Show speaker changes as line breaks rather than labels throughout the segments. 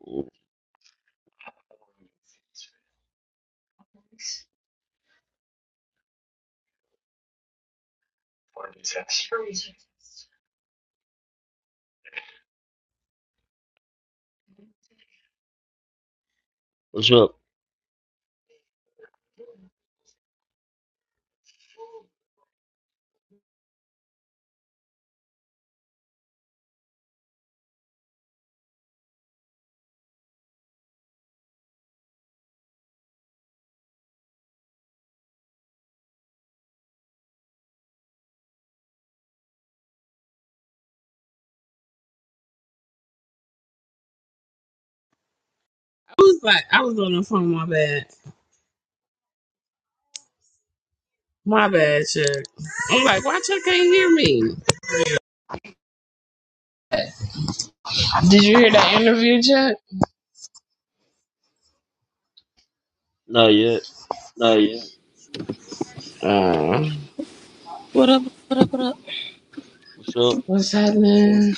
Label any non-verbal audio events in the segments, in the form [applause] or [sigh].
What's up?
I was like, I was on the phone. My bad. My bad, Chuck. I'm like, why Chuck can't hear me? Did you hear that interview, Chuck?
Not yet.
Uh,
What up? What up? What up?
What's up?
what's happening?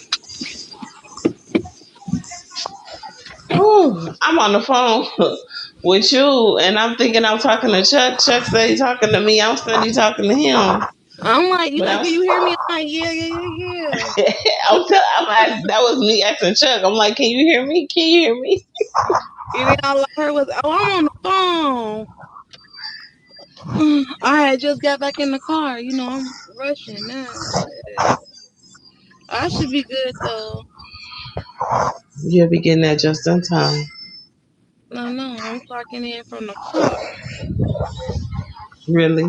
Whew, I'm on the phone [laughs] with you, and I'm thinking I'm talking to Chuck. Chuck said he's talking to me. I'm study talking to him.
I'm like, you
But
like,
I'm,
can you
[laughs]
hear me? I'm like, yeah, yeah, yeah, yeah.
I'm, tell, I'm ask, that was me asking Chuck. I'm like, can you hear me? Can you hear me?
And then all I heard was, oh, I'm on the phone. [sighs] I had just got back in the car. You know, I'm rushing now. Shit. I should be good though.
You'll be getting that just in time.
No, no, I'm clocking in from the car.
Really,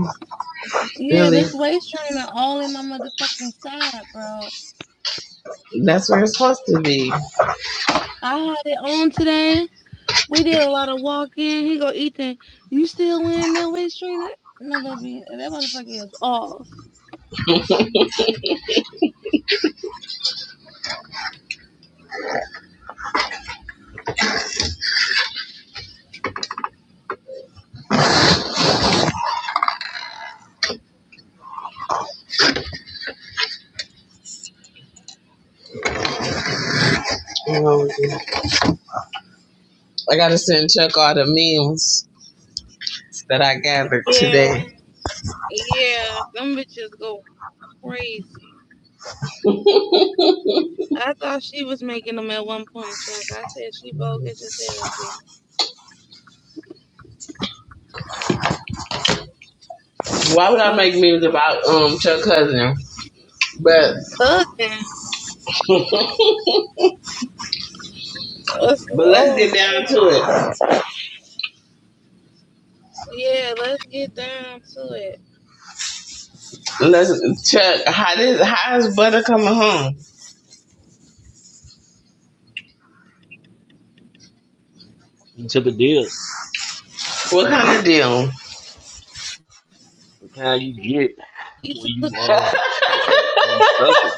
Yeah,
really.
this waist trainer all in my motherfucking side, bro.
That's where it's supposed to be.
I had it on today. We did a lot of walking. He go, Ethan, you still wearing that waist trainer? No, baby, that motherfucker is off.
You know, I gotta send Chuck all the memes that I gathered
Yeah.
today.
Yeah, them bitches go crazy. I thought she was making them at one point, Chuck. I said she bogus as hell, G.
Why would I
Oh,
make memes about um Chuck Cousin? But
cousin. Let's,
but let's
oh,
get down
shit.
to it.
Yeah, let's get down to it.
Let's Chuck, how did how is Butter coming home?
You took a deal.
What kind of deal?
The kind you get
You
when
took
you
the
uh
bill.
when you special.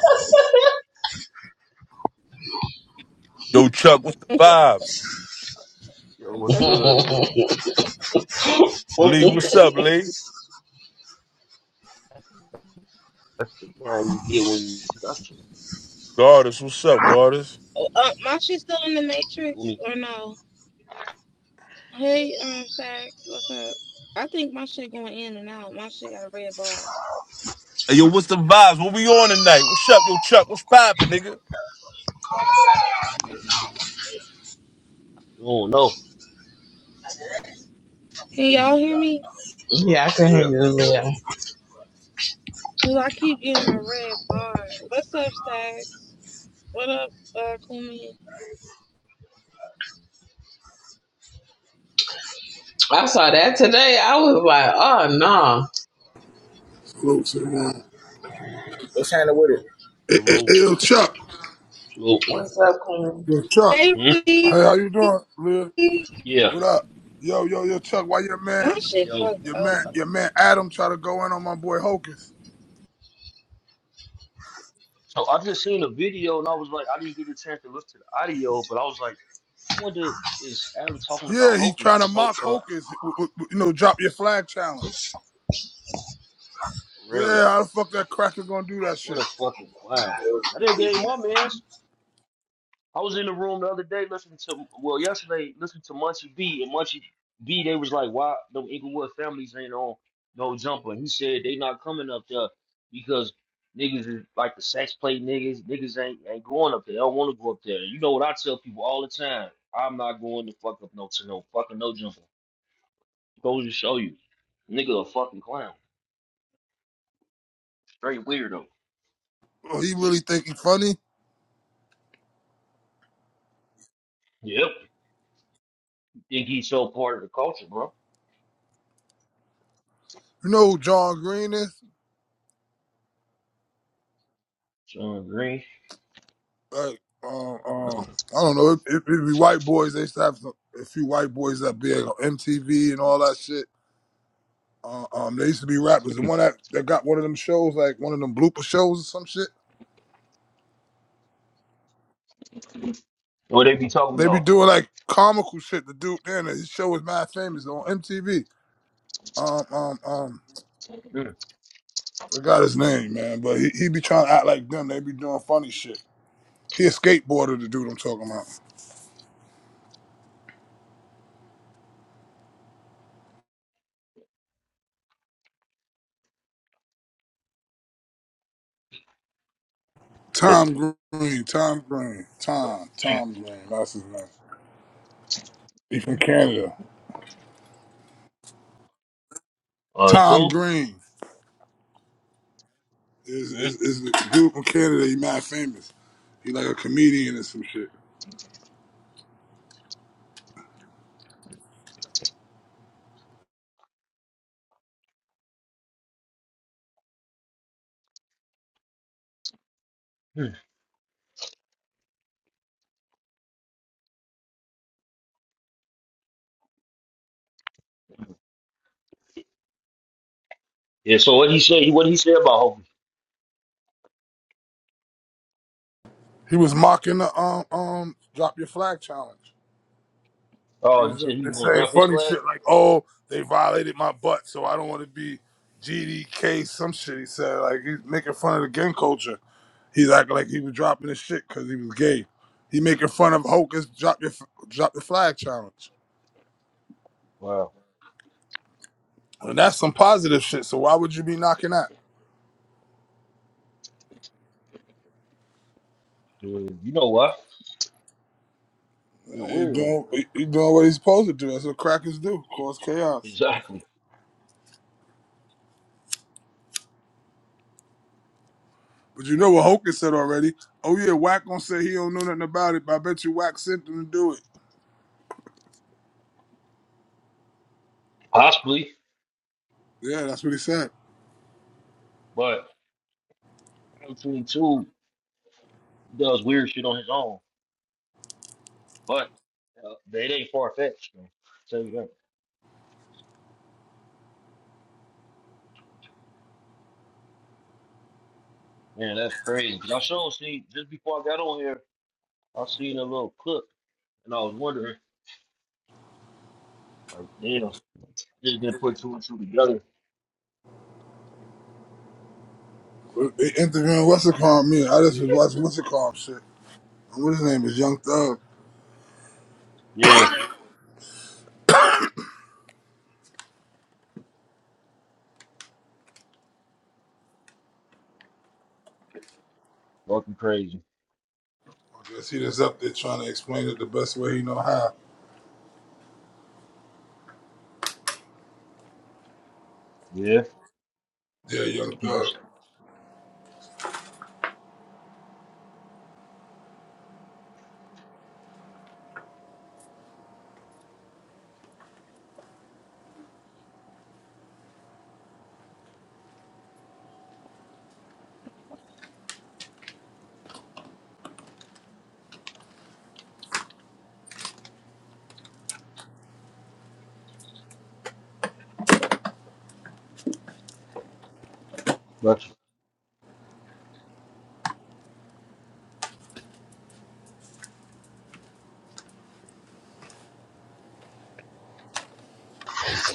Yo, Chuck, what's the vibes?
Yo, what's good?
[laughs]
Lee, what's up, Lee?
The kind you get when you special.
Goddess, what's up, Goddess?
Oh, uh, my shit still in the
Cool
Matrix
me.
or no? Hey, um, Stacks, what's up? I think my shit going in and out. My shit got a red bar.
Hey, yo, what's the vibes? What we on tonight? What's up, yo, Chuck? What's poppin', nigga?
You don't know.
Can y'all hear me?
yeah, I can
Yeah.
hang this
Cause I keep getting a red bar. What's up, Stacks? What up, uh, Kumi?
I saw that today. I was like, oh no.
Glory to God.
What's happening with it?
Hey, hey,
Salute.
hey, yo, Chuck.
So
What's up, Queen?
Yo, Chuck.
Hey,
hmm?
Rudy.
Hey, how you doing, Liv?
yeah.
What up? Yo, yo, yo, Chuck. Why your man,
my shit
Yo.
fucked
your man,
up.
your man Adam try to go in on my boy Hocus?
So I just seen a video and I was like, I didn't get a chance to listen to the audio, but I was like, I wonder is Adam talking about
Yeah, he
Hokies?
trying to
Cause Hope
mock
uh
Hocus. w- w- w- You know, drop your flag challenge. Yeah,
really.
how the fuck that cracker gonna do that
What
shit?
a fucking clown. I didn't get my man's. I was in the room the other day listening to, well, yesterday, listening to Munchie B. And Munchie B, they was like, why them Inglewood families ain't on no jumper? And he said they not coming up there because niggas is like the sex play niggas. Niggas ain't, ain't going up there. They don't want to go up there. You know what I tell people all the time? I'm not going to fuck up no to no fucking no jumper. Goes to show you. Nigga a fucking clown. Straight weirdo.
Oh, he really think he funny?
Yep. Think he's so part of the culture, bro.
You know who John Green is?
Sean Green.
Like, um,
No.
um, I don't know. It, it, it be white boys. They used to have some, a few white boys that be on MTV and all that shit. Uh, um, they used to be rappers. The
Mm.
one that, that got one of them shows, like one of them blooper shows or some shit.
What they be talking
They be
about?
doing like comical shit. The dude in his show was mad famous on MTV. Um, um, um,
Mm.
forgot his name, man. But he, he be trying to act like them. They be doing funny shit. He a skateboarder, the dude I'm talking about. Tom Green, Tom Green, Tom, Tom Green. That's his name. He from Canada.
Uh, you
Tom
cool?
Green is
Mm.
is, is the dude from Canada. He mad famous. He like a comedian and some shit.
Mm. Yeah. So what he said? What he said about Hobie?
He was mocking the um um drop your flag challenge. He
Oh,
was
he
uh,
said he was
they
gonna
saying
drop his
funny
flag.
shit like, "Oh, they violated my butt, so I don't want to be GDK." Some shit he said like he's making fun of the gang culture. He's acting like he was dropping his shit because he was gay. He making fun of Hocus drop your drop your flag challenge,
Wow.
and that's some positive shit. So why would you be knocking that?
Yeah, you know what? You're a
He
weirdo.
doing he he doing what he's supposed to do. That's what crackers do, cause chaos.
Exactly.
But you know what Hokus said already? Oh yeah, Wack gonna say he don't know nothing about it, but I bet you Wack sent him to do it.
Possibly,
Yeah, that's what he said.
but Adam Twenty Two does weird shit on his own. But uh, they ain't far fetched. So tell you that. Man, that's crazy. Cause I sure see just before I got on here, I seen a little clip, and I was wondering, like, damn, just didn't
But
put two and two together.
they interviewing what's it called me. I just was watching what's it called shit. And what his name is Young Thug.
Yeah. Fucking crazy.
I guess he just up there trying to explain it the best way he know how.
Yeah.
Yeah, Young
People
Thug.
but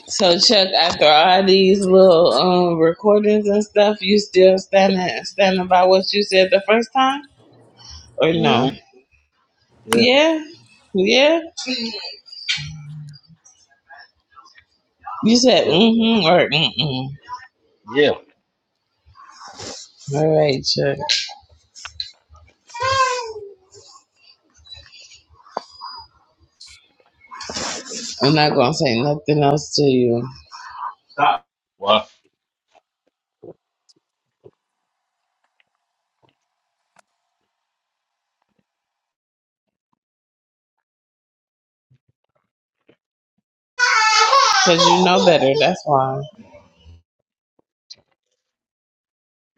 So Chuck, after all these little um recordings and stuff, you still standing standing by what you said the first time, or
hmm
no?
Yeah.
Yeah, yeah. You said
Yeah.
mm-hmm or mm-mm.
Yeah.
All right, Chuck. I'm not gonna say nothing else to you
Why
because you know better. That's why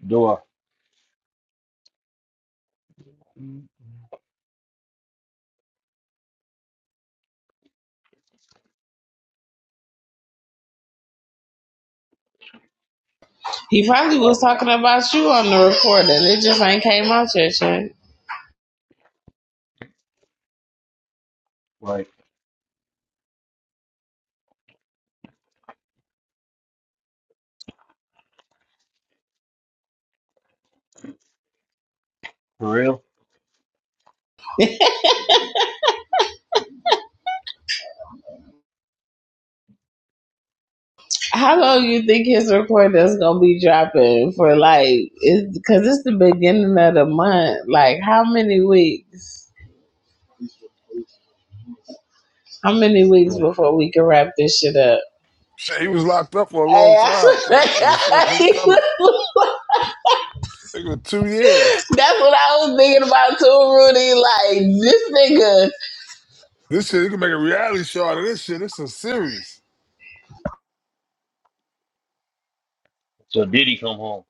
do I
he probably
uh,
was talking about you on the recording. It just ain't came out yet, Chuck.
like for real?
How long you think his recording is gonna be dropping for? Like, is because it's the beginning of the month. Like, how many weeks? How many weeks
Yeah.
before we can wrap this shit up?
Shit, he was locked up for a
Hey,
long time, so that nigga still
I-
keep coming.
[laughs]
Nigga, with two years.
That's what I was thinking about too, Rudy. Like this nigga,
This shit, you can make a reality show out of this shit. It's a series.
So did he come home?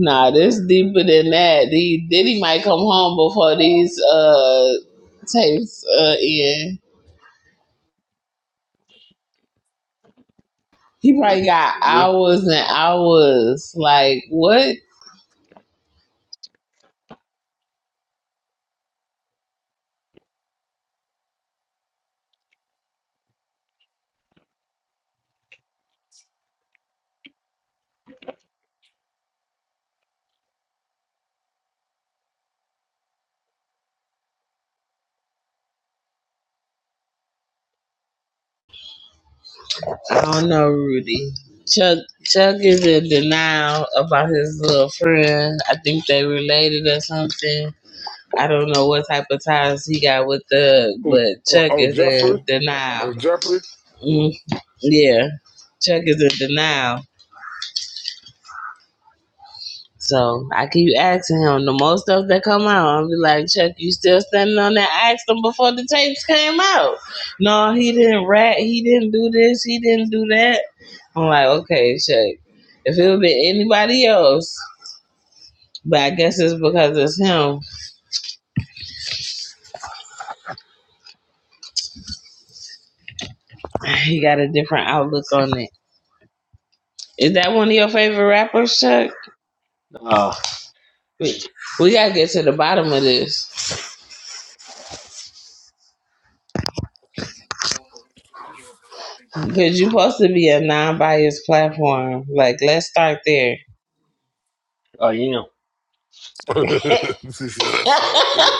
nah, this deeper than that. The Diddy might come home before these uh tapes uh end. He probably got
For real?
hours and hours. Like what? I don't know, Rudy. Chuck Chuck is in denial about his little friend. I think they related or something. I don't know what type of ties he got with Thug,
Oh,
but
oh,
Chuck
oh
is
Jeffrey?
in denial.
Oh, Jeffrey?
Mm, yeah, Chuck is in denial. So I keep asking him the most stuff that come out. I'll be like, Chuck, you still standing on that? I asked him before the tapes came out. No, he didn't rat. He didn't do this. He didn't do that. I'm like, okay, Chuck. If it would be anybody else, but I guess it's because it's him. He got a different outlook on it. Is that one of your favorite rappers, Chuck?
Nah,
We, we gotta get to the bottom of this. Cause you you're supposed to be a non-biased platform. Like, let's start there.
I am. [laughs]
[laughs] she said, that's not
[laughs]
there.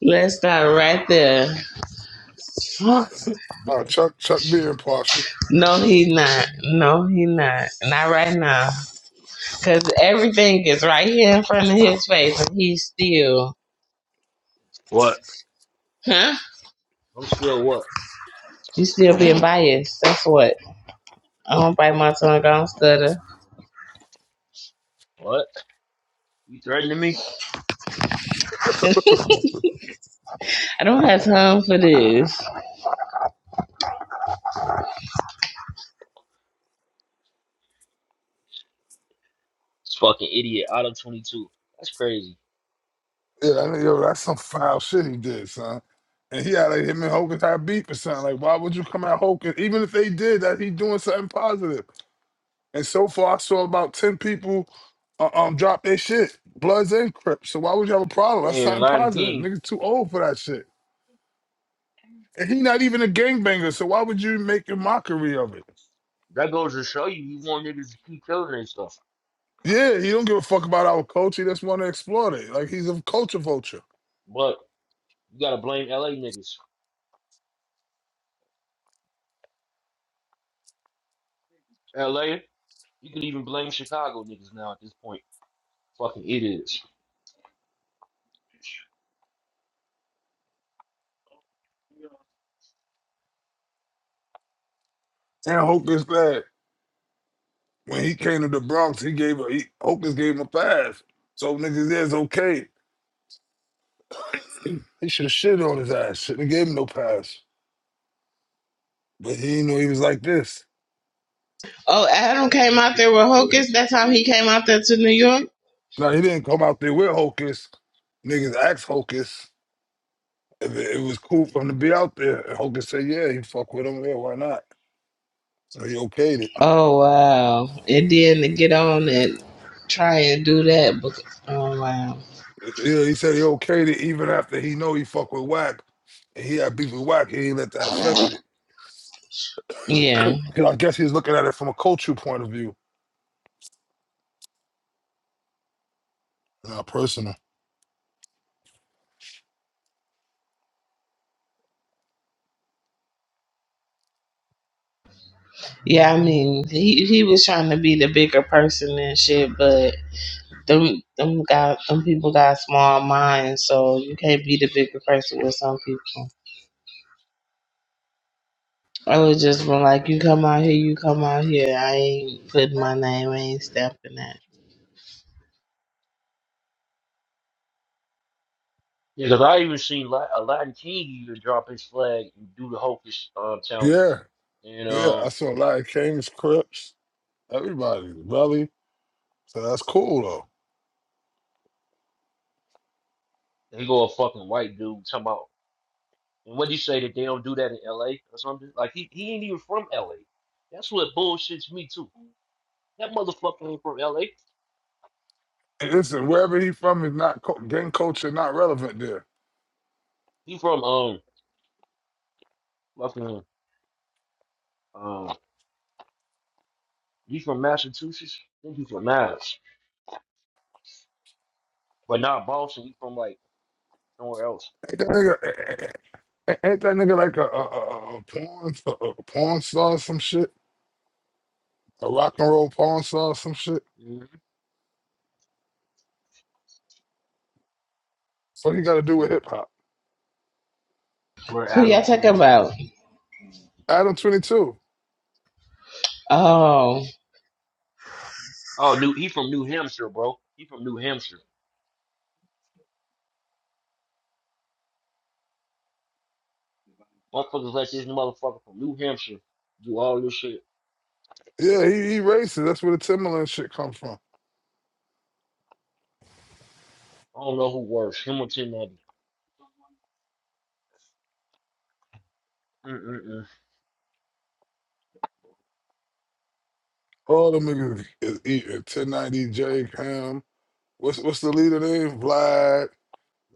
Let's start right there.
Huh?
Oh, Chuck Chuck Beer Impartial.
No, he not. No, he not. Not right now. Cause everything is right here in front of his face, and he's still,
what?
huh?
I'm still what?
He's still being biased. That's what. I don't bite my tongue. I don't stutter.
What? You threatening me?
[laughs] I don't have time for this.
This fucking idiot out of twenty two. That's crazy.
Yeah, I know, yo, that's some foul shit he did, son. And he had like him and Hogan had beef or something. Like, why would you come at Hogan? Even if they did that, he doing something positive. And so far, I saw about ten people uh, um drop their shit, Bloods and Crips. So why would you have a problem? That's
And
something
Lion
positive.
King,
Niggas too old for that shit. And he not even a gangbanger, so why would you make a mockery of it?
that goes to show you you want niggas to keep killing and stuff.
Yeah, he don't give a fuck about our culture. He just want to exploit it. Like he's a culture vulture.
But you gotta blame LA niggas. LA? You can even blame Chicago niggas now at this point. Fucking idiots.
And Hogan's bad. When he came to the Bronx, he gave a, he, Hocus gave him a pass. So niggas, yeah, it's okay. [clears throat] He should have shit on his ass. Shouldn't have gave him no pass. But he didn't know he was like this.
Oh, Adam came out there with Hocus. That's how he came out there to New York.
Now he didn't come out there with Hocus. Niggas asked Hocus if it, it was cool for him to be out there. And Hocus said, yeah, he fuck with him. Yeah, why not? So he okayed it.
Oh wow! And then to get on and try and do that. bec- Oh wow!
Yeah, he said he okayed it even after he know he fuck with Wack. And he had beef with Wack. He ain't let that affect it. [clears throat]
Yeah.
'Cause I guess he's looking at it from a cultural point of view, not personal.
Yeah, I mean, he he was trying to be the bigger person and shit, but them them got them people got small minds, so you can't be the bigger person with some people. I was just been like, you come out here, you come out here. I ain't putting my name, I ain't stamping that.
Yeah, because I even seen La- Aladdin King even drop his flag and do the hocus um,
Yeah.
challenge. And
Yeah, I
um,
saw a lot of Kings, Crips, everybody, Belly. So that's cool though.
he go a fucking white dude talking about. And what do you say that they don't do that in L.A. or something? Like he he ain't even from L.A. That's what bullshits me too. That motherfucker ain't from L.A.
And listen, wherever he from is not co- gang culture, not relevant there.
He from um fucking um he from Massachusetts. I think he from Mass, but not Boston. He from like somewhere else.
Ain't that nigga, ain't that nigga like a, a, a, a porn a a porn star or some shit? A rock and roll porn star or some shit?
Mm-hmm.
What he got to do with hip hop?
Where
Who
Adam
y'all talking
22.
about?
Adam Twenty Two.
Oh.
Oh, new. He from New Hampshire, bro. He from New Hampshire. Motherfuckers let this motherfucker from New Hampshire do all this shit.
Yeah, he, he racist. That's where the Timberland shit come from.
I don't know who works, him or Tim Abbey. Mm-mm-mm.
All them niggas is eating. Ten ninety J Cam. What's what's the leader name? Vlad.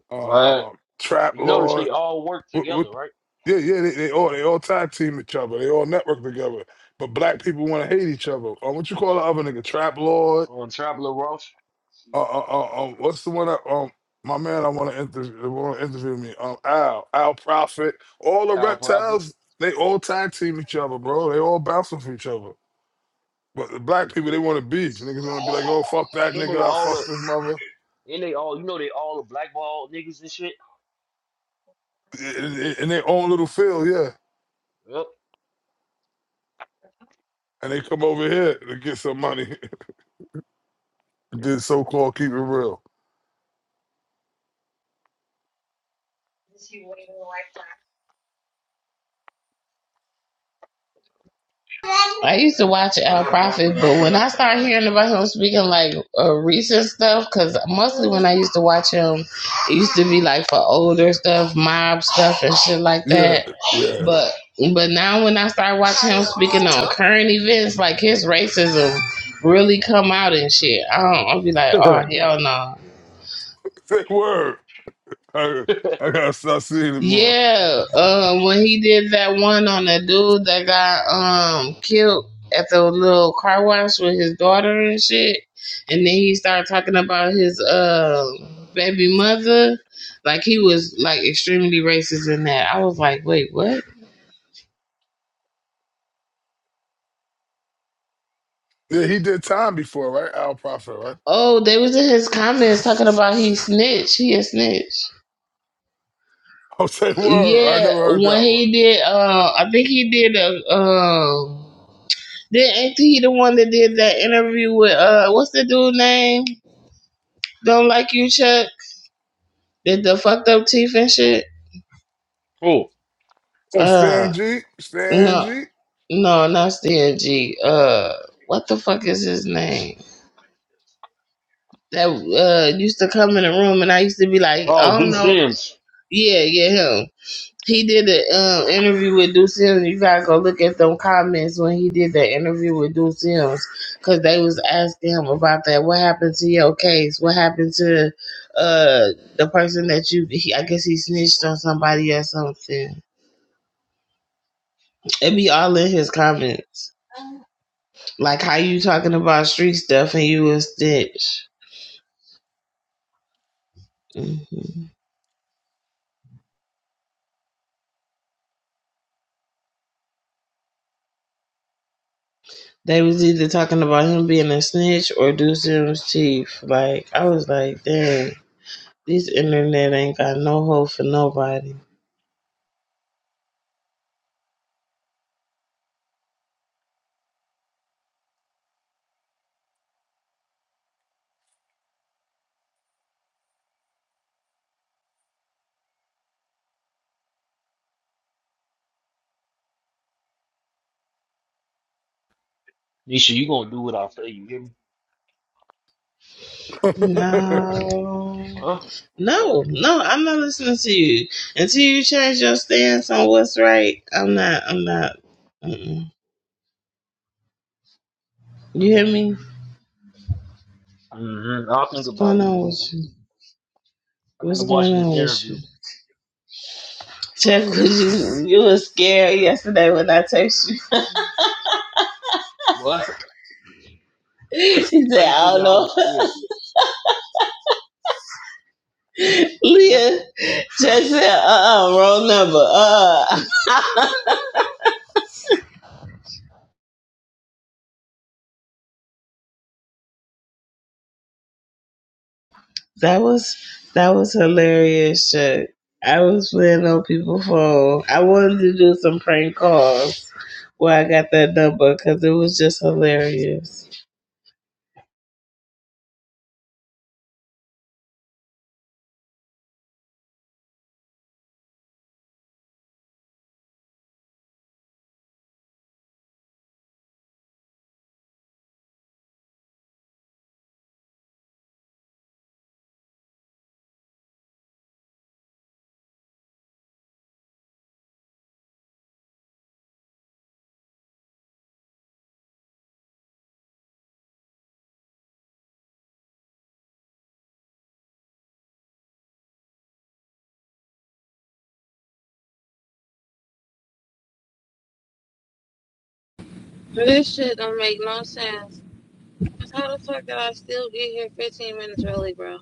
Uh,
But
um, Trap
you notice
Lord.
they all work
What, what,
together, right?
yeah, yeah, they, they all they all tag team each other. They all network together. But black people want to hate each other. Um, what you call the other nigga? Trap Lord.
On Traveler Ross,
Uh, uh, uh, um, what's the one? That, um, my man, I want to interview. Want to interview me? Um, Al, Al Prophet. All the
Al Prophet,
reptiles. They all tag team each other, bro. They all bounce off each other. But the black people, they want to beef. Niggas want to be like, oh fuck that
and they
nigga, I
all
fuck
are,
this mother.
and they all, you know, they all are blackball niggas and shit.
In, in in their own little field, yeah. And they come over here to get some money. [laughs] Did so called keep it real.
I used to watch Al Prophet, but when I started hearing about him speaking like uh, recent stuff, because mostly when I used to watch him, it used to be like for older stuff, mob stuff, and shit like
Yeah,
that.
yeah.
But but now when I start watching him speaking on current events, like his racism really come out and shit. I don't, I'll be like, oh
Yep.
hell no.
Say word. I, I gotta stop seeing him more.
Yeah, uh, when he did that one on the dude that got um killed at the little car wash with his daughter and shit, and then he started talking about his uh baby mother, like he was like extremely racist in that. I was like, wait, what?
Yeah, he did time before, right? Al Prophet, right? [laughs]
Oh, they was in his comments talking about he snitch. He a snitch.
Oh, say word. I
Yeah,
never heard
when
that one.
he did, uh, I think he did a um. Then ain't he the one that did that interview with uh what's the dude name? Don't like you, Chuck? Did the fucked up teeth and shit?
[laughs] cool.
Oh,
Uh
Stan G. Stan
no.
G.
No, not Stan G. Uh what the fuck is his name? That uh used to come in the room and I used to be like,
Oh,
I
do
don't know.
Sims.
Yeah, yeah, him. He did an um, interview with Deuce Sims. You gotta go look at them comments when he did that interview with Deuce Sims, because they was asking him about that. What happened to your case? What happened to uh the person that you? He, I guess he snitched on somebody or something. It be all in his comments, like how you talking about street stuff and you a snitch. hmm They was either talking about him being a snitch or Deuce Sims' chief. Like I was like, dang. This internet ain't got no hope for nobody.
Nisha, you gonna do what I say? You hear me?
[laughs]
No.
Huh?
No, no, I'm not listening to you. Until you change your stance on what's right, I'm not, I'm not. Mm-mm. You hear me?
Mm-hmm. I'll think
What's
about
going
it.
on with you?
I gotta
What's
watch
going
this
on with you?
interview.
Check with [laughs] you. You was scared yesterday when I text you.
What?
[laughs] She
How
said,
you
I
figure
don't
I was
know.
scared?
[laughs]
Huh?
Leah, check said, uh uh wrong number. Uh uh [laughs] That was that was hilarious shit. I was playing on people's phone. I wanted to do some prank calls where I got that number because it was just hilarious.
This shit don't make no sense. How the fuck did I still get here 15 minutes early, bro?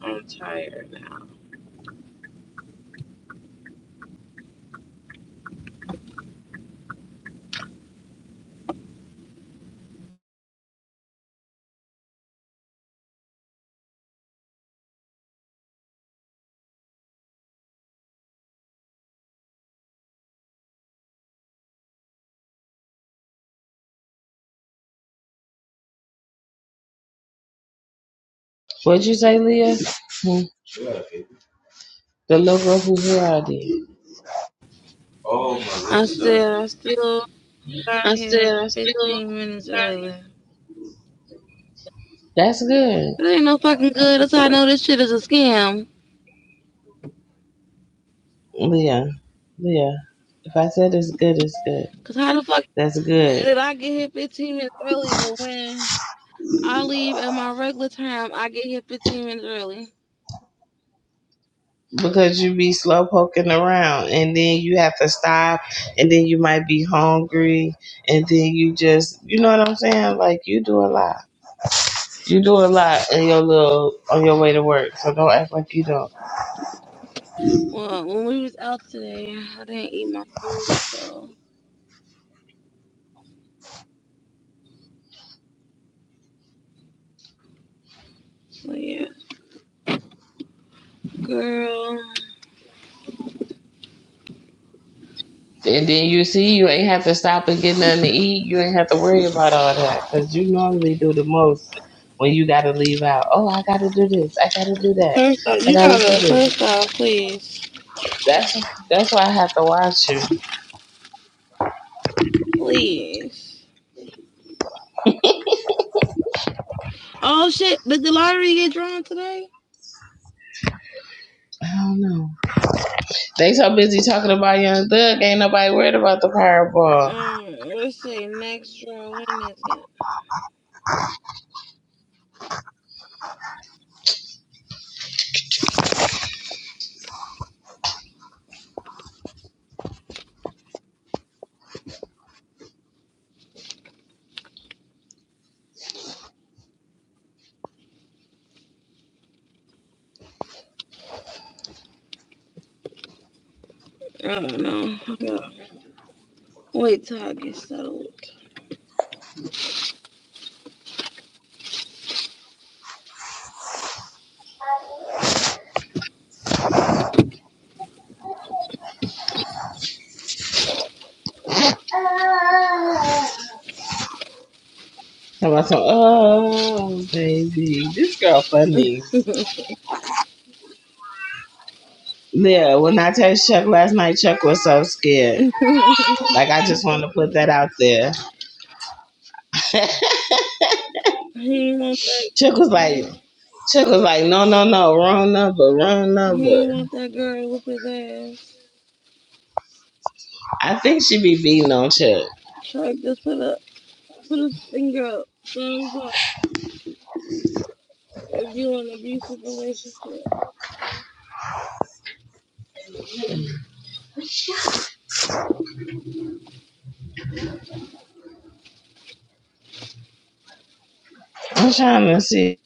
I'm tired now.
What'd you say, Leah? Hmm. The logo who Haradi. Oh,
I
Melissa.
said I still got
I
here
said I still.
15 minutes early.
That's good,
It ain't no fucking good. That's how I know this shit is a scam.
Leah. Leah. If I said it's good, it's good.
Cause how the fuck
That's good.
did I get here 15 minutes early? But when I leave at my regular time, I get here 15 minutes early.
because you be slow poking around and then you have to stop and then you might be hungry and then you just you know what I'm saying? Like you do a lot. You do a lot in your little on your way to work. So don't act like you don't.
Well, when we was out today, I didn't eat my food, so so yeah. Girl,
And then you see you ain't have to stop and get nothing to eat. You ain't have to worry about all that because you normally do the most when you got to leave out. Oh, I got to do this. I got to do that.
first off,
I
you
got to do
gotta
this.
first off, please,
That's that's why I have to watch you.
please. Oh shit! Did the lottery get drawn today?
I don't know. They so busy talking about Young Thug, ain't nobody worried about the fireball.
Um, let's see. Next draw, when is it? I don't know. I Wait till I get settled.
About some, oh, baby, this girl funny.
[laughs] he
Yeah, when I text Chuck last night, Chuck was so scared. Like, I just wanted to put that out there. [laughs]
ain't want that.
Chuck was like, Chuck was like, no, no, no, wrong number, wrong
He
number.
ain't want that girl with his ass.
I think she be beating on Chuck.
Chuck, just put up, put a finger up, thumbs up. If you in an abusive relationship,
I'm trying to see.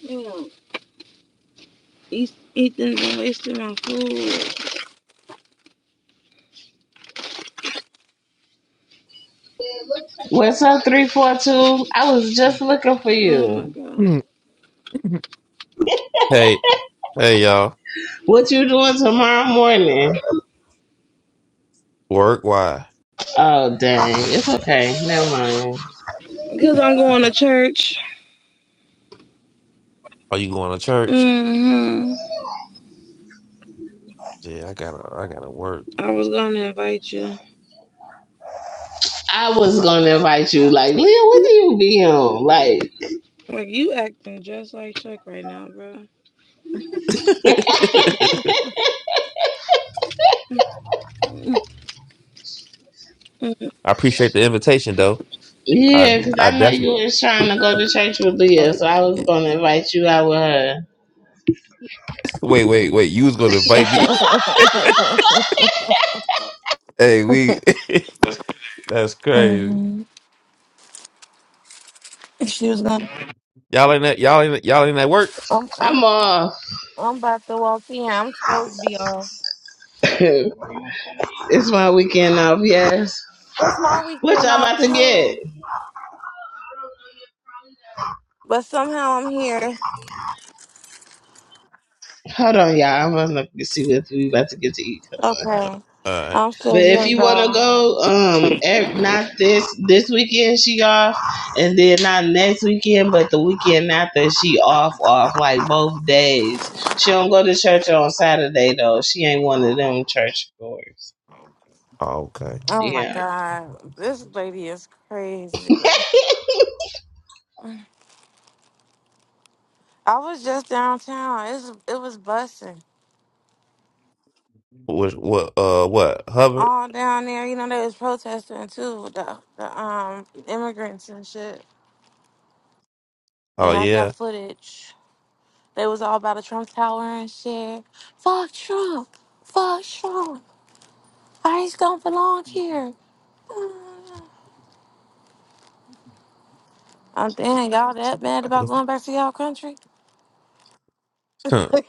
you know, Ethan's been wasting my food.
What's up, 342? I was just looking for
Oh my
you.
god.
Mm. Hey, hey, y'all.
What you doing tomorrow morning?
Work? Why?
Oh dang, it's okay. Never mind.
Because I'm going to church.
Are you going to church?
hmm
Yeah, I gotta, I gotta work.
I was going to invite you.
I was gonna invite you, like, Leah, what do you be on? Like,
Like, you acting just like Chuck right now, bro.
[laughs]
[laughs]
I
hmm
appreciate the invitation, though. I,
yeah, because
I
I know
definitely.
you was trying to go to church with Leah, so I was
[laughs]
gonna invite you out with her.
Wait, wait, wait. You was gonna invite me? [laughs] Hey, we. [laughs] That's crazy.
She was going to.
Y'all ain't that. Y'all ain't. Y'all ain't at work.
I'm, I'm,
I'm off.
I'm about to walk in. I'm supposed to be off.
[laughs] it's my weekend off, yes.
It's my
What
weekend
y'all
off,
about to get?
too. But somehow I'm here.
Hold on, y'all. I'm gonna see what we about to get to eat. Hold on.
Okay.
All right.
I'm
But
still
if
here,
you want to
though.
go, um, ev- not this this weekend she off, and then not next weekend, but the weekend after she off off like both days. She don't go to church on Saturday though. She ain't one of them church goers.
Oh, okay.
Oh my
Yeah.
god, this lady is crazy.
[laughs]
I was just downtown. It's, it was busting.
What? What? Uh, what? Hubbard?
all down there. You know, they was protesting too, the the um immigrants and shit.
Oh
Yeah, I got
yeah.
footage. They was all about the Trump Tower and shit. Fuck Trump. Fuck Trump. ICE don't belong here. [sighs] I'm damn y'all that mad
I
about
think-
going back to y'all country.
Huh.
[laughs] but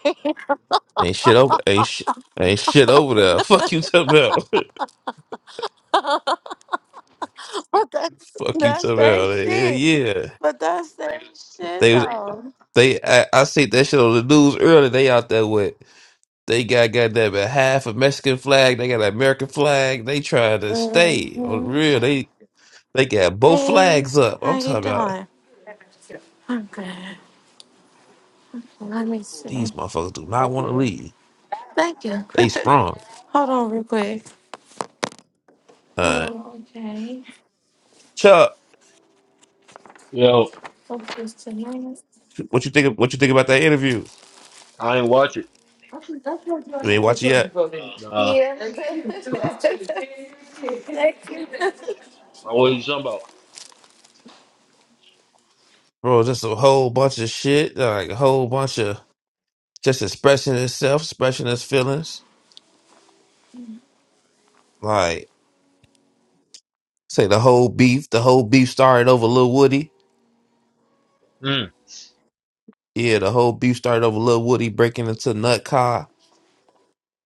Ain't shit over. Ain't shit. Ain't shit over there. [laughs] Fuck you, Tabell.
that's
[laughs] Fuck you,
that's their
Tabell.
shit.
Yeah,
But that's their shit
yeah.
though.
They, I, I see that shit on the news earlier. They out there with they got goddamn it, half a Mexican flag. They got an American flag. They trying to stay on the
hmm
real. They they got both
Hey,
flags up.
how
I'm
you
talking about
doing? I'm good. Let me
these
see.
motherfuckers do not want to leave.
Thank you. [laughs]
They sprung.
Hold on real quick.
Uh,
Oh, okay.
Chuck,
Yo,
Focus tonight.
what you think? of- What you think about that interview?
I ain't watch it.
Yeah.
You ain't watch it yet,
Nah.
[laughs] Thank you.
What are you talking about?
bro. Just a whole bunch of shit. Like a whole bunch of just expressing itself, expressing his feelings. Like say the whole beef. The whole beef started over Lil Woody.
Mm.
Yeah, the whole beef started over Lil Woody breaking into Nut car.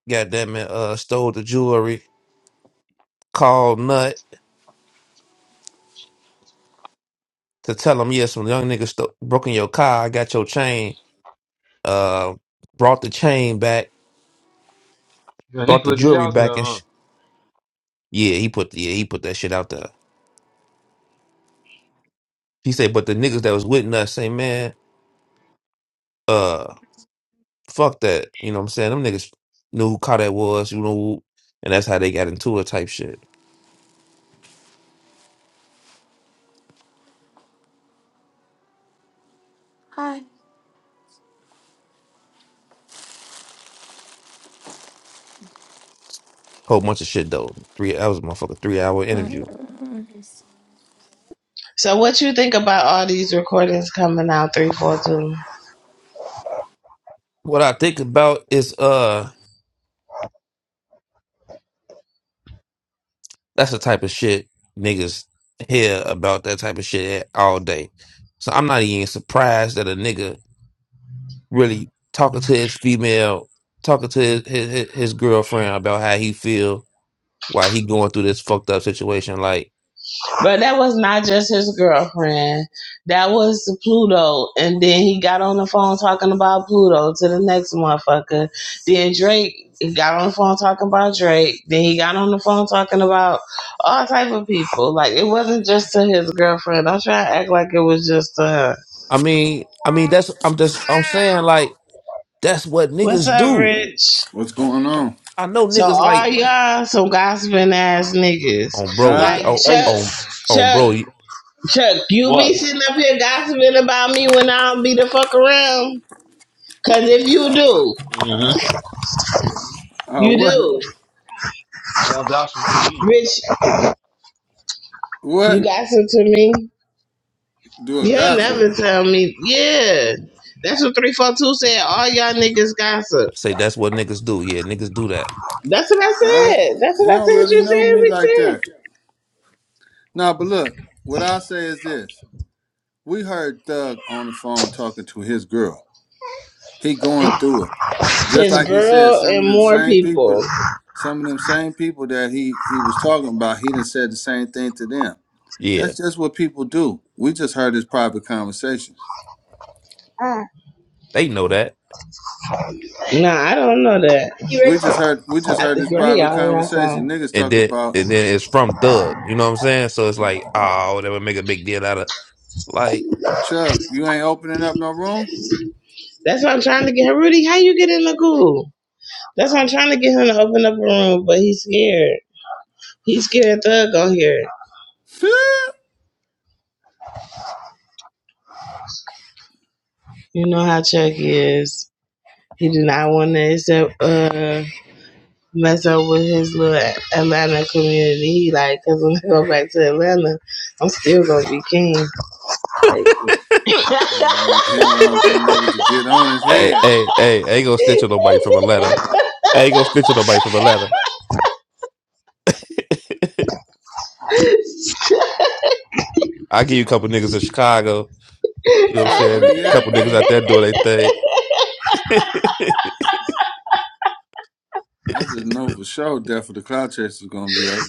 Goddamn it, uh, stole the jewelry. Called Nut to tell him, yeah, some young nigga sto- broke in your car. I got your chain. Uh, brought the chain back.
Yeah, he
Brought the
put it
jewelry
out there,
back and
huh?
sh- yeah, he put yeah he put that shit out there. He said, but the niggas that was with Nut say, man, uh, fuck that. You know what I'm saying? Them niggas knew who car that was. You know, who- and that's how they got into it. Type shit.
Hi.
Whole bunch of shit though. Three that was a motherfucker three hour interview.
Mm-mm-mm.
So what you think about all these recordings coming out three four two?
What I think about is uh that's the type of shit niggas hear about that type of shit all day. So I'm not even surprised that a nigga really talking to his female, talking to his his, his his girlfriend about how he feel while he going through this fucked up situation. Like,
But that was not just his girlfriend. That was Pluto. And then he got on the phone talking about Pluto to the next motherfucker. Then Drake got on the phone talking about Drake. Then he got on the phone talking about all type of people. Like it wasn't just to his girlfriend. Don't try to act like it was just to her.
I mean, I mean that's I'm just I'm saying like that's what
What's
niggas
up,
do.
Rich?
What's going on?
I know
So
niggas
all
like
y'all some gossiping ass niggas.
on bro
Huh?
Like
on
Hey,
Chuck
on on
Chuck
bro. you-
Chuck, you be
what?
sitting up here gossiping about me when I don't be the fuck around. Cause if you do,
Mm-hmm.
Uh,
you
what?
do.
you Y'all got some TV.
Rich, you
What?
gossip to me.
Do a
You'll
gossip?
never tell me. Yeah. That's what 342 said. All y'all niggas
I
gossip.
say that's what niggas do. Yeah, niggas do that.
That's what I
I don't.
said. That's
He
what I
don't
said.
really
You
know me like that.
said
Nah, but look. What I say is this: We heard Thug on the phone talking to his girl. He
we
going
said.
through it,
It's
just
his
like he said.
girl
Some
and
of them
more
same people,
people.
some of them same people that he he was talking about, he done said the same thing to them.
Yeah,
That's just what people do. We just heard his private conversations.
Ah.
they know that.
Nah, I don't know that. You
We
ready?
just heard we just
I
heard his
think right here,
private
all
conversations.
outside.
Niggas
and
talk
then
about
and then it's from Thug. You know what I'm saying? So it's like, oh, they would make a big deal out of like,
Chuck, you ain't opening up no room?
That's what I'm trying to get. Rudy, how you get in the goo? That's why I'm trying to get him to open up a room, but he's scared. He's scared Thug gonna hear it.
[laughs] he
You know how Chuck is. He do not want to accept, uh, mess up with his little Atlanta community. He like, cause when I go back to Atlanta, I'm still gonna be king.
[laughs] hey,
don't want he don't want them niggas to get on his
hey,
head.
hey, I ain't gonna stitch on nobody from Atlanta. I ain't gonna stitch on nobody from Atlanta. [laughs] I give you a couple niggas in Chicago. You know what I'm
Chuck, where
saying? A
you at,
couple niggas
man?
out there doing their thing. [laughs]
I just know for sure Death of the Cloud Chasers is gonna be up.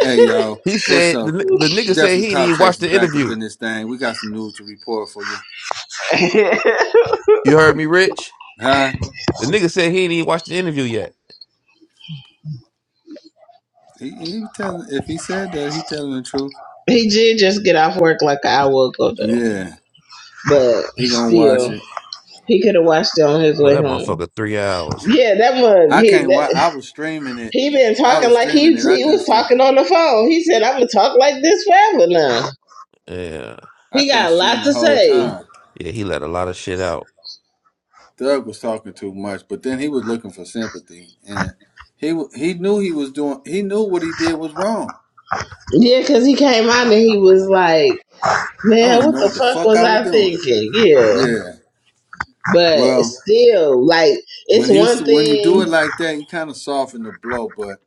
Hey y'all,
he
what's
said the
up?
ni- the nigga
Death
said
of the
he didn't
Cloud
even watch
Chasers
the
back up
interview.
in this thing. We got some news to report for you.
[laughs]
You heard me, Rich?
Huh?
The nigga said he didn't even watch the interview yet.
He he telling if he said that, he telling the truth.
he did just get off work like an hour ago though,
Yeah.
but
He gonna watch
still,
it.
he could have watched it on his
Well,
way
that
home.
motherfucker three hours.
Yeah, that mug.
I
He
can't watch
that.
I was streaming it.
He been
I
talking
was
like
streaming
he
it. I
he
couldn't
was
stream
talking on the phone. He said, "I'm gonna talk like this forever now."
Yeah,
I
He
couldn't
got a lot
stream the
to
whole
say.
time.
yeah, he let a lot of shit out.
Doug was talking too much, but then he was looking for sympathy, and he w- he knew he was doing. He knew what he did was wrong.
Yeah, because he came out and he was like,
I
"Man,
don't even
what
know
the
what the
fuck
fuck
was
I was
I
doing.
thinking?" Yeah,
Yeah.
but
Well,
still, like, it's
when he was,
one
when you do
thing,
it like that, you kind of soften the blow. But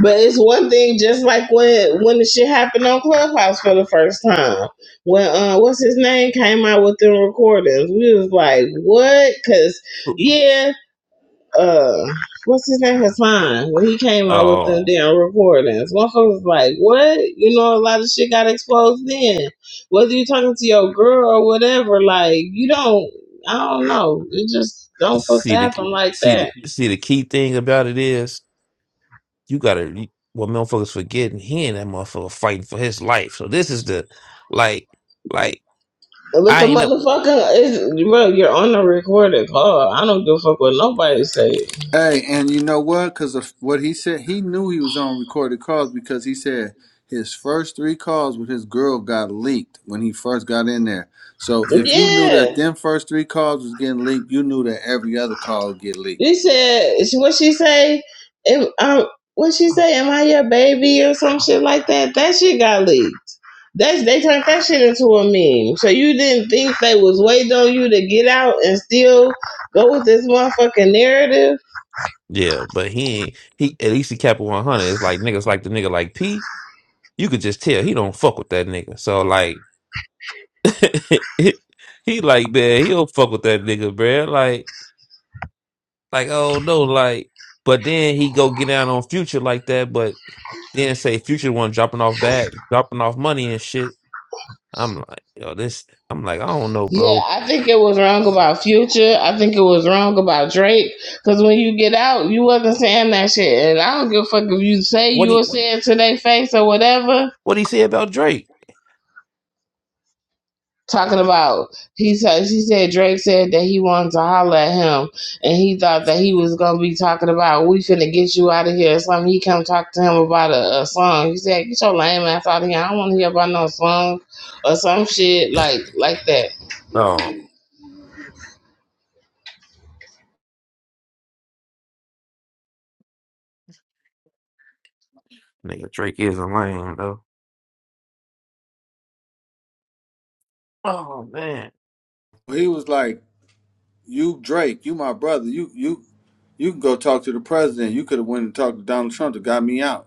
but it's one thing. Just like when when the shit happened on Clubhouse for the first time, when uh, what's his name came out with the recordings, we was like, "What?" Because yeah, uh what's his name? His fine when he came out with
Oh,
them damn recordings. One folks was like, What? You know, a lot of shit got exposed then. Whether you talking to your girl or whatever, like you don't I don't know. It just don't supposed to
see the
happen like
see the
that.
see the key thing about it is you gotta you- what motherfuckers forgetting he and that motherfucker fighting for his life. So this is the like like
But
I
the
ain't up
motherfucker is bro, you're on a recorded call. I don't give a fuck what nobody say.
hey, and you know what? Because of what he said, he knew he was on recorded calls because he said his first three calls with his girl got leaked when he first got in there. So if you knew
Yeah.
that them first three calls was getting leaked, you knew that every other call would get leaked.
She said, what she say? If, um, what she say? Am I your baby or some shit like that? That shit got leaked. That's they turned that shit into a meme. So you didn't think they was waiting on you to get out and still go with this motherfucking narrative?
yeah, but he ain't he at least he kept it one hundred. It's like niggas like the nigga like P. You could just tell he don't fuck with that nigga. So like [laughs] he like man, he don't fuck with that nigga, bruh. Like, oh no, like, but then he go get down on Future like that, but then say Future the one dropping off bag, dropping off money and shit. I'm like, yo, this. I'm like, I don't know,
Yeah,
bro.
I think it was wrong about Future. I think it was wrong about Drake. Cause when you get out, you wasn't saying that shit. And I don't give a fuck if you say
What
you
he
were saying to their face or whatever
what he say about Drake?
talking about he said she said Drake said that he wanted to holler at him and he thought that he was gonna be talking about we finna get you out of here or something. He come talk to him about a, a song. He said, Get your lame ass out of here. I don't wanna hear about no song or some shit like like that.
Oh, nigga, Drake is a lame though. Oh man,
He was like. you Drake, you my brother. You you you can go talk to the president. You could have went and talked to Donald Trump that got me out.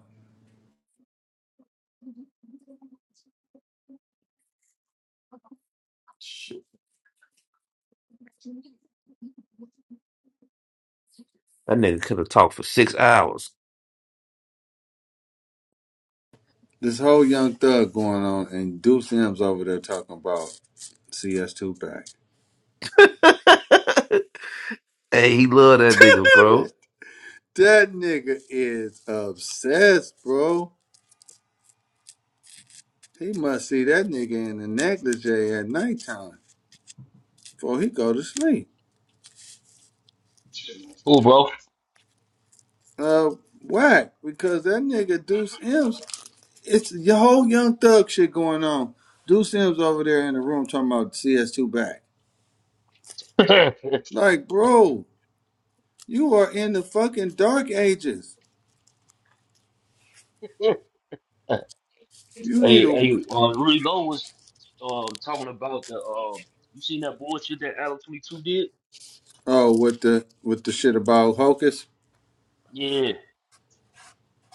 shit. that nigga could have talked for six hours.
This whole young thug going on and Deuce M's over there talking about CS2 back.
[laughs] hey, he love that
[laughs]
nigga, bro.
that nigga is obsessed, bro. He must see that nigga in the negligee at nighttime before he go to sleep.
Cool, bro.
Uh, whack because that nigga Deuce M's. It's the whole young thug shit going on. Deuce M's over there in the room talking about CS2 back.
[laughs] hey,
Like, bro, you are in the fucking dark ages. You need to.
hey, uh, Rudy Lowe was um talking about the um. You seen that bullshit that Adam Twenty Two did?
Oh, with the with the shit about Hocus,
Yeah.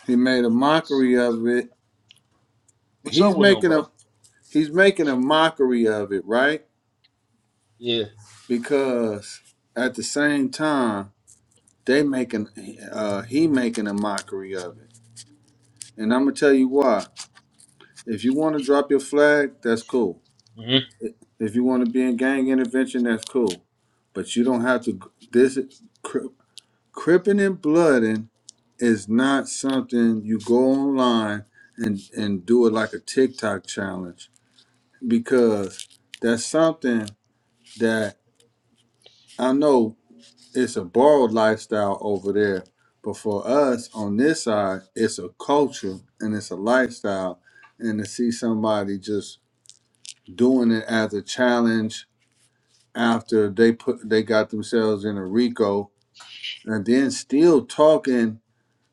he made a mockery of it.
What's up
He's
with him,
making
bro?
a he's making a mockery of it, right?
Yeah.
Because at the same time, they making uh he making a mockery of it. And I'm gonna tell you why. If you want to drop your flag, that's cool.
Mm-hmm.
If you want to be in gang intervention, that's cool. But you don't have to. This Cripping and blooding is not something you go online and and do it like a TikTok challenge because that's something that I know it's a borrowed lifestyle over there, but for us on this side, it's a culture and it's a lifestyle, and to see somebody just doing it as a challenge after they put they got themselves in a RICO and then still talking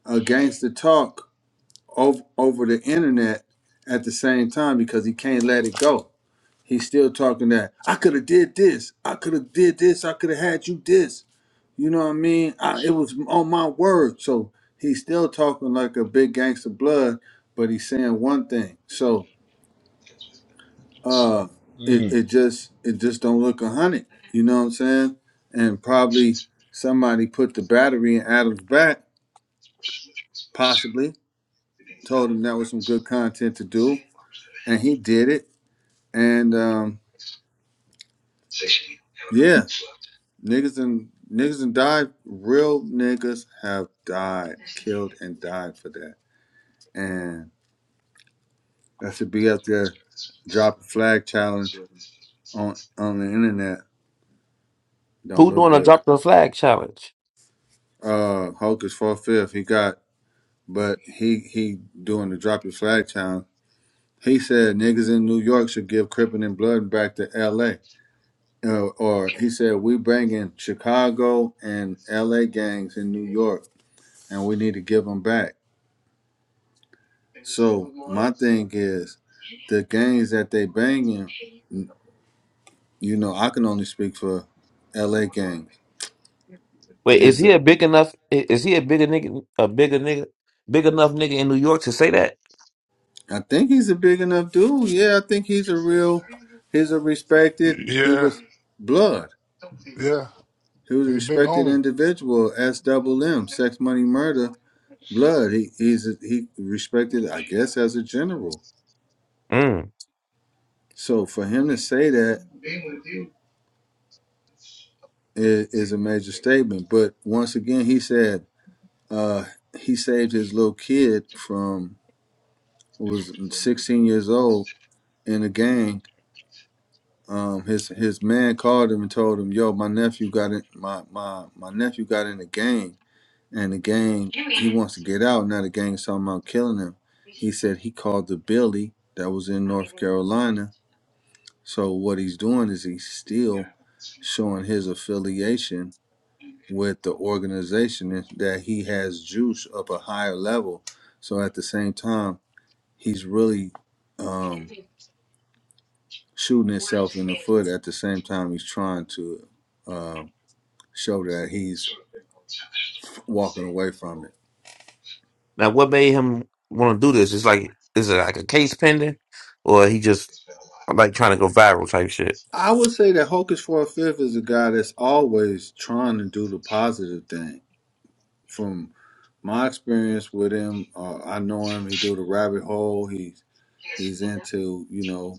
against the talk over over the internet at the same time because he can't let it go. He's still talking that I could have did this, I could have did this, I could have had you this. You know what I mean? I, it was on my word. So he's still talking like a big gangster blood, but he's saying one thing. So uh, it
Mm.
it just it just don't look a hundred. You know what I'm saying? And probably somebody put the battery in Adam's back, possibly told him that was some good content to do, and he did it And um, yeah, niggas and niggas and died. Real niggas have died, killed and died for that. And that should be up there. Drop a flag challenge on on the internet. Don't
Who
look
doing a
good.
drop the flag challenge?
Uh, Hulk is four fifth. He got, but he he doing the drop your flag challenge. He said niggas in New York should give Crippin' and Blood back to L.A. Uh, or he said we bringing Chicago and L.A. gangs in New York and we need to give them back. So my thing is, the games that they banging, you know, I can only speak for L.A. games.
Wait, is
This,
he a big enough? i- Is he a bigger nigga? A bigger nigga? Big enough nigga in New York to say that?
I think he's a big enough dude. Yeah, I think he's a real, he's a respected. He
yeah,
was blood.
yeah.
He was a
He's a big
respected
homie.
individual. S double M, sex, money, murder, blood. He he's a, he respected, I guess, as a general.
Mm.
So for him to say that is, is a major statement. But once again, he said Uh, he saved his little kid from who was 16 years old in a gang. Um, his his man called him and told him, "Yo, my nephew got in my my my nephew got in a gang, and the gang he wants to get out. Now the gang is talking about killing him." He said he called the Billy that was in North Carolina. So what he's doing is he's still showing his affiliation with the organization that he has juice up a higher level. So at the same time, he's really um, shooting himself in the foot. At the same time, he's trying to uh, show that he's walking away from it.
Now, what made him want to do this? It's like, is it like a case pending, or he just like trying to go viral type shit?
I would say that Hocus for a Fifth is a guy that's always trying to do the positive thing. From my experience with him, uh, I know him. He do the rabbit hole. He's he's into you know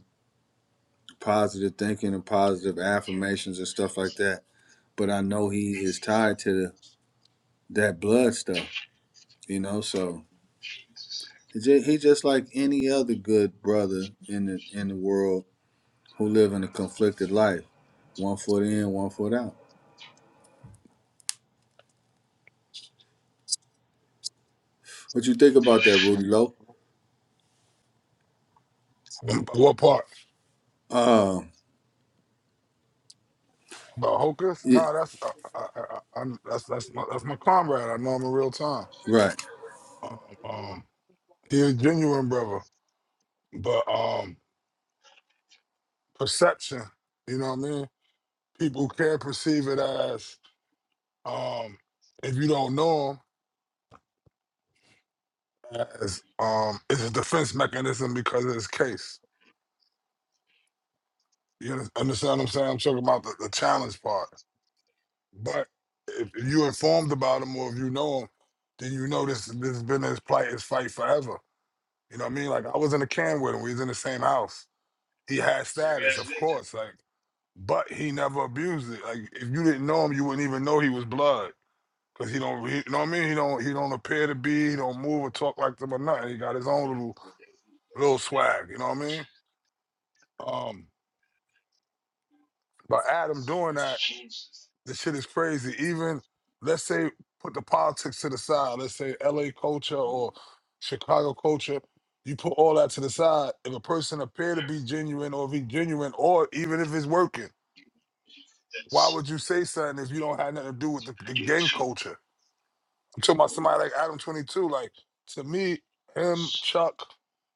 positive thinking and positive affirmations and stuff like that. But I know he is tied to the, that blood stuff, you know. So he just, he just like any other good brother in the in the world who live in a conflicted life, one foot in, one foot out. What you think about that, Rudy Lowe?
Mm, What part?
Um,
About Hocus?
yeah,
No, that's I, I, I, I, that's that's my, that's my comrade. I know him in real time.
right,
Um, um, he a genuine brother, but um, perception. You know what I mean? People can perceive it as. Um, if you don't know him, it's, um, it's a defense mechanism because of his case. You under- understand what I'm saying? I'm talking about the, the challenge part. But if you informed about him or if you know him, then you know this, this has been his plight, his fight forever. You know what I mean? Like I was in a can with him. We was in the same house. He had status, of course. Like, but he never abused it. Like if you didn't know him, you wouldn't even know he was blood. Cause he don't, he, you know what I mean? He don't, he don't appear to be. He don't move or talk like them or nothing. He got his own little little swag. You know what I mean? Um, but Adam doing that, the shit is crazy. Even let's say put the politics to the side. Let's say L.A. culture or Chicago culture. You put all that to the side. If a person appear to be genuine, or if he genuine, or even if it's working, why would you say something if you don't have nothing to do with the, the gang culture? I'm talking about somebody like Adam Twenty Two. Like to me, him, Chuck,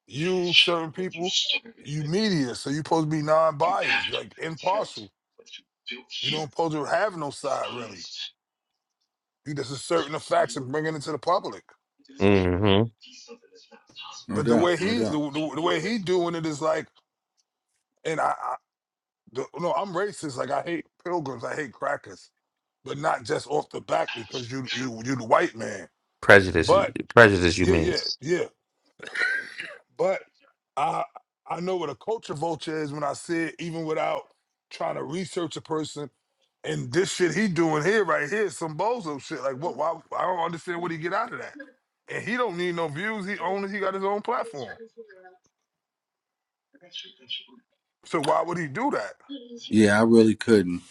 you, certain people, you media, so you supposed to be non-biased, like impartial. You don't supposed to have no side really. You just asserting the facts and bringing it to the public.
hmm
no
But the way
doubt, no
he the,
doubt.
the, the way he doing it is like, and I, I the, no, I'm racist. Like I hate pilgrims, I hate crackers, but not just off the back because you you you the white man.
Prejudice,
But
prejudice. You
yeah,
mean
yeah, yeah. But I I know what a culture vulture is when I see it, even without trying to research a person. And this shit he doing here right here is some bozo shit. Like what? Why? I don't understand what he get out of that. And he don't need no views. He only he got his own platform. So why would he do that?
Yeah, I really couldn't.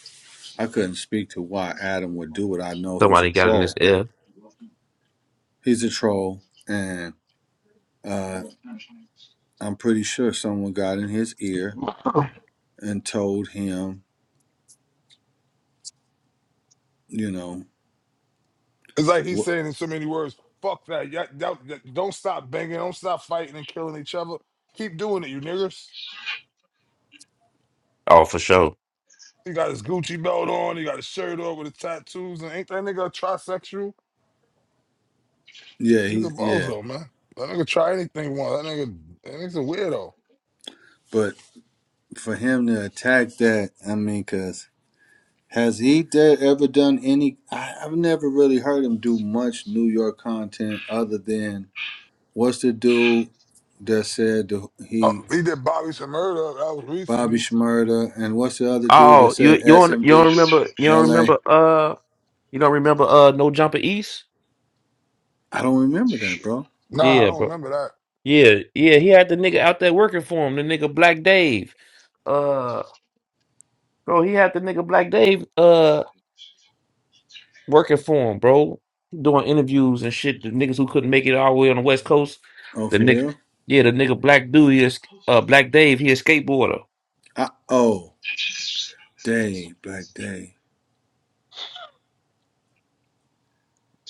I couldn't speak to why Adam would do it. I know he's a
somebody got in his
troll.
ear?
He's a troll, and uh. I'm pretty sure someone got in his ear and told him, you know,
It's like he's
wh-
saying in so many words, "Fuck that! ya that, that- don't stop banging. Don't stop fighting and killing each other. Keep doing it, you niggas."
Oh, for sure.
He got his Gucci belt on. He got his shirt on with his tattoos. And ain't that nigga a trisexual?
yeah,
He's a
he's yeah.
bozo, man. That nigga try anything once. That nigga, that nigga's a weirdo.
But for him to attack that, I mean, cause has he there ever done any? I, I've never really heard him do much New York content other than what's the dude that said the,
Uh,
he
he did Bobby some murder. That was
Bobby
recently.
Shmurda and what's the other dude that
Oh, you
said
you don't you don't
SMD,
remember you don't
L.A.
remember uh you don't remember uh no jumper East?
I don't remember that, bro.
Nah, I
Yeah,
don't
bro.
remember that.
Yeah, yeah. He had the nigga out there working for him. The nigga Black Dave. Uh, bro, he had the nigga Black Dave. Uh. working for him, bro. Doing interviews and shit. The niggas who couldn't make it all the way on the West Coast.
Oh,
The
for
nigga,
real?
yeah, the nigga Black Dude, he is, uh, Black Dave, he a skateboarder,
I, oh, Dave Black Dave.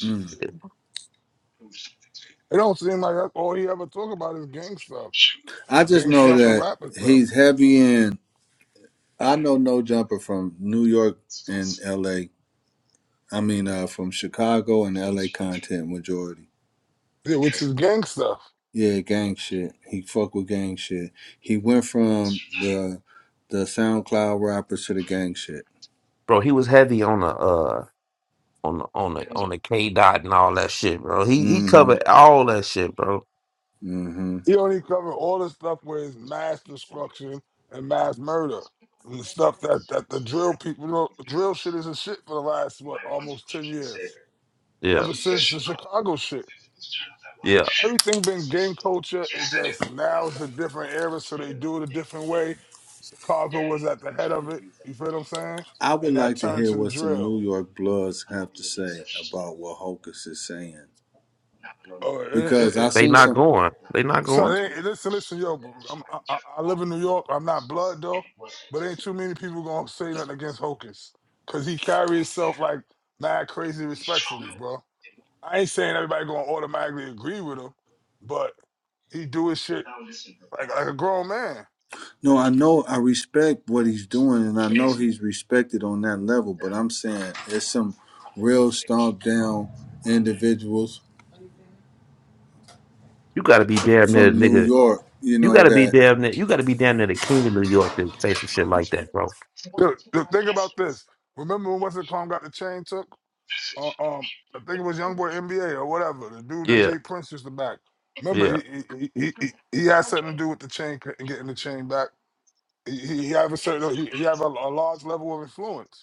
Mm.
It don't seem like that's all he ever talk about is gang stuff,
I just
gang
know
stuff and
that
rapping stuff,
he's heavy in. I know No Jumper from New York and L.A. I mean, uh, from Chicago and L.A. content majority.
yeah, which is gang stuff.
Yeah, gang shit. He fuck with gang shit. He went from the the SoundCloud rappers to the gang shit.
bro. He was heavy on the uh on the on the on the K dot and all that shit, bro. He he
Mm-hmm.
covered all that shit, bro.
Mm-hmm.
He only covered all the stuff where it's mass destruction and mass murder and the stuff that that the drill people, you know, drill shit is a shit for the last what almost ten years,
Yeah,
ever since the Chicago shit.
yeah.
everything been gang culture. It just now it's a different era, so they do it a different way. Chicago was at the head of it. You feel what I'm saying?
I would
And that
like to
turned
hear
to the
what some
drill.
New York Bloods have to say about what Hocus is saying
Or it, it,
because I
it,
They
seen
it,
not
some.
going. They not
so
going.
they, listen, listen, yo. I'm, I, I I live in New York. I'm not blood though, but ain't too many people gonna say nothing against Hocus because he carry himself like mad crazy respectfully, bro. I ain't saying everybody gonna automatically agree with him, but he do his shit like like a grown man.
No, I know I respect what he's doing, and I know he's respected on that level. But I'm saying there's some real stomped down individuals
You got to be damn near the
from New
nigga.
York, you
You got
know,
to be
that
damn near. You got to be damn near the king of New York to say some shit like that, bro.
The, the thing about this, remember when Wesley Clown got the chain took? Uh, um, I think it was YoungBoy NBA or whatever, the dude that
Yeah,
Jay Prince used to back. Remember,
yeah.
he he, he, he he had something to do with the chain c- and getting the chain back. He, he he have a certain he, he have a, a large level of influence.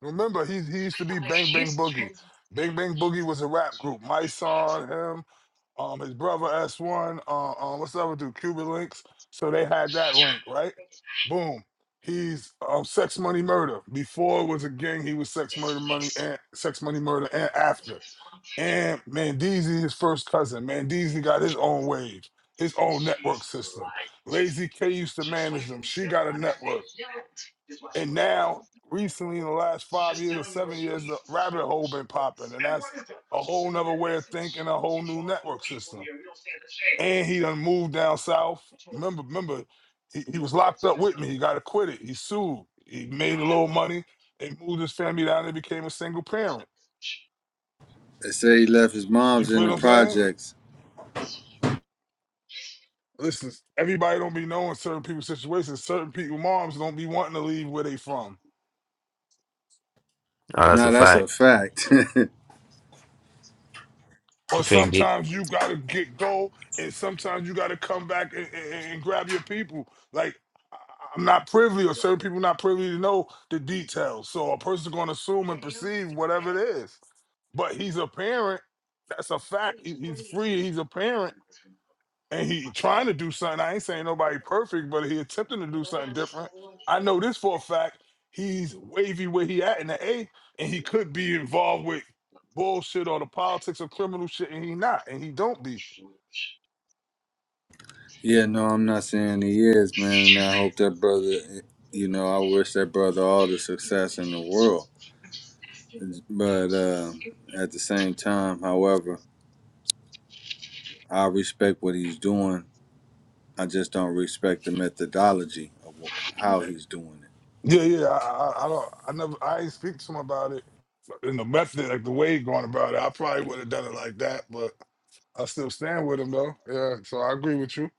Remember, he, he used to be Bang Bang Boogie. Bang Bang Boogie was a rap group. My son, him, um, his brother S1, uh, uh, um, what's the other dude? Cuban Links. So they had that link, right? Boom. He's um, Sex Money Murder. Before it was a gang, he was Sex Murder Money and Sex Money Murder and after. And Mandeezy, his first cousin. Mandeezy got his own wave, his own network system. Lazy K used to manage them. She got a network. And now, recently, in the last five years or seven years, the rabbit hole been popping, and that's a whole nother way of thinking, a whole new network system. And he done moved down south. Remember, remember, he, he was locked up with me. He got acquitted. He sued. He made a little money and moved his family down there, became a single parent.
they say he left his
You
mom's in
feel
the
what I'm saying?
projects.
Listen, everybody don't be knowing certain people's situations. Certain people, moms don't be wanting to leave where they from.
Oh, that's
Now
a
that's
fact.
a fact.
You
or
can't get.
sometimes you gotta get go and sometimes you gotta come back and, and, and grab your people like I- i'm not privy or certain people not privy to know the details so a person's gonna assume and perceive whatever it is but he's a parent that's a fact He- he's free he's a parent and he trying to do something. I ain't saying nobody perfect, but he attempting to do something different. I know this for a fact. He's wavy where he at in the A, and he could be involved with bullshit or the politics of criminal shit, and he not, and he don't be.
[laughs] yeah, no, I'm not saying he is, man. And I hope that brother, you know, I wish that brother all the success in the world. But uh, at the same time, however, I respect what he's doing I just don't respect the methodology of wh- how he's doing it.
Yeah, yeah. I, I, I don't. I never. I ain't speak to him about it in the method, like the way he going about it. I probably would have done it like that, but I still stand with him though. Yeah. So I agree with you.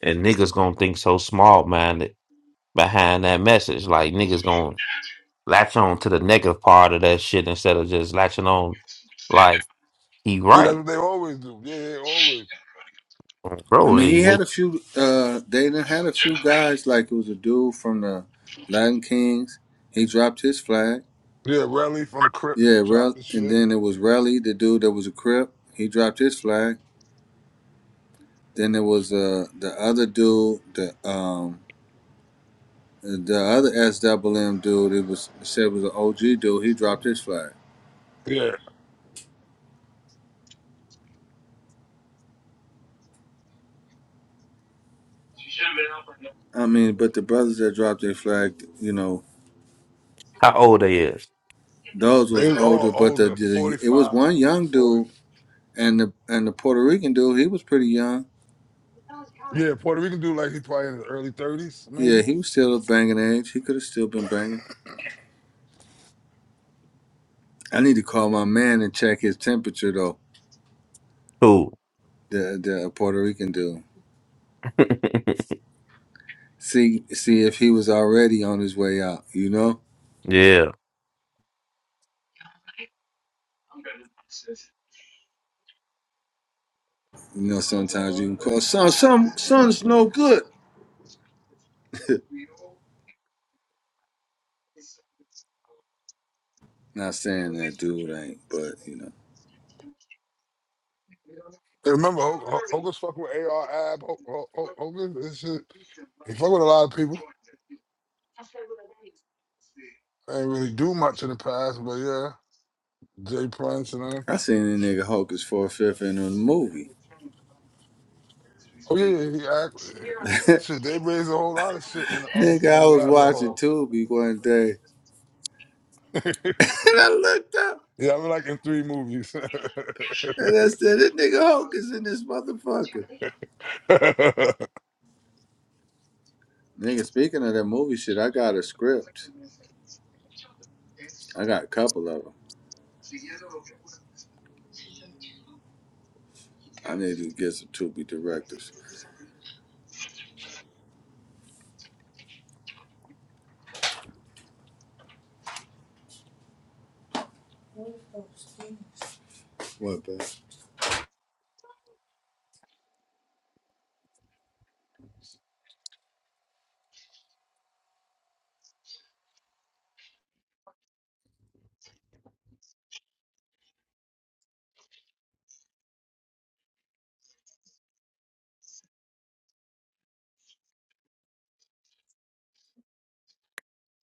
and niggas gonna think so small minded behind that message. Like niggas gonna latch on to the negative part of that shit instead of just latching on like he
Yeah, that's
right,
what they always do. Yeah, they always.
I
bro.
mean,
He,
he had
went.
a few. Uh, they done had a few guys like it was a dude from the Latin Kings. He dropped his flag.
Yeah, rally from the Crips,
Yeah,
chop
Rel-
the
and
shit.
then it was Relly, the dude that was a Crip. He dropped his flag. Then there was uh the other dude, the um the other SWM dude. It was said was an OG dude. He dropped his flag.
Yeah.
I mean, but the brothers that dropped their flag, you know,
how old they is?
Those
They
was
was all
older, but the,
older,
the
forty
it was
five,
one young
40.
dude and the and the Puerto Rican dude. He was pretty young.
Yeah, Puerto Rican dude, like he probably in his early 30s, maybe.
Yeah, he was still a banging age. He could have still been banging. I need to call my man and check his temperature though.
Cool.
The the Puerto Rican dude.
[laughs]
See see if he was already on his way out. You know.
yeah,
You know. Sometimes you can call son. Some son's no good. Not saying that dude ain't, but you know.
And remember, Ho- Ho- Hogan's fucking with AR Ab, Ho- Ho- Ho- Hogan, this shit. He fuck with a lot of people. I ain't really do much in the past, but yeah, Jay Prince and uh,
I seen a nigga hawk his four fifth in a movie.
oh yeah, yeah, he act. eh,
[laughs]
Shit, they raised a whole lot of shit in um
nigga,
on
I
the
was
rabbit
watching
hole.
Tubi one day.
[laughs]
And I looked up
yeah, I'm like in three movies.
and I said, This nigga Hulk is in this motherfucker.
[laughs]
Nigga, speaking of that movie shit, I got a script. I got a couple of them. I need to get some to be directors. What, man?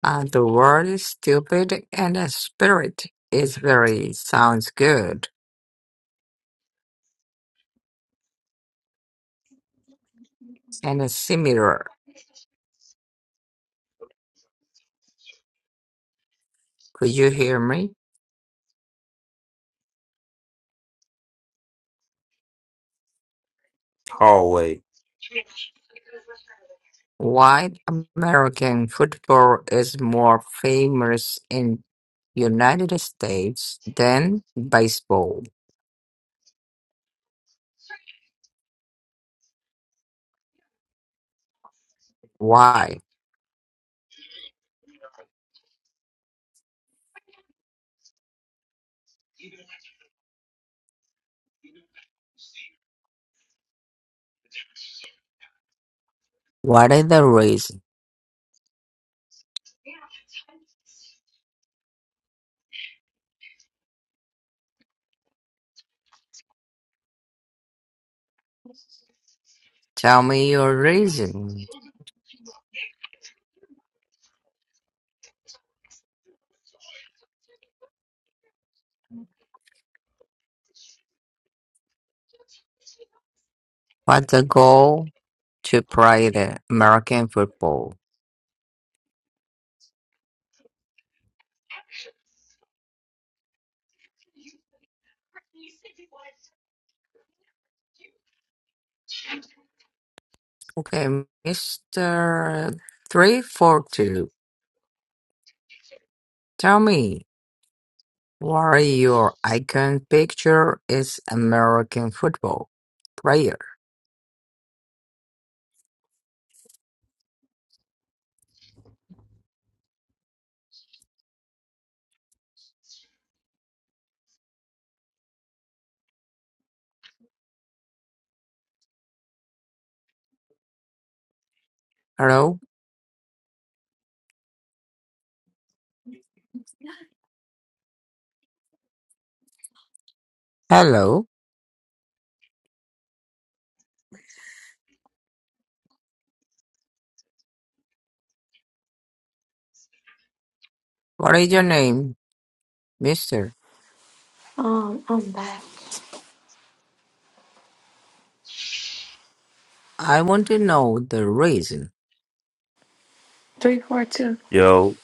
Uh, the word is stupid and the spirit is very sounds good and similar. Could you hear me?
hallway,
Why American football is more famous in United States than baseball? Why? What is the reason? Tell me your reason. What's the goal to play the American football? Okay, Mr. 342, tell me. Warrior icon picture is American football player. Hello? Hello? What is your name, mister?
Um, I'm back.
I want to know the reason.
Three, four, two.
yo.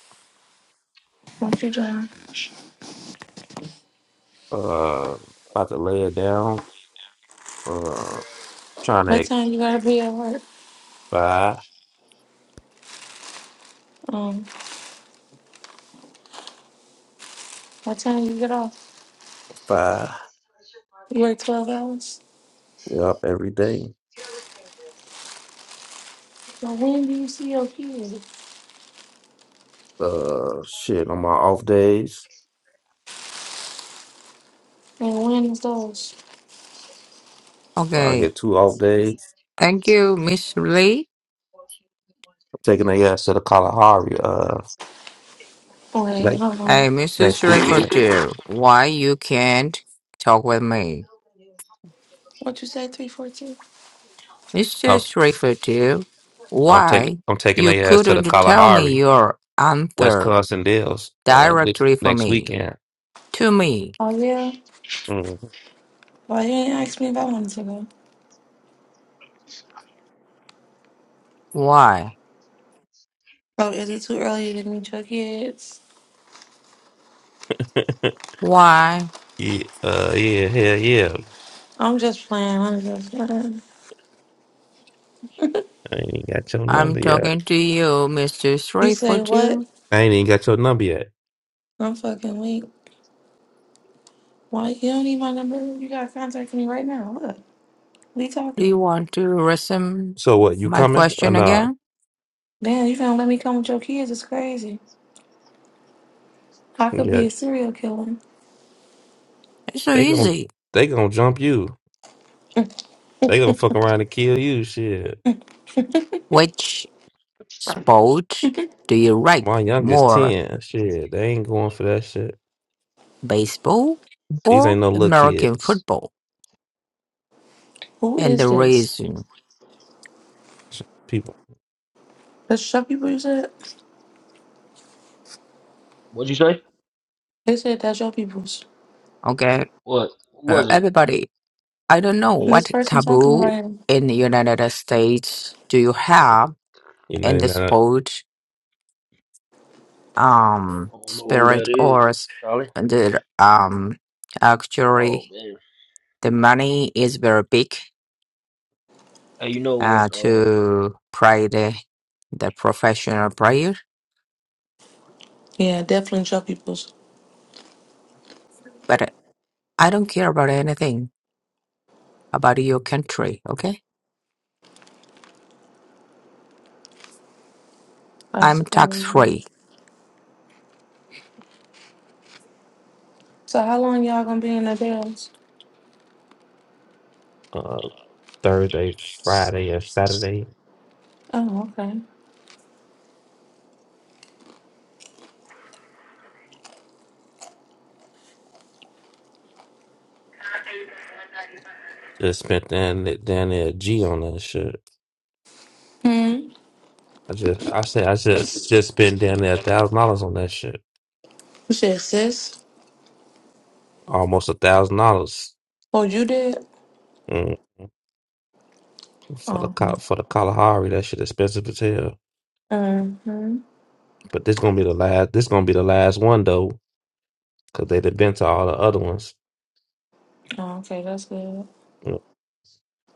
What you doing?
Uh, about to lay it down. Uh, trying
What
to
time you gotta be at work?
buy
Um, what time you get off?
five.
You work twelve hours.
Yup, every day.
Well, when do you see your kids?
Uh, shit. On my off days,
And when is those?
I
Okay,
get two off days.
thank you, Miss Lee.
Taking a ass to the Kalahari. Uh.
Wait, hold on.
Hey, Mr.
next weekend.
Shrifferdew, why you can't talk with me?
What you said? Three, four, two.
Mr.
I'm
Shrifferdew,
I'm taking
why
I'm taking
you
their ass to the
couldn't tell me
Kalahari,
your answer
Wisconsin Dells, uh, this
directly for
next
me?
weekend.
To me.
Oh yeah.
Mm.
Why you ain't ask me if I wanted to go?
Why?
Oh, is it too early to meet your kids?
[laughs]
Why?
yeah, uh, yeah, hell yeah.
I'm just playing. I'm just playing.
I ain't even got your
I'm
number yet.
talking to you, Mr.
You say what?
342.
I ain't even got your number yet.
I'm fucking weak. Why you don't need my number? You gotta contact me right now. Look, we
Do you
talking.
want to resume
So what? You
my
coming or
question
nah?
again?
Damn, you gonna let me come with your kids? It's crazy. I could be
Yeah,
a serial killer.
It's so
they gon'
easy.
they gonna jump you. They gonna fuck around and kill you. Shit.
Which sport do you like
My youngest
more,
ten. Shit, they ain't going for that shit.
baseball
These
or
ain't no little
American
kids.
football?
Who
And
is
the
this?
reason,
People,
That's your people you said?
What'd you say?
They said that's your people's.
okay,
What
uh,
was it?
everybody, I don't know
And this
what
person talking about
taboo
him.
in the United States do you have
you know,
in
they're
the
not,
sport, um,
I don't know who
spirit
that is.
or s-
Charlie?
the, um, actually.
Oh man.
The money is very big
Hey, you know what's
uh,
um
to play the the professional player,
Yeah, definitely your people's.
but I don't care about anything about your country. Okay,
That's
I'm tax
crazy.
free.
So how long y'all gonna be in the jails?
uh, Thursday, Friday, or Saturday.
Oh, okay.
Just spent down th- down there a G on that shit.
Hmm.
I just I say I just just spent down there a thousand dollars on that shit.
You said sis?
Almost a thousand dollars
Oh, you did?
Mm, for the
Oh.
Ka- for the Kalahari. That shit expensive as hell.
Mm-hmm.
But this gonna be the last. This gonna be the last one though, cause they done been to all the other ones.
Oh, okay, that's good.
Mm,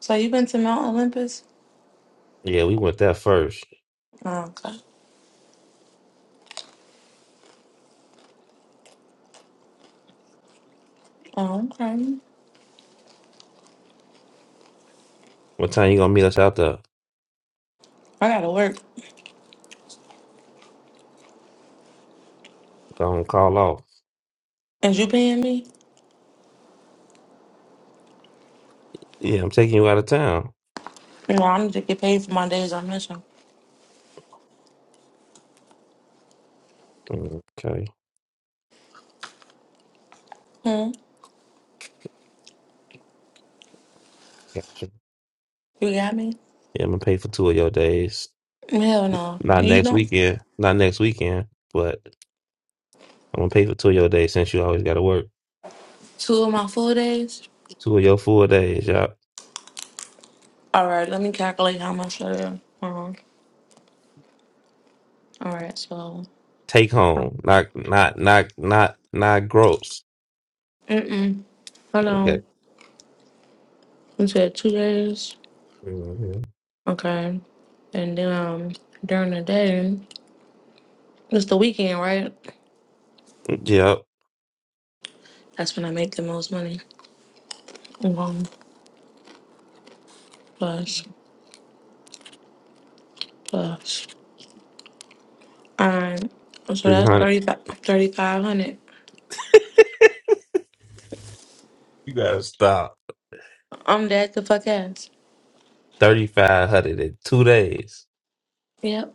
So you been to Mount Olympus?
Yeah, we went there first.
Oh, okay. Oh, okay.
What time you gonna meet us out there?
I gotta work.
Gonna call off.
Is you paying me?
Yeah, I'm taking you out of town.
No, I need to get paid for my days on mission.
Mm, Okay,
Hmm?
gotcha.
You got me?
Yeah, I'm gonna pay for two of your days.
Hell no.
Not
You
next
don't?
weekend. Not next weekend. But I'm gonna pay for two of your days since you always gotta work.
Two of my full days?
Two of your full days, y'all.
All right, let me calculate how much that is. Uh-huh. All right, so.
Take
um,
home, not not not not not gross.
Mm-mm. Hold
Okay.
on. You said two days?
hmm
Okay. And then um, during the day, it's the weekend, right?
Yep.
That's when I make the most money. One plus plus. Alright. So
Three
that's
hundred.
3500
You gotta stop.
I'm dead to fuck ass.
Thirty five hundred in two days.
Yep.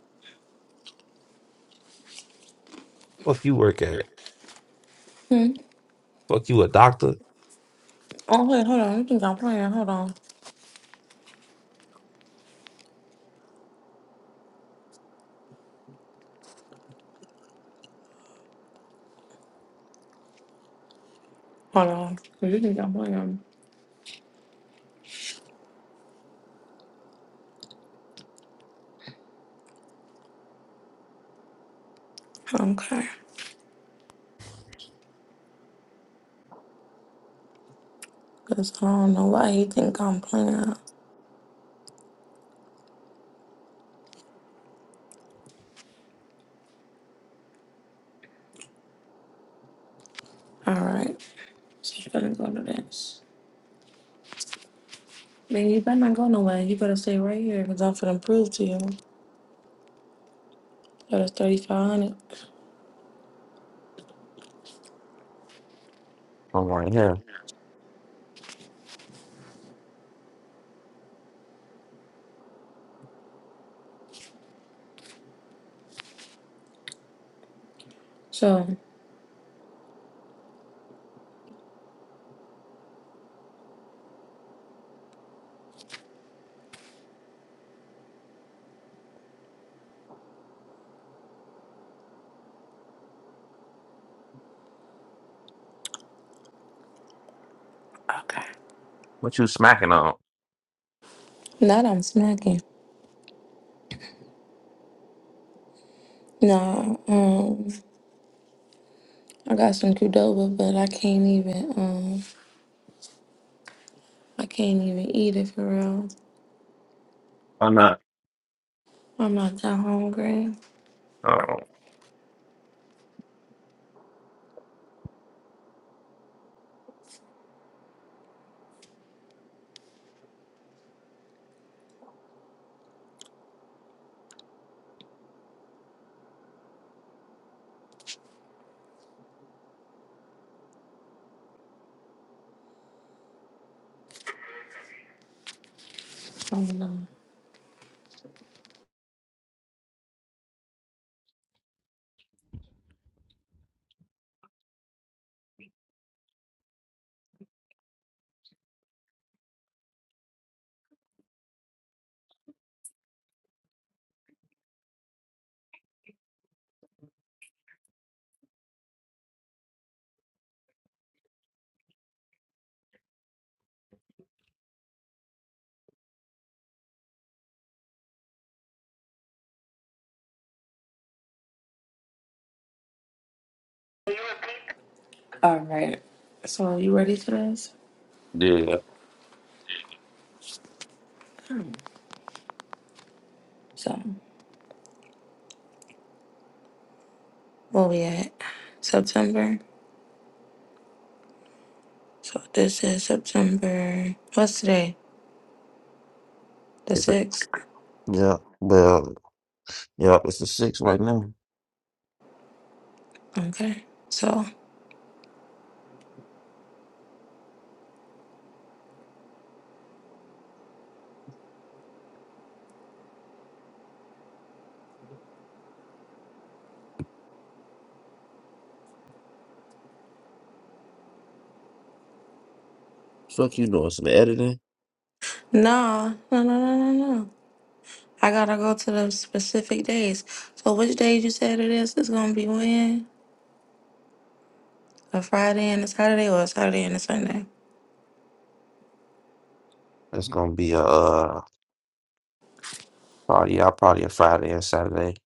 Fuck you work at.
Hmm.
Fuck you a doctor.
Oh, wait, hold on. You think I'm playing? Hold on. Hold on. Oh, You think I'm playing? Okay. Because I don't know why you think I'm playing. Alright. So you better go to this. Man, you better not go nowhere. You better stay right here because I'm finna prove to you that it's 3500
I'm right here.
So. Okay.
What you smacking on?
Now That I'm smacking. No. I got some Qdoba, but I can't even um I can't even eat it for real.
I'm not.
I'm not that hungry.
Oh
I'm nervous.
yeah.
So where we at? September. So this is September. What's today? The
It's a-
sixth.
yeah. Well, yeah. It's a six right now.
Okay. So
Fuck you doing some editing.
no, no, no, no, no, no. I gotta go to the specific days. So which days you said it is? It's gonna be when? A Friday and a Saturday, or a Saturday and a Sunday?
That's gonna be a uh, probably yeah, probably a Friday and Saturday.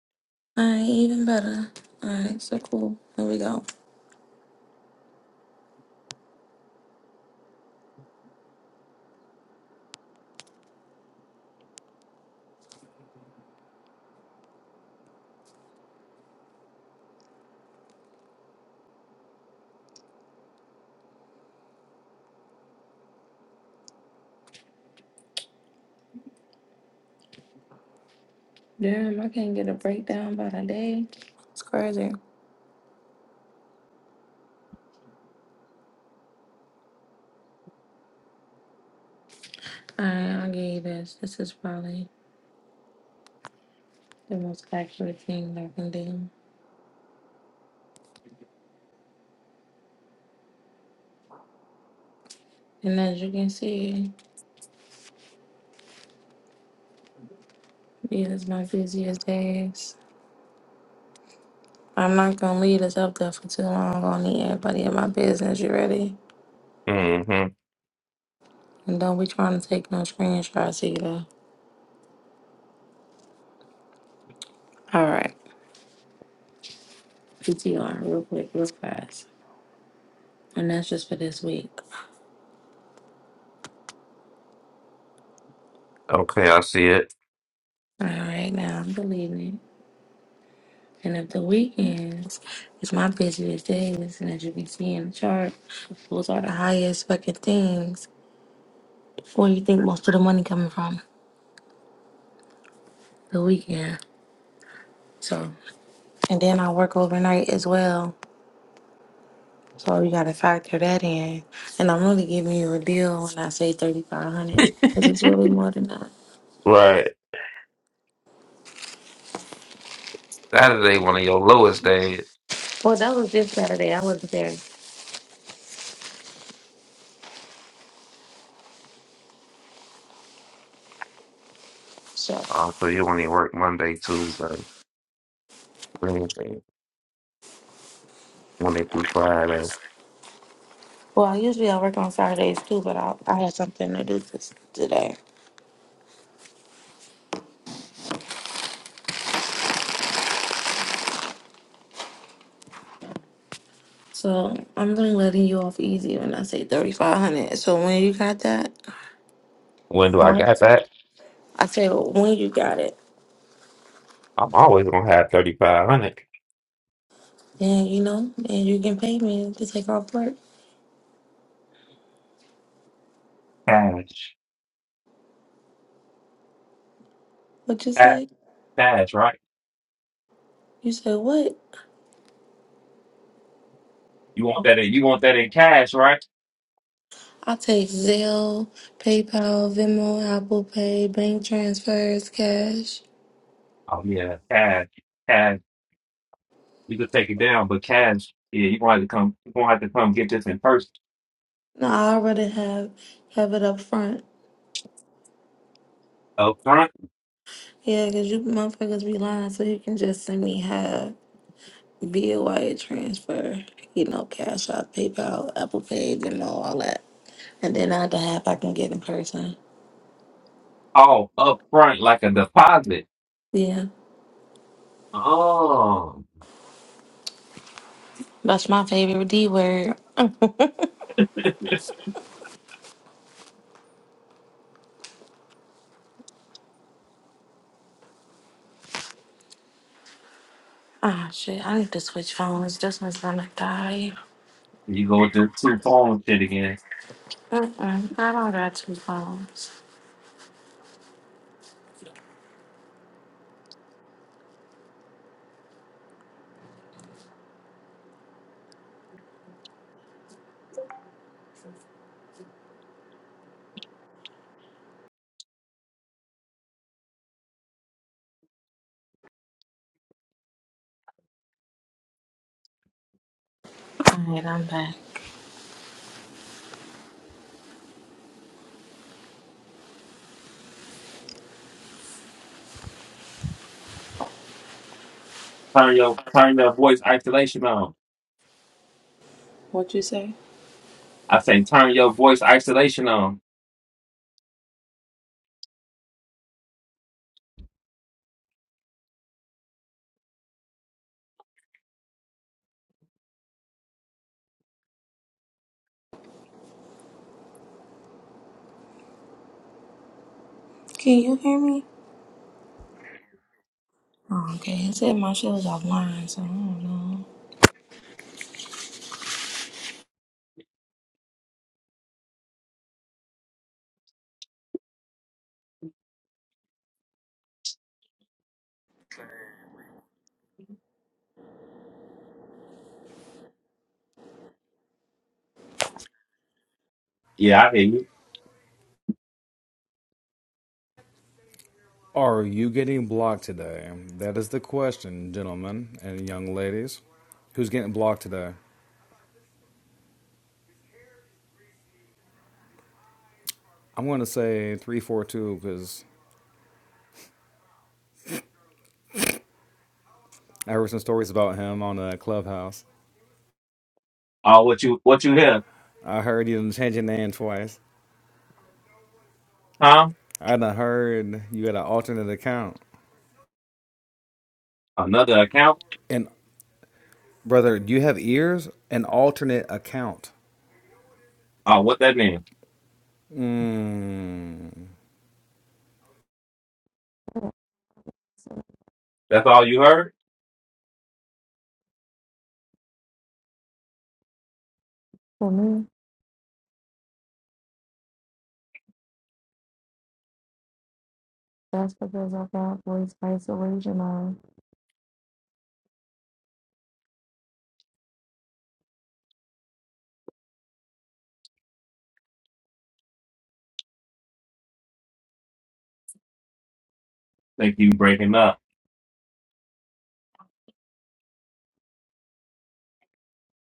All right, even better. All right, so cool. Here we go. Damn, I can't get a breakdown by the day. It's crazy. Alright, I'll give you this. This is probably the most accurate thing I can do. And as you can see, these is my busiest days. I'm not gonna leave this up there for too long. I'm gonna need everybody in my business. You ready? And don't be trying to take no screenshots either. Alright. PTR real quick, real fast. And that's just for this week.
Okay, I see it.
Alright, now I'm deleting it. And if the weekends is my busiest days, and as you can see in the chart, those are the highest fucking things. Where you think most of the money coming from? The weekend. So, and then I work overnight as well. So you gotta factor that in. And I'm really giving you a deal when I say thirty five hundred, because it's really more than that.
Right. Saturday, one of your lowest days.
Well, that was this Saturday. I wasn't there. So,
Uh, so you only work Monday, Tuesday, Wednesday, Monday through Friday.
well, I usually I work on Saturdays too, but I I had something to do this today. So I'm gonna letting you off easy when I say thirty five hundred. So when you got that,
When do I
um,
got that?
I say when you got it,
I'm always gonna have thirty five hundred
then you know, and you can pay me to take off work.
cash.
What you
Cash,
say?
cash, right?
You said what?
You want that? In, you want that in cash, right?
I take Zelle, PayPal, Venmo, Apple Pay, bank transfers, cash.
Oh yeah, cash, cash. You could take it down, but cash. Yeah, you gonna have to come. You gonna have to come get this in person,
No, I already have have it up front.
up front,
Yeah, 'cause you motherfuckers be lying, so you can just send me half. Via wire transfer, you know, Cash App, PayPal, Apple Pay, Venmo, all that. And then I have to have I can get in person.
all up front, like a deposit.
Yeah,
Oh.
that's my favorite D word. [laughs] Ah, shit, I need to switch phones. This one's gonna die.
You go with the two phone shit again.
Mm-mm, I don't got two phones. All right, I'm back.
Turn your turn your voice isolation on.
What you say?
I say turn your voice isolation on.
Can you hear me? Oh, okay. It said my shit was offline, so I don't know.
Yeah, I hear you.
Are you getting blocked today? That is the question, gentlemen and young ladies. Who's getting blocked today? I'm going to say 342 because I heard some stories about him on a clubhouse.
Oh, what you what you hear,
I heard you done changed your name twice.
Tom?
I done heard you had an alternate account.
Another account?
And brother, do you have ears? An alternate account.
Oh, what that mean?
Mmm.
That's all you heard?
For me, that's because I got voice isolation on.
Think you breaking up?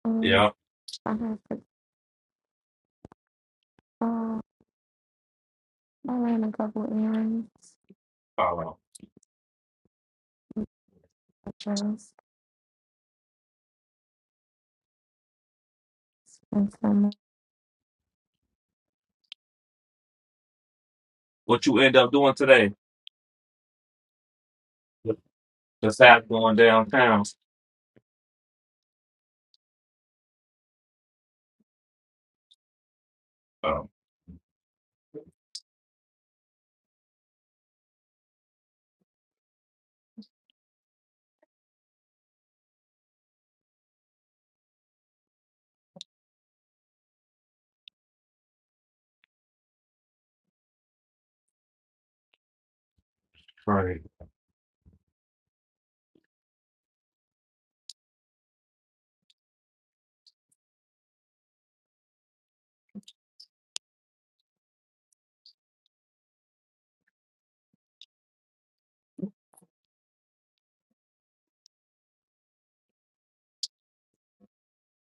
Um,
Yeah.
I have to. I ran a couple errands,
Oh,
errands, and some
what you end up doing today? Just have going downtown. Oh, right.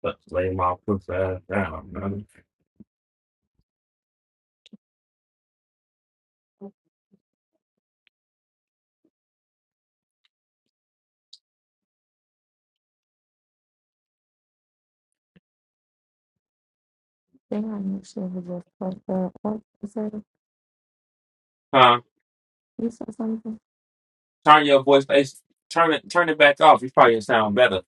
Let's lay my pussy ass down, man.
thing I knew she was just like the What you
Huh?
You said something?
Turn your voice. it's- Turn it. Turn it back off. You probably sound better.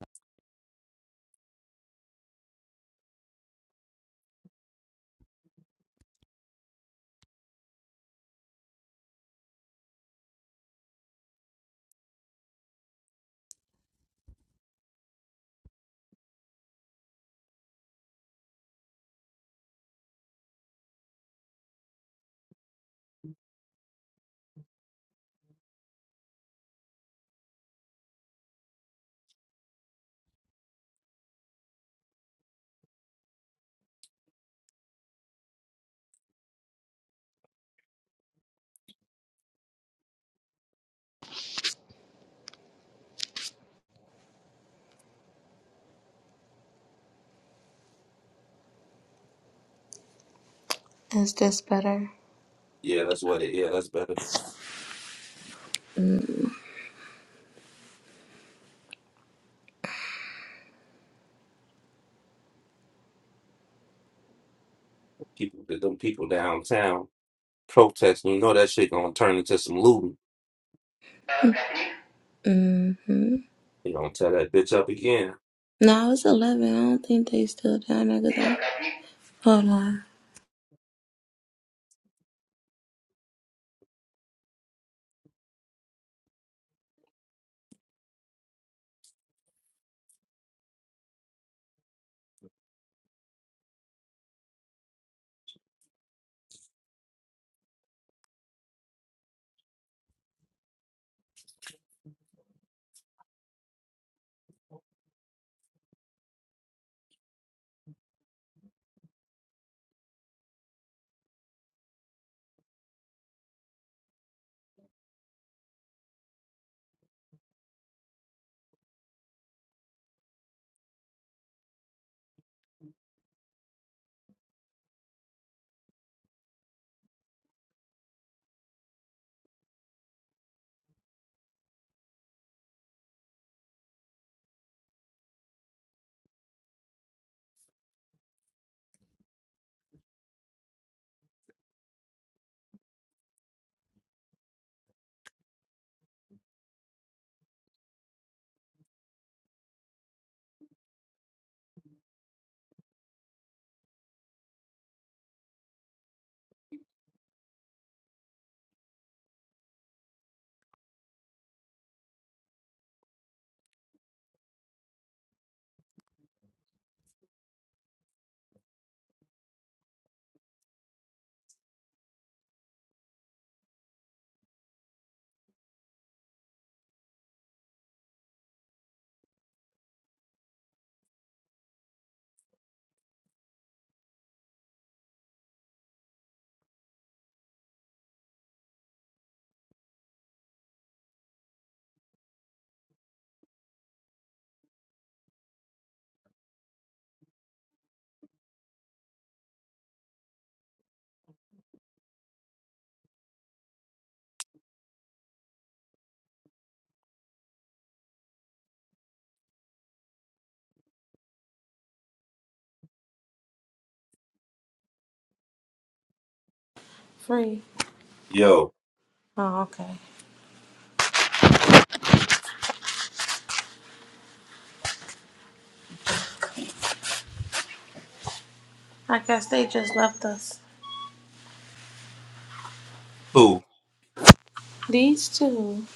Is this better?
Yeah, that's what it. Yeah, that's better.
Mm-hmm.
People, them people downtown protesting. You know that shit gonna turn into some looting. You gonna tear that bitch up again?
No, I was 11. I don't think they still down there. 'cause I- Hold on. Free.
Yo,
Oh, okay. I guess they just left us.
who?
These two.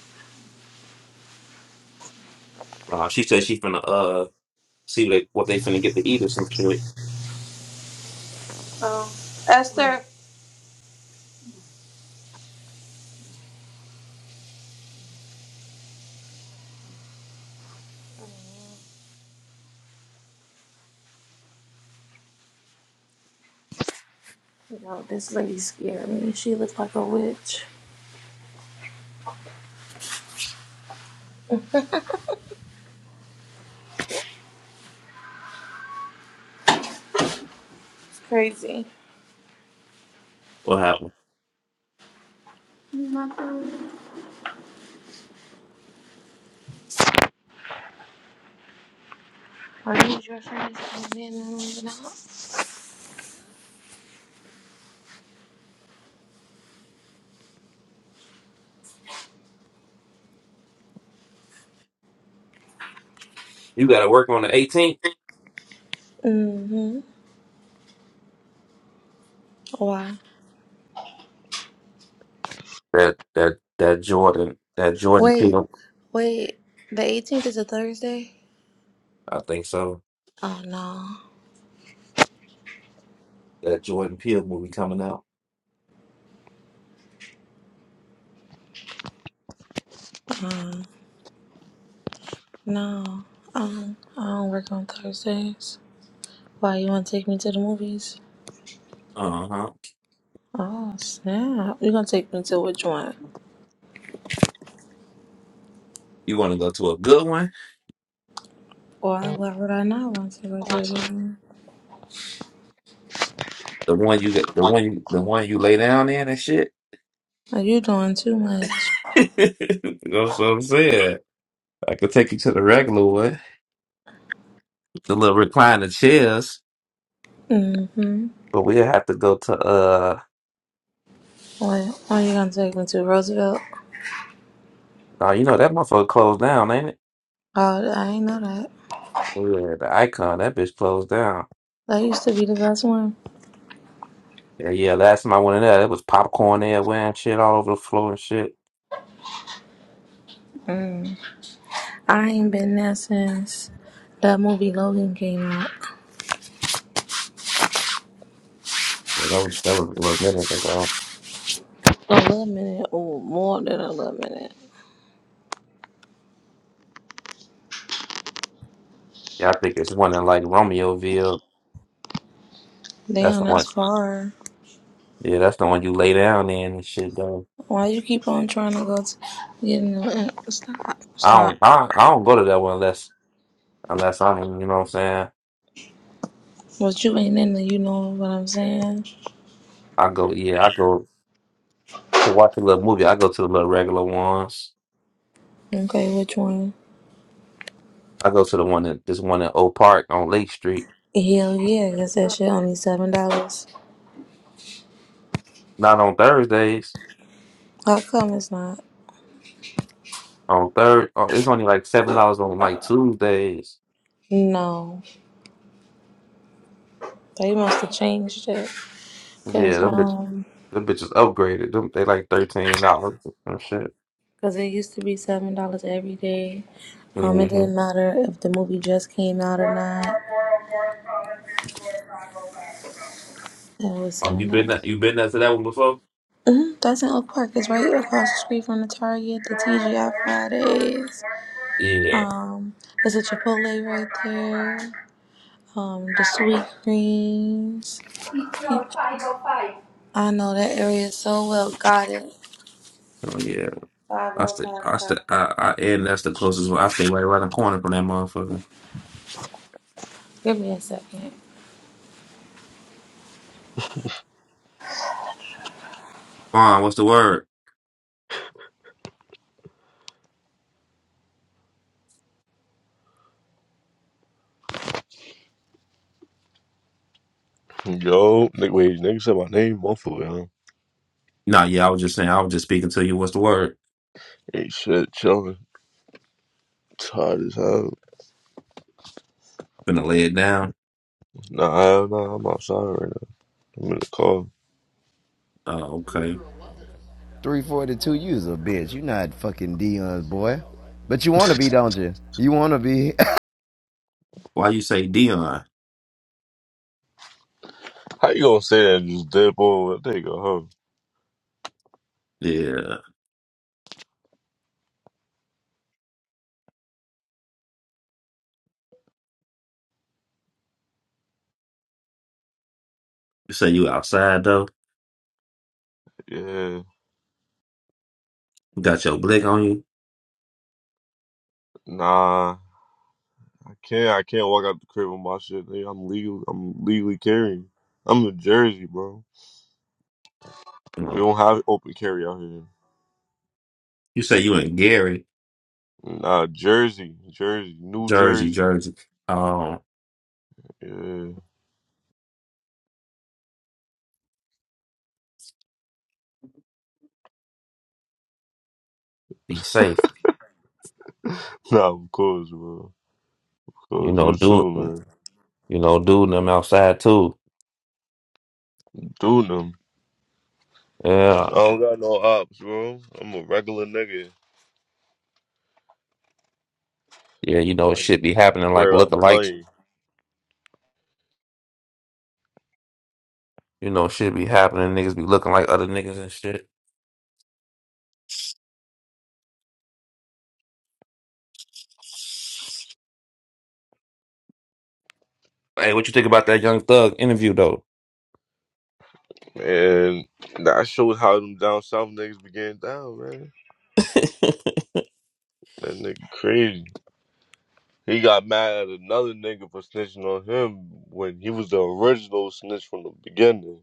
Uh, she said she finna uh see what they, what they finna get to eat or some shit.
Oh, Esther. No, this lady scared me. She looked like a witch. It's crazy.
What happened?
Are these your friends? Oh, man, I don't even know.
You gotta work on the 18th.
Mm-hmm. Wow.
That that that Jordan that Jordan
Wait.
Peele.
Wait, the 18th is a Thursday?
I think so.
Oh no.
That Jordan Peele movie coming out.
Um, no. Um, I don't work on Thursdays. Why you want to take me to the movies?
Uh huh.
Oh snap! You gonna take me to which one?
You want to go to a good one?
Why? Why would I not want to go to the one?
The one you get, the one you, the one you lay down in and shit.
Are you doing too much?
[laughs] That's what I'm saying. I could take you to the regular one, the little recliner chairs.
Mm-hmm.
But we have to go to uh.
Why? Why you gonna take me to Roosevelt?
Oh, you know that motherfucker closed down, ain't it?
Oh, I ain't know that.
Yeah, the icon that bitch closed down.
That used to be the best one.
Yeah, yeah, last time I went in there, it was popcorn everywhere and shit all over the floor and shit.
Mm. I ain't been there since that movie Logan came out.
Yeah, that was that was a little bit like oh
11 minute or more than 11 minute.
yeah, I think it's one in like Romeoville. That's
Damn,
the
that's
one.
far.
Yeah, that's the one you lay down in and shit though.
Why you keep on trying to go to get in the mm, stop,
I
stop.
don't I, I don't go to that one unless unless I'm you know what I'm saying.
But you ain't in the, you know what I'm saying?
I go yeah, I go to watch a little movie, I go to the little regular ones.
Okay, which one?
I go to the one that this one in Oak Park on Lake Street.
Hell yeah, guess that shit only seven dollars.
Not on Thursdays.
How come it's not?
On third, oh, it's only like seven dollars on like Tuesdays.
No, they must have changed it.
Yeah,
Cause
them
um,
Them bitches upgraded. Them they like thirteen dollars and shit.
cause it used to be seven dollars every day. Um, it
hmm
didn't matter if the movie just came out or not. It was
Oh, you
$7.
been that you been that to that one before?
hmm That's in Oak Park. It's right across the street from the Target, the TGI Fridays.
Yeah.
Um, there's a Chipotle right there. Um, the sweet greens. I know that area so well. Got it.
Oh yeah, I stay. I
505
stay.
coffee.
I, I and that's the closest one. I stay right around the corner from that motherfucker.
Give me a second.
Vaughn, what's the word?
Yo, nigga, wait, nigga said my name, motherfucker. Huh?
Nah, yeah, I was just saying. I was just speaking to you. What's the word?
Hey, shit, chilling. Tired as hell.
Finna lay it down.
Nah, hell nah, I'm outside right now. I'm in the car.
Oh, okay.
342, you is a bitch. You not fucking Dion's boy. But you want to be, don't you? You want to be.
Why you say Dion?
How you gonna say that? and Just dip over. There you go,
Yeah, you say you outside though.
huh? Yeah.
You got your blick on you.
Nah, I can't. I can't walk out the crib with my shit. Nigga. I'm legal. I'm legally carrying. I'm in Jersey, bro. We
Mm.
don't have open carry out here.
You say you in Gary,
Nah, Jersey, Jersey, New
Jersey,
Jersey.
Jersey. Um,
Yeah. [laughs]
be safe.
Nah, of course, bro. Of
You
course,
know,
you
do it.
too, man.
You know, dude, them outside too.
Do them.
Yeah,
I don't got no ops, bro. I'm a regular nigga.
yeah. You know, it
I ain't
should be happening like
worry
looking
about
like,
money.
You know, shit be happening. Niggas be looking like other niggas and shit. Hey, what you think about that Young Thug interview though?
And that showed how them down south niggas be getting down, man. That nigga crazy. He got mad at another nigga for snitching on him when he was the original snitch from the beginning.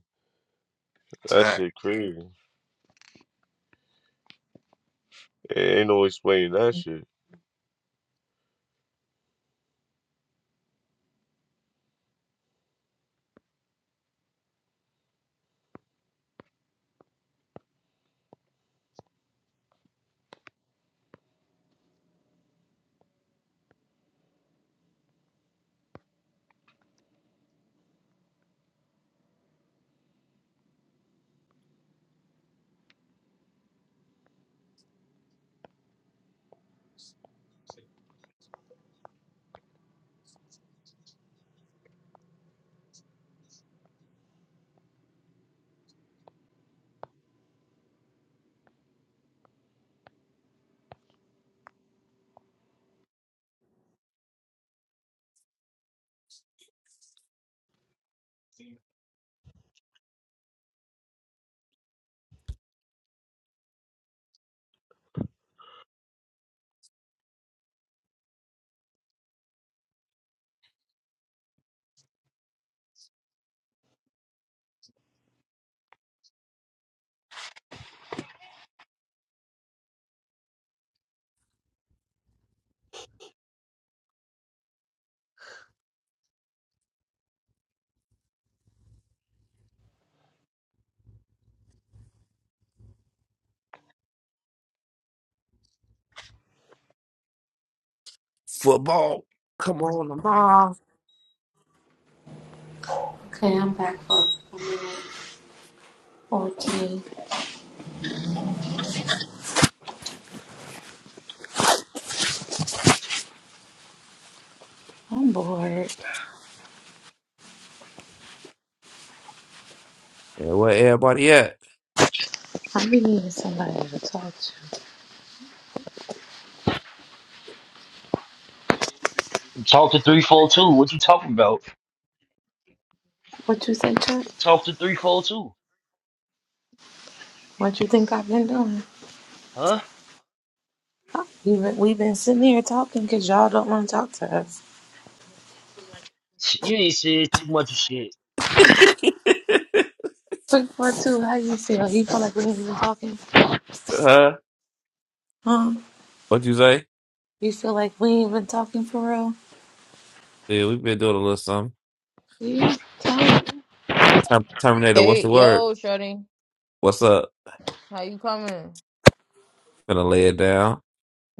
That
Zach.
shit crazy. Ain't no explaining that shit.
Football. Come on, Lamar.
Okay, I'm back up. i I'm bored.
Yeah, where everybody at?
It's
talk to three four two. What you talking about? Talk to three four two.
What you think I've been doing?
Huh?
We've been, we've been sitting here talking because y'all don't want to talk to us.
You ain't said too much of shit.
Three four two. how you feel? You feel like we ain't even talking?
Huh?
Huh?
What you say?
You feel like we ain't been talking for real?
Yeah, we been doing a little something.
See? Tell you.
Ter- Terminator. What's
Hey,
the word?
yo, Shorty,
What's up?
how you coming?
Finna lay it down.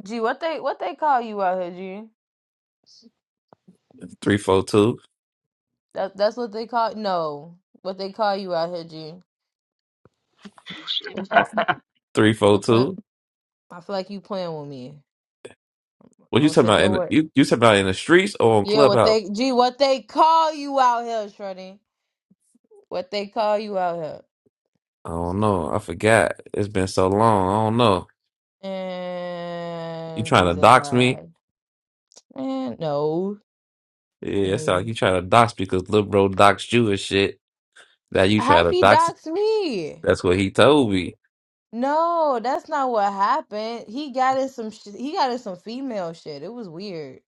Gee, what they what they call you out here, G?
Three four two.
That that's what they call no, what they call you out here, G?
Three four
Quit playing.
two.
I feel like you playing with me.
What you
I'm gonna
talking
take
about? In
your
the,
word.
you you talking about in the streets or on
Yeah, what
Clubhouse?
they G? What they call you out here, Shorty? What they call you out
I don't know. I forgot. It's been so long. I don't know.
here?
You
And
trying to
Jesus,
dox me?
right? Man, no,
Yeah, it's like
no.
you trying to dox because Lil Bro doxed you and shit. Now you
How
trying to
he
dox.
dox me?
That's what he told me.
No, that's not what happened. He got in some sh- he got in some female shit. It was weird.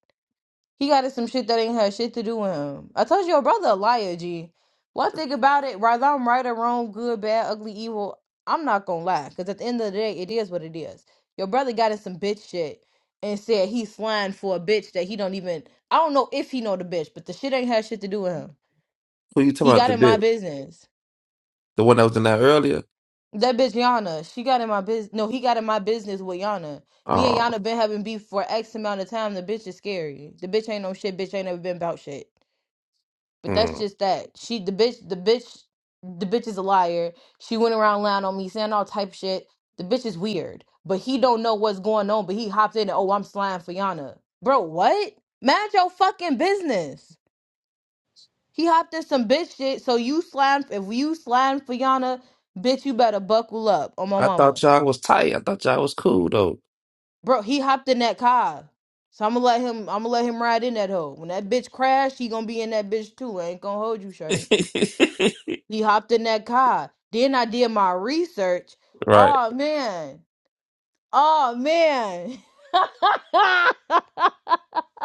He got us some shit that ain't had shit to do with him. I told your brother a liar, G. One thing about it, whether I'm right or wrong, good, bad, ugly, evil, I'm not gonna lie. Cause at the end of the day, it is what it is. Your brother got in some bitch shit and said he's flying for a bitch that he don't even I don't know if he know the bitch, but the shit ain't had shit to do with him.
Who you talking
He
about
got
the
in my
bit?
business.
The one that was in there earlier?
That bitch Yana, she got in my business. No, he got in my business with Yana. Me
Oh,
and Yana been having beef for X amount of time. The bitch is scary. The bitch ain't no shit. Bitch ain't never been about shit. But that's
mm.
just that. She the bitch the bitch the bitch is a liar. She went around lying on me, saying all type shit. The bitch is weird. But he don't know what's going on, but he hopped in and oh I'm slime for Yana. Bro, what? Mind your fucking business. He hopped in some bitch shit, so you slime if you slime for Yana, bitch, you better buckle up on my
I thought
mama.
y'all was tight. I thought y'all was cool though.
Bro, he hopped in that car. So I'ma let him I'ma let him ride in that hoe. When that bitch crash, he gonna be in that bitch too. I ain't gonna hold you, Shorty.
[laughs]
He hopped in that car. Then I did my research.
right.
Oh man. Oh man. [laughs]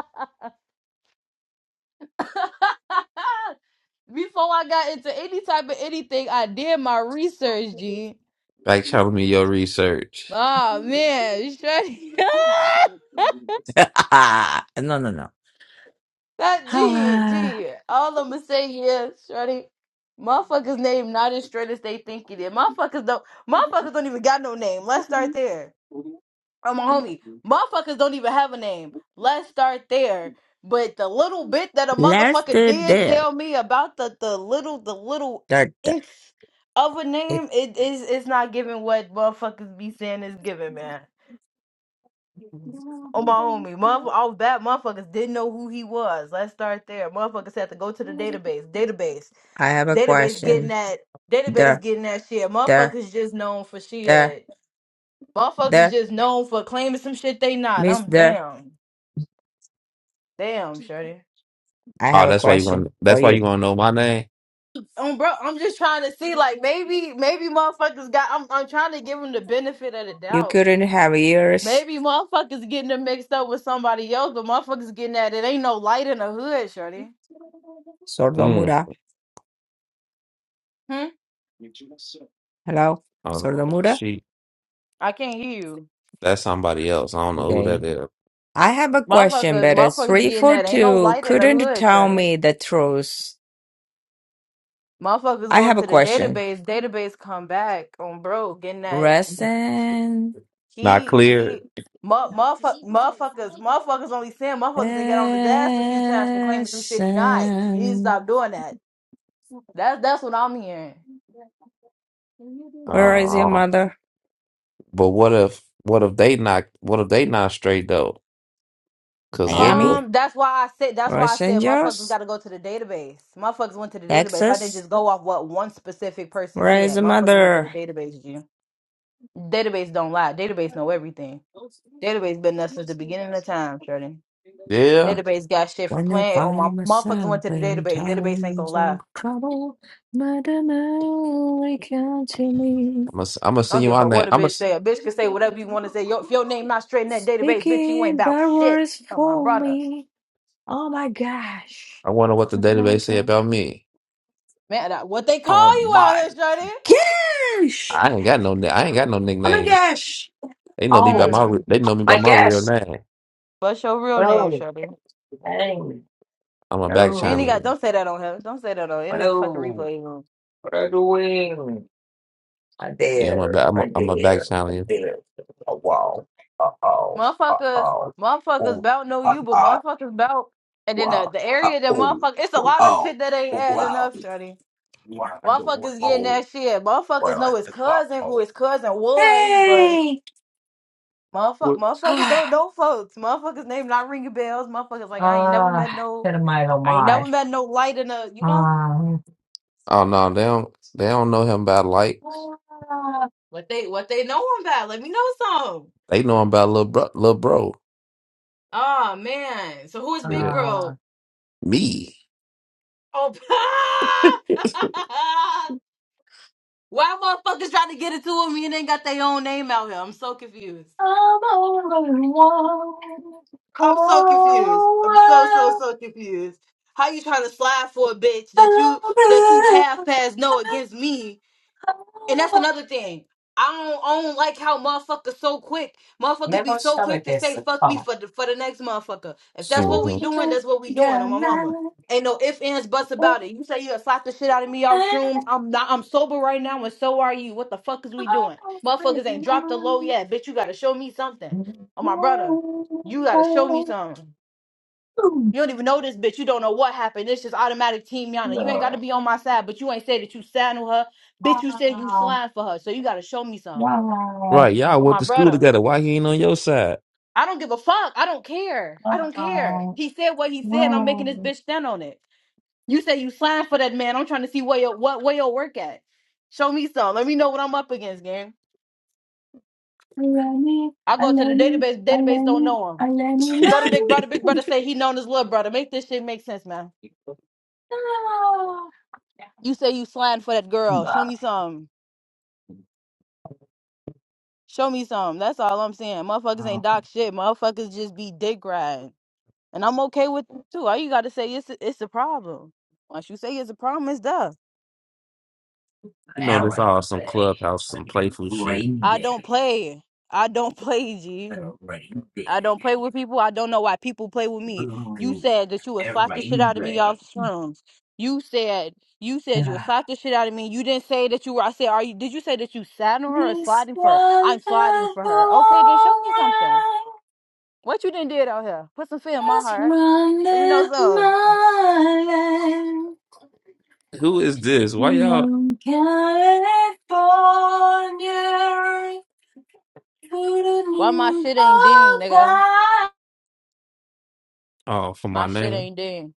Before I got into any type of anything, I did my research, G.
Like telling me your research.
Oh man, Shreddy.
[laughs] no, no, no.
[laughs] that G,
[sighs] Ah,
G. All I'ma say is, Shreddy, motherfuckers name not as straight as they think it is. Motherfuckers don't motherfuckers don't even got no name. Let's start there. or my homie. Motherfuckers don't even have a name. Let's start there. But the little bit that a
Let's
motherfucker
do
did
there.
tell me about the the little the little
There, there.
inch of a
If
name, it is it's not giving what motherfuckers be saying is giving, man. Oh my homie, motherfucker, all that motherfuckers didn't know who he was. Let's start there. Motherfuckers had to go to the database, database,
I have a
database getting
question.
that, database
There,
getting that shit.
there,
Motherfuckers just known for
there,
shit. Motherfuckers
there.
just known for claiming some shit they not.
Miss
I'm
there.
down. Damn, Shorty.
I
Oh,
have a
that's why you
question
want.
for
That's why
you.
you want to know my name.
Um, bro, I'm just trying to see, like, maybe, maybe motherfuckers got. I'm, I'm trying to give them the benefit of the
You
doubt.
couldn't have ears.
Maybe motherfuckers getting them mixed up with somebody else, but motherfuckers getting that it ain't no light in the hood, Shorty.
Mm.
Sordomura.
Hmm.
Hello?
Oh,
Sordomura?
she.
I can't hear you.
That's somebody else. I don't know who that
Okay.
is.
I have a question,
Motherfuckers,
but it's
motherfuckers getting that ain't no
342
light in the
couldn't
hood,
tell
Shorty.
me the truth.
Motherfuckers
I
go
have a
to the
question.
database, database come back on bro, getting that
Resin.
Not
He he
clear.
mu- motherfuck, motherfuckers motherfuckers only sin motherfuckers didn't get on his ass a few times for claiming some shit he not. He need to
Resin.
stop doing that. That's that's what I'm hearing.
Where is your
Uh,
mother?
but what if what if they not what if they not straight though? Cause little
Miami?
bro,
Um, that's why I said that's why I
Los
said motherfuckers
Angeles?
gotta go to the database. Motherfuckers went to the database. I didn't
Texas?
just go off what one specific person
Where is
said.
the
Motherfuckers went to
mother?
the database, G. Database don't lie. Database know everything. Database been there since the beginning of time, Shorty.
yeah,
Database got shit from
When I
playing. Oh my
find
motherfuckers went
myself
to the
in
database. Database ain't gonna
times of
lie.
trouble, Mother Mary come to me,
I'm gonna I'm gonna
I
send
don't
you
give a
my
fuck
name.
what a
I'm gonna
bitch say. A bitch can say whatever you want to say. Yo, if your name not straight in that database, bitch, you ain't
speaking
about
bad
shit.
words
Oh my
for
brother,
me. Oh my gosh!
I wonder
Oh
what the
my
database say
god!
about me.
man, that, what they
Oh
call you out
my
here, Shuddy?
gosh!
I ain't got no ni- I ain't got no
Oh my
nickname.
gosh!
They know me by
Oh
my
Mm.
re- they know me by
my
my real
gosh!
name.
What's your real name,
Well,
Shuddy?
dang!
I'm a back
You ain't even
No!
got.
channel.
Don't say that on here. Don't say that on. In the fucking
Hello!
replay room,
What are you doing? I
Yeah, I'm a
there.
back I'm
I
a, I'm a back
there.
channel.
I
yeah.
there.
motherfuckers, motherfuckers about know you, but motherfuckers about and then the, the area that motherfuckers. It's a lot of shit that ain't adding up, Shuddy. Motherfuckers getting that shit. Motherfuckers know his cousin, who his cousin was, but
Hey!
Motherfuck,
What?
motherfuckers
[sighs]
don't know folks. Motherfuckers name not ringing bells. Motherfuckers like I ain't never
Ah,
met no,
my, oh
I ain't
my.
never met no light in a, you know
Um,
Oh no, they don't they don't know him by like
what they what they know him about. Let me know some.
they know him by little bro little bro.
Oh man, so who is Big
Yeah.
uh,
Bro?
Me. [laughs]
Oh,
hmm
[laughs] why motherfuckers trying to get it to him and they ain't got their own name out here? I'm so confused.
I'm only one
I'm so confused. I'm so so
call.
so confused. How you trying to slide for a bitch that you that you half past know against me? And that's another thing. I don't, I don't like how motherfuckers so quick. Motherfuckers be so quick to say fuck me for the for the next motherfucker. If that's what
So
we doing, that's what we doing
yeah,
on my
now I'm
mama.
only
Ain't no ifs, ands, buts
one
about it. You say you gonna slap the shit out of me off shrooms. I'm not I'm sober right now and so are you. What the fuck is we doing? Motherfuckers ain't dropped the low yet. Bitch, you gotta show me something. Oh my brother, you gotta show me
call.
something. You don't even know this bitch. You don't know what happened. It's just automatic team Yana. You ain't got to
Wow,
be on my side, but you ain't said that you saddle her. Bitch, you said you slime for her. So you got to show me some.
wow,
Right, y'all
Oh,
went
my
to school
brother.
together. Why he ain't on your side?
I don't give a fuck. I don't care. I don't care.
wow,
He said what he said, and I'm making this
wow.
bitch stand on it. You say you slime for that man. I'm trying to see where your, what, where your work at. Show me some. Let me know what I'm up against, gang.
Alani,
I go to the
Alani,
database. Database don't
Alani,
know him.
Alani,
Go to
[laughs]
Big
Lani.
Brother. Big Brother say he known his little brother. Make this shit make sense, man.
Ah,
You say you slime for that girl. Show me some. Show me something. That's all I'm saying. Motherfuckers ain't
Wow.
doc shit. Motherfuckers just be dick riding. And I'm okay with it too. All you gotta say is it's a problem. Once you say it's a problem, it's done.
You know, there's all some clubhouse, some playful shit.
I don't play. I don't [laughs] play, G. I don't play with people. I don't know why people play with me. You said that you would slap the shit out of me off shrooms. You said you said you would slap the shit out of me. You didn't say that you were. I said, are you? Did you say that you sat on her or
This
sliding for her?
run
I'm sliding
has
for her. Okay, then show me something.
always
What you done did out here? Put some fear in my heart.
run
Let me know
left
something.
my land.
Who is this? Why y'all?
From California to the
Why my
New
shit ain't ding,
York
nigga?
Oh, for my
My shit
name.
ain't ding.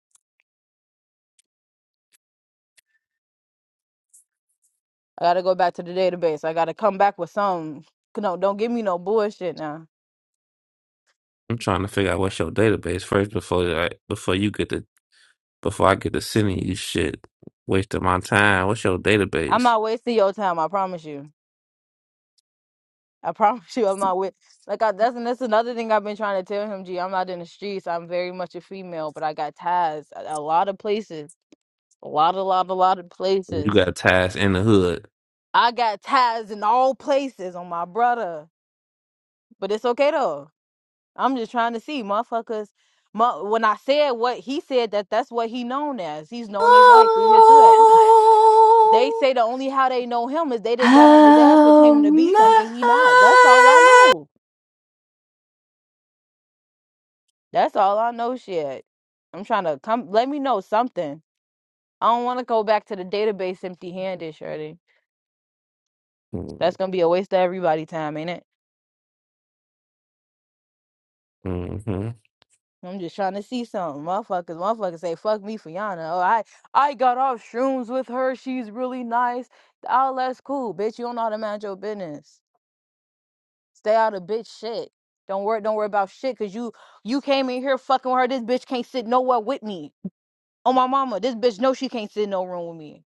I gotta go back to the database. I gotta come back with something. No, don't give me no bullshit now.
I'm trying to figure out what's your database first before I, before you get to before I get to sending you shit. Wasting my time. What's your
I'm
database?
not wasting your time. I promise you. I [laughs] promise you, I'm not with. Like I, that's that's another thing I've been trying to tell him. G, I'm not in the streets. I'm very much a female, but I got ties at a lot of places. A lot, a lot, a lot of
You
places.
got ties in the hood.
I got ties in all places on my brother. But it's okay though. I'm just trying to see motherfuckers. mu- When I said what he said, that that's what he known as. He's known as like through his hood. They
Oh,
say the only how they know him is they didn't got on his ass for
How
claiming to be something he not. That's all I
much
know. That's all I know. Shit, I'm trying to come. Let me know something. I don't want to go back to the database empty handed, Shirley.
Mm-hmm.
That's gonna be a waste of everybody time, ain't it?
Mm-hmm.
I'm just trying to see something. Motherfuckers, motherfuckers say, fuck me for Yana. Oh, I, I got off shrooms with her. She's really nice. All that's cool, bitch. You don't know how to manage your business. Stay out of bitch shit. Don't worry, don't worry about shit, cause you you came in here fucking with her. This bitch can't sit nowhere with me. Oh my mama, this bitch know she can't sit in no room with me.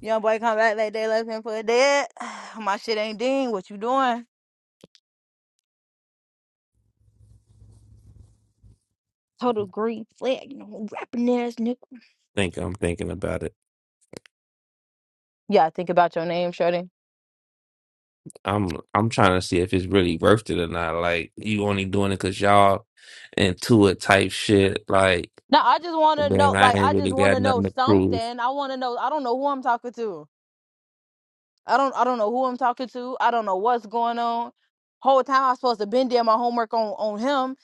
Young boy come back like they left him for dead. [sighs] My shit ain't ding. What you doing? Total green flag, you know, rapping ass nigga.
Think I'm thinking about it.
Yeah, think about your name, Shorty.
I'm I'm trying to see if it's really worth it or not. Like you only doing it cause y'all into it type shit. Like
No, I just want to
man,
know.
I
Like,
ain't
I just
really
want
got
to know
nothing to prove.
something. I want to know. I don't know who I'm talking to. I don't. I don't know who I'm talking to. I don't know what's going on. Whole time I'm supposed to been doing my homework on on him.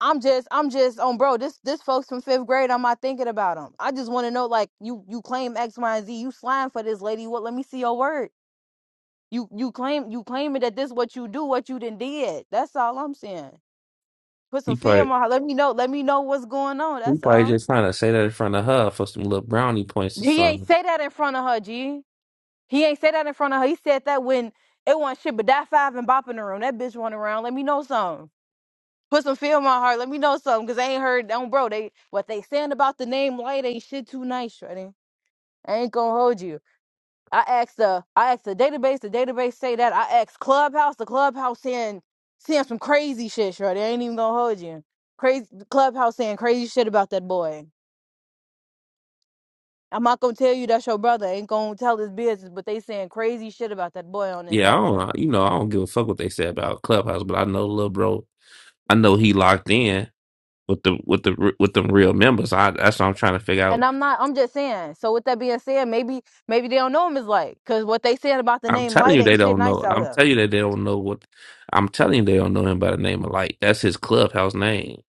I'm just. I'm just on, bro. This this folks from fifth grade. I'm not thinking about him. I just want to know. Like, you you claim X, Y, and Z. You slime for this lady. What? Let me see your word. You you claim you claiming that this what you do, what you done did. That's all I'm saying. Put
He
some fear
probably
in my heart. Let me know. Let me know what's going on.
he
That's
probably
all.
just trying to say that in front of her for some little brownie points or
He ain't
something.
say that in front of her, G. He ain't said that in front of her. He said that when it wasn't shit, but that five and bop in the room. That bitch running around. Let me know something. Put some feel in my heart. Let me know something. Cause I ain't heard don't bro. They what they saying about the name light ain't shit too nice, Shreddy. I ain't gonna hold you. I asked the I asked the database, the database say that. I asked Clubhouse, the Clubhouse saying saying some crazy shit, Shreddy. I ain't even gonna hold you. Crazy Clubhouse saying crazy shit about that boy. I'm not gonna tell you that's your brother. I ain't gonna tell his business, but they saying crazy shit about that boy on this
Yeah, I
app, Shreddy.
don't you know I don't give a fuck what they say about Clubhouse, but I know little bro. I know he locked in. with the with the r- with them real members. I that's what I'm trying to figure
And
out.
I'm not. I'm just saying. So with that being said, maybe maybe they don't know him as Light, cause what they said about the
I'm
name
telling
Light
you they
ain't shit
don't
nice
know.
out
I'm
here.
telling you that they don't know what. I'm telling you they don't know him by the name of Light. That's his clubhouse name.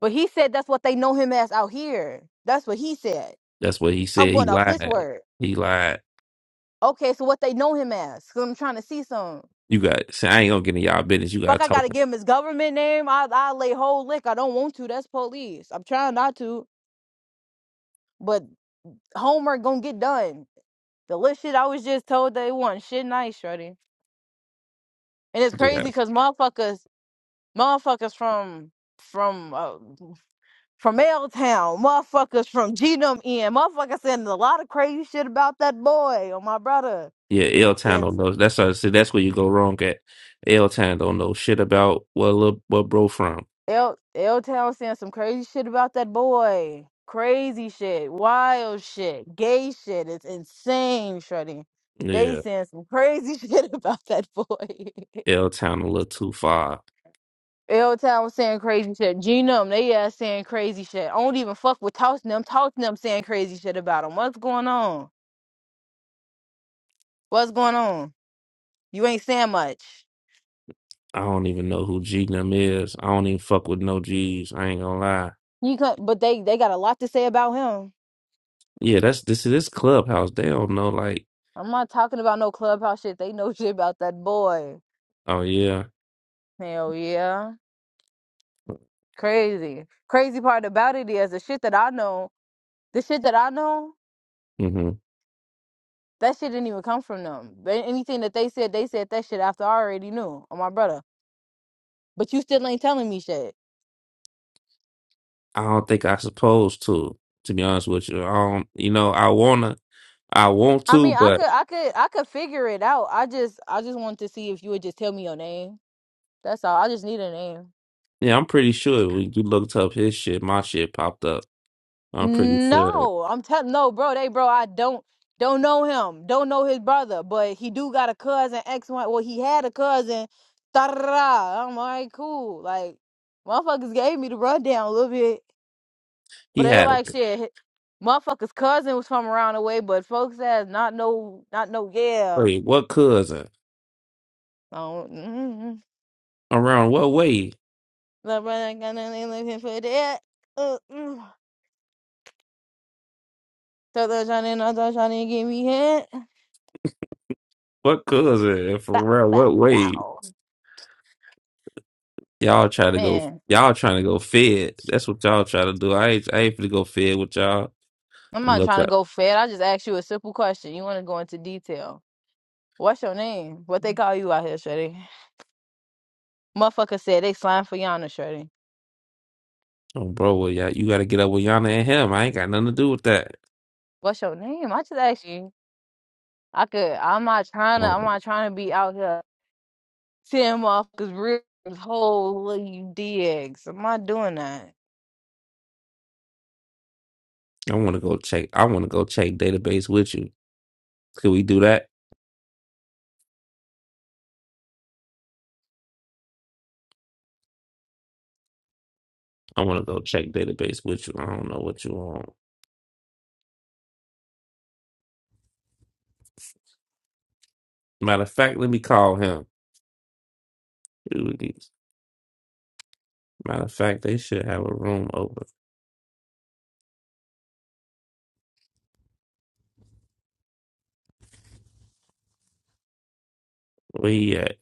But he said that's what they know him as out here. That's what he said.
That's what he
I'm
said. He
going off his
lied.
word.
He lied.
Okay, so what they know him as? Cause I'm trying to see some.
You got. See, I ain't gonna get in y'all business. You got
Fuck,
to
I
talk.
gotta give him his government name. I I lay whole lick. I don't want to. That's police. I'm trying not to, but homework gonna get done. The little shit I was just told they want shit nice, shorty. And it's
Yeah,
crazy cause motherfuckers, motherfuckers from from uh, from L Town, motherfuckers from Genome N, motherfuckers saying a lot of crazy shit about that boy or my brother.
yeah. L Town don't
Since
know. That's what I said. That's where you go wrong at. L Town don't know shit about what little what bro from.
L L Town saying some crazy shit about that boy. Crazy shit, wild shit, gay shit. It's insane, Shreddy. They
Yeah,
saying some crazy [laughs] shit about that boy.
L Town a little too far.
L Town was saying crazy shit. Genome, they ass saying crazy shit. I don't even fuck with tossing them, tossing them saying crazy shit about him. What's going on? What's going on? You ain't saying much.
I don't even know who G them is. I don't even fuck with no G's. I ain't gonna lie.
You could, but they they got a lot to say about him.
Yeah, that's this is this clubhouse. They don't know like,
I'm not talking about no clubhouse shit. They know [laughs] shit about that boy.
oh yeah,
Hell yeah, crazy. Crazy part about it is the shit that I know. The shit that I know,
hmm
that shit didn't even come from them. But anything that they said, they said that shit after I already knew. Oh my brother, but you still ain't telling me shit.
I don't think I supposed to. To be honest with you, I don't. You know, I wanna, I want
I
to,
mean, I
but
could, I could, I could figure it out. I just, I just wanted to see if you would just tell me your name. That's all. I just need a name.
yeah, I'm pretty sure when you looked up his shit, my shit popped up. I'm pretty sure
No, I'm telling no, bro. They bro, I don't don't know him. Don't know his brother, but he do got a cousin X one. Well, he had a cousin. Ta-da. I'm like, cool. Like, motherfuckers gave me the rundown a little bit, but
he
they
had a
like shit. hi- Motherfuckers' cousin was from around the way, but folks has not no, not no. Yeah,
wait. What cousin
I do mm
around? What way?
The brother got nothing looking for that. Uh, mm. So they're trying to, they're trying to get me hit.
What cousin and for
Bow,
real?
bow,
What way?
bow.
Y'all try to go.
Man.
Y'all trying to go fed. That's what y'all try to do. I ain't. I ain't finna go fed with y'all.
I'm
I'm
not
not.
trying to go fat. I just asked you a simple question. You want to go into detail. What's your name? What they call you out here, Shreddy? Motherfucker said they slime for Yana, Shreddy.
Oh, bro, well, yeah, you got to get up with Yana and him. I ain't got nothing to do with that.
What's your name? I just asked you. I could. I'm not trying to. I'm
Um,
not trying to be out here seeing motherfuckers real whole little you DX. I'm not doing that.
I want to go check. I want to go check database with you. Could we do that? I want to go check database with you. I don't know what you want. Matter of fact, let me call him. Dude, these- Matter of fact, they should have a room open. Where he at?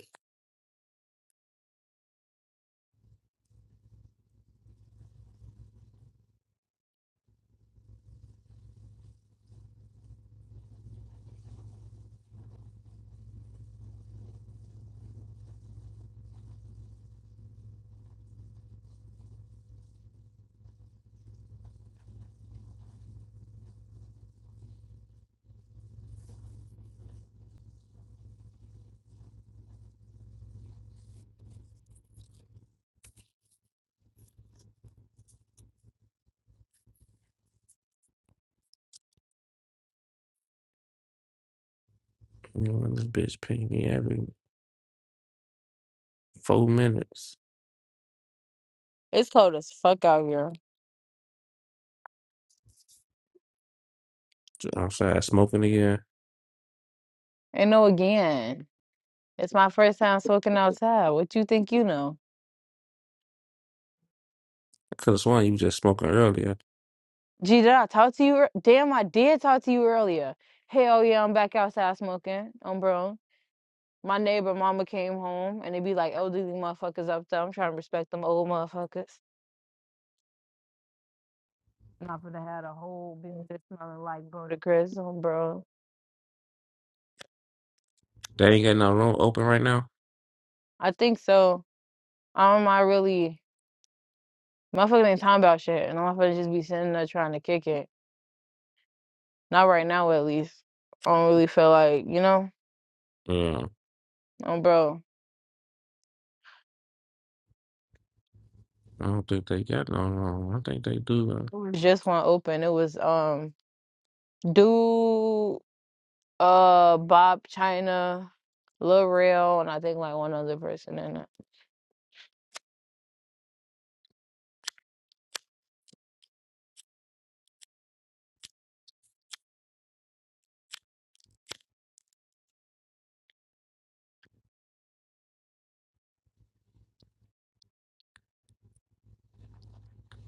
You know, this bitch ping me every four minutes.
It's cold as fuck out here.
Outside smoking again.
Ain't no again. It's my first time smoking outside. What you think you know?
I could have sworn you was just smoking earlier.
Gee, did I talk to you? ear- Damn, I did talk to you earlier. Hell yeah, I'm back outside smoking. I'm bro. My neighbor mama came home and they be like elderly motherfuckers up there. I'm trying to respect them old motherfuckers. Not for to have a whole business smelling like Brother Chris. I'm bro.
They ain't got no room open right now.
I think so. I don't mind really. Motherfuckers ain't talking about shit. And motherfuckers just be sitting there trying to kick it. Not right now, at least. I don't really feel like, you know,
Yeah,
um, bro.
I don't think they got no room. I think they do.
It was just one open. It was um dude. uh Bob China, Lil Rel, and I think like one other person in it.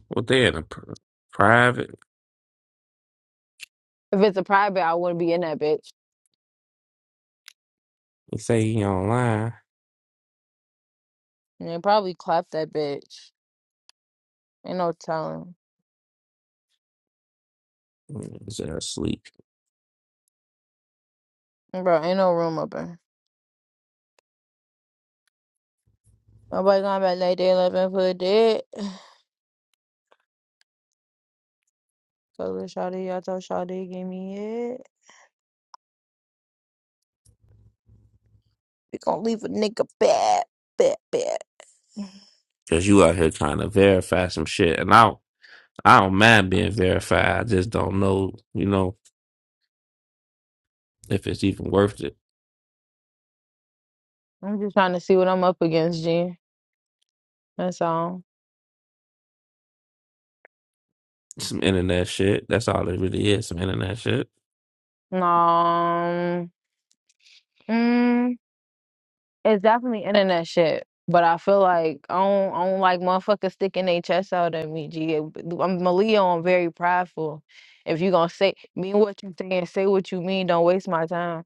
Well, they in a pr- private.
If it's a private, I wouldn't be in that bitch.
They say he online.
And they probably clap that bitch. Ain't no telling.
Is that sleep?
Bro, ain't no room up in. Nobody going back like they left and put it. So the [sighs] shawty, y'all told shawty, give me it. We gonna leave a nigga bad, bad, bad.
Cause you out here trying to verify some shit, and I don't, I don't mind being verified. I just don't know, you know, if it's even worth it.
I'm just trying to see what I'm up against, G. That's all.
Some internet shit. That's all it really is. Some internet shit.
No. It's definitely internet shit. But I feel like I don't, I don't like motherfuckers sticking their chest out at me. G, I'm Malia. I'm very prideful. If you gonna say mean what you saying, say what you mean. Don't waste my time.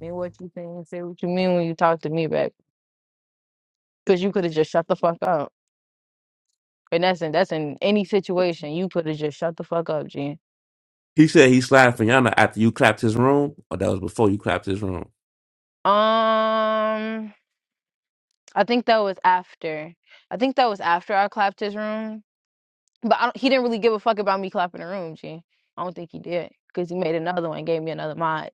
Mean what you saying, say what you mean when you talk to me back. Cause you could have just shut the fuck up. And that's in that's in any situation. You could have just shut the fuck up, G.
He said he slid for Yana after you clapped his room, or that was before you clapped his room.
Um, I think that was after. I think that was after I clapped his room. But I don't, he didn't really give a fuck about me clapping the room, G. I don't think he did because he made another one gave me another mod.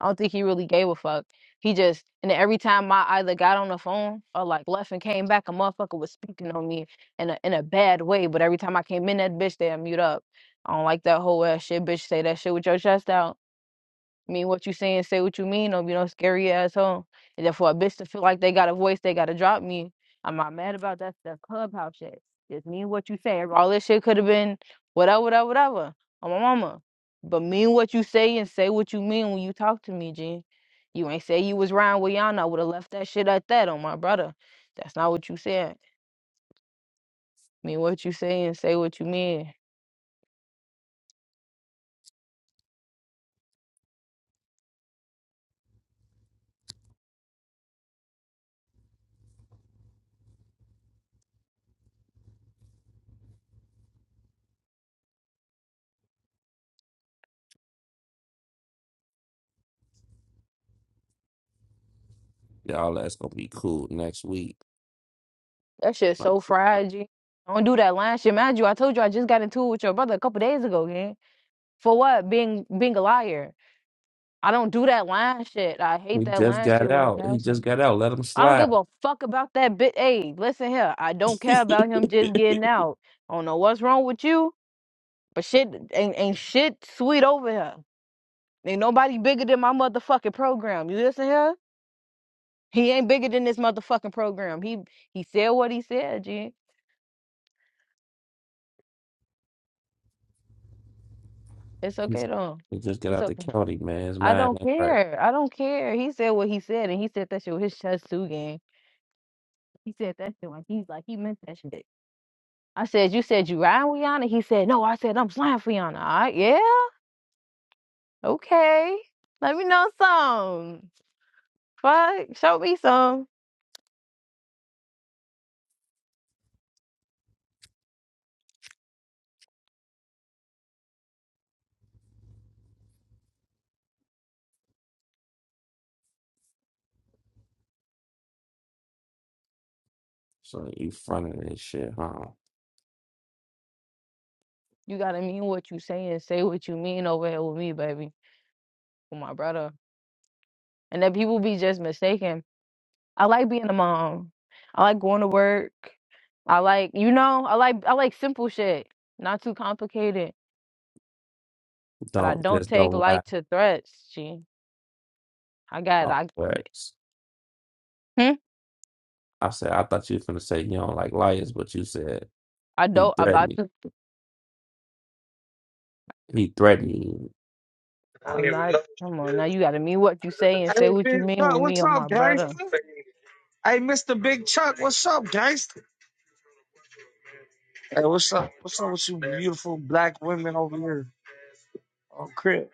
I don't think he really gave a fuck. He just, and then every time I either got on the phone or like left and came back, a motherfucker was speaking on me in a, in a bad way. But every time I came in, that bitch, they mute up. I don't like that whole ass shit, bitch. Say that shit with your chest out mean what you saying, say what you mean, don't be no scary asshole. And then for a bitch to feel like they got a voice, they gotta drop me. I'm not mad about that that clubhouse shit. Just mean what you say. All this shit could have been whatever, whatever, whatever. On my mama. But mean what you say and say what you mean when you talk to me, G. You ain't say you was riding with Yana. I would have left that shit at that on my brother. That's not what you said. Mean what you say and say what you mean.
Y'all, that's gonna be cool next week.
That shit's so fried, G. Don't do that line shit. Mind you, I told you I just got into it with your brother a couple days ago, gang. For what? Being being a liar. I don't do that lying shit. I hate
He
that
just
lying
got
shit with a
out. He
passion.
just got out. Let him
I don't
slide.
give a fuck about that bit. Hey, listen here. I don't
[laughs] he
care about him just getting out. I don't know what's wrong with you, but shit ain't ain't shit sweet over here. Ain't nobody bigger than my motherfucking program. You listen here? He ain't bigger than this motherfucking program. He he said what he said, G. It's okay though.
just got
It's
out the
okay.
county, man. His
I
mind
don't
ain't right.
care. I don't care. He said what he said, and he said that shit with his chest too, gang. He said that shit like he's like he meant that shit. I said, "You said you riding with Yana." He said, "No, I said I'm flying for Yana." All right, yeah, okay. Let me know some. Fuck, show me some.
So you front of this shit, huh?
You gotta mean what you saying. Say what you mean over here with me, baby, with my brother. And that people be just mistaken. I like being a mom. I like going to work. I like, you know, I like I like simple shit, not too complicated. But I
Don't
don't
just
take
don't lie
light to threats. Gee, I got
off
I.
words.
Hmm?
I said I thought you was gonna say you don't like liars, but you said
I
he
don't. I'm
threatened
about
me.
to
He threatened you.
I'm not. Come on, now you got to mean what you say and say
Hey,
what you
Big
mean
Chuck,
with me
what's
on my
up, gangster?
brother.
Hey, Mr. Big Chuck, what's up, gangster? Hey, what's up? What's up with you beautiful black women over here on crib?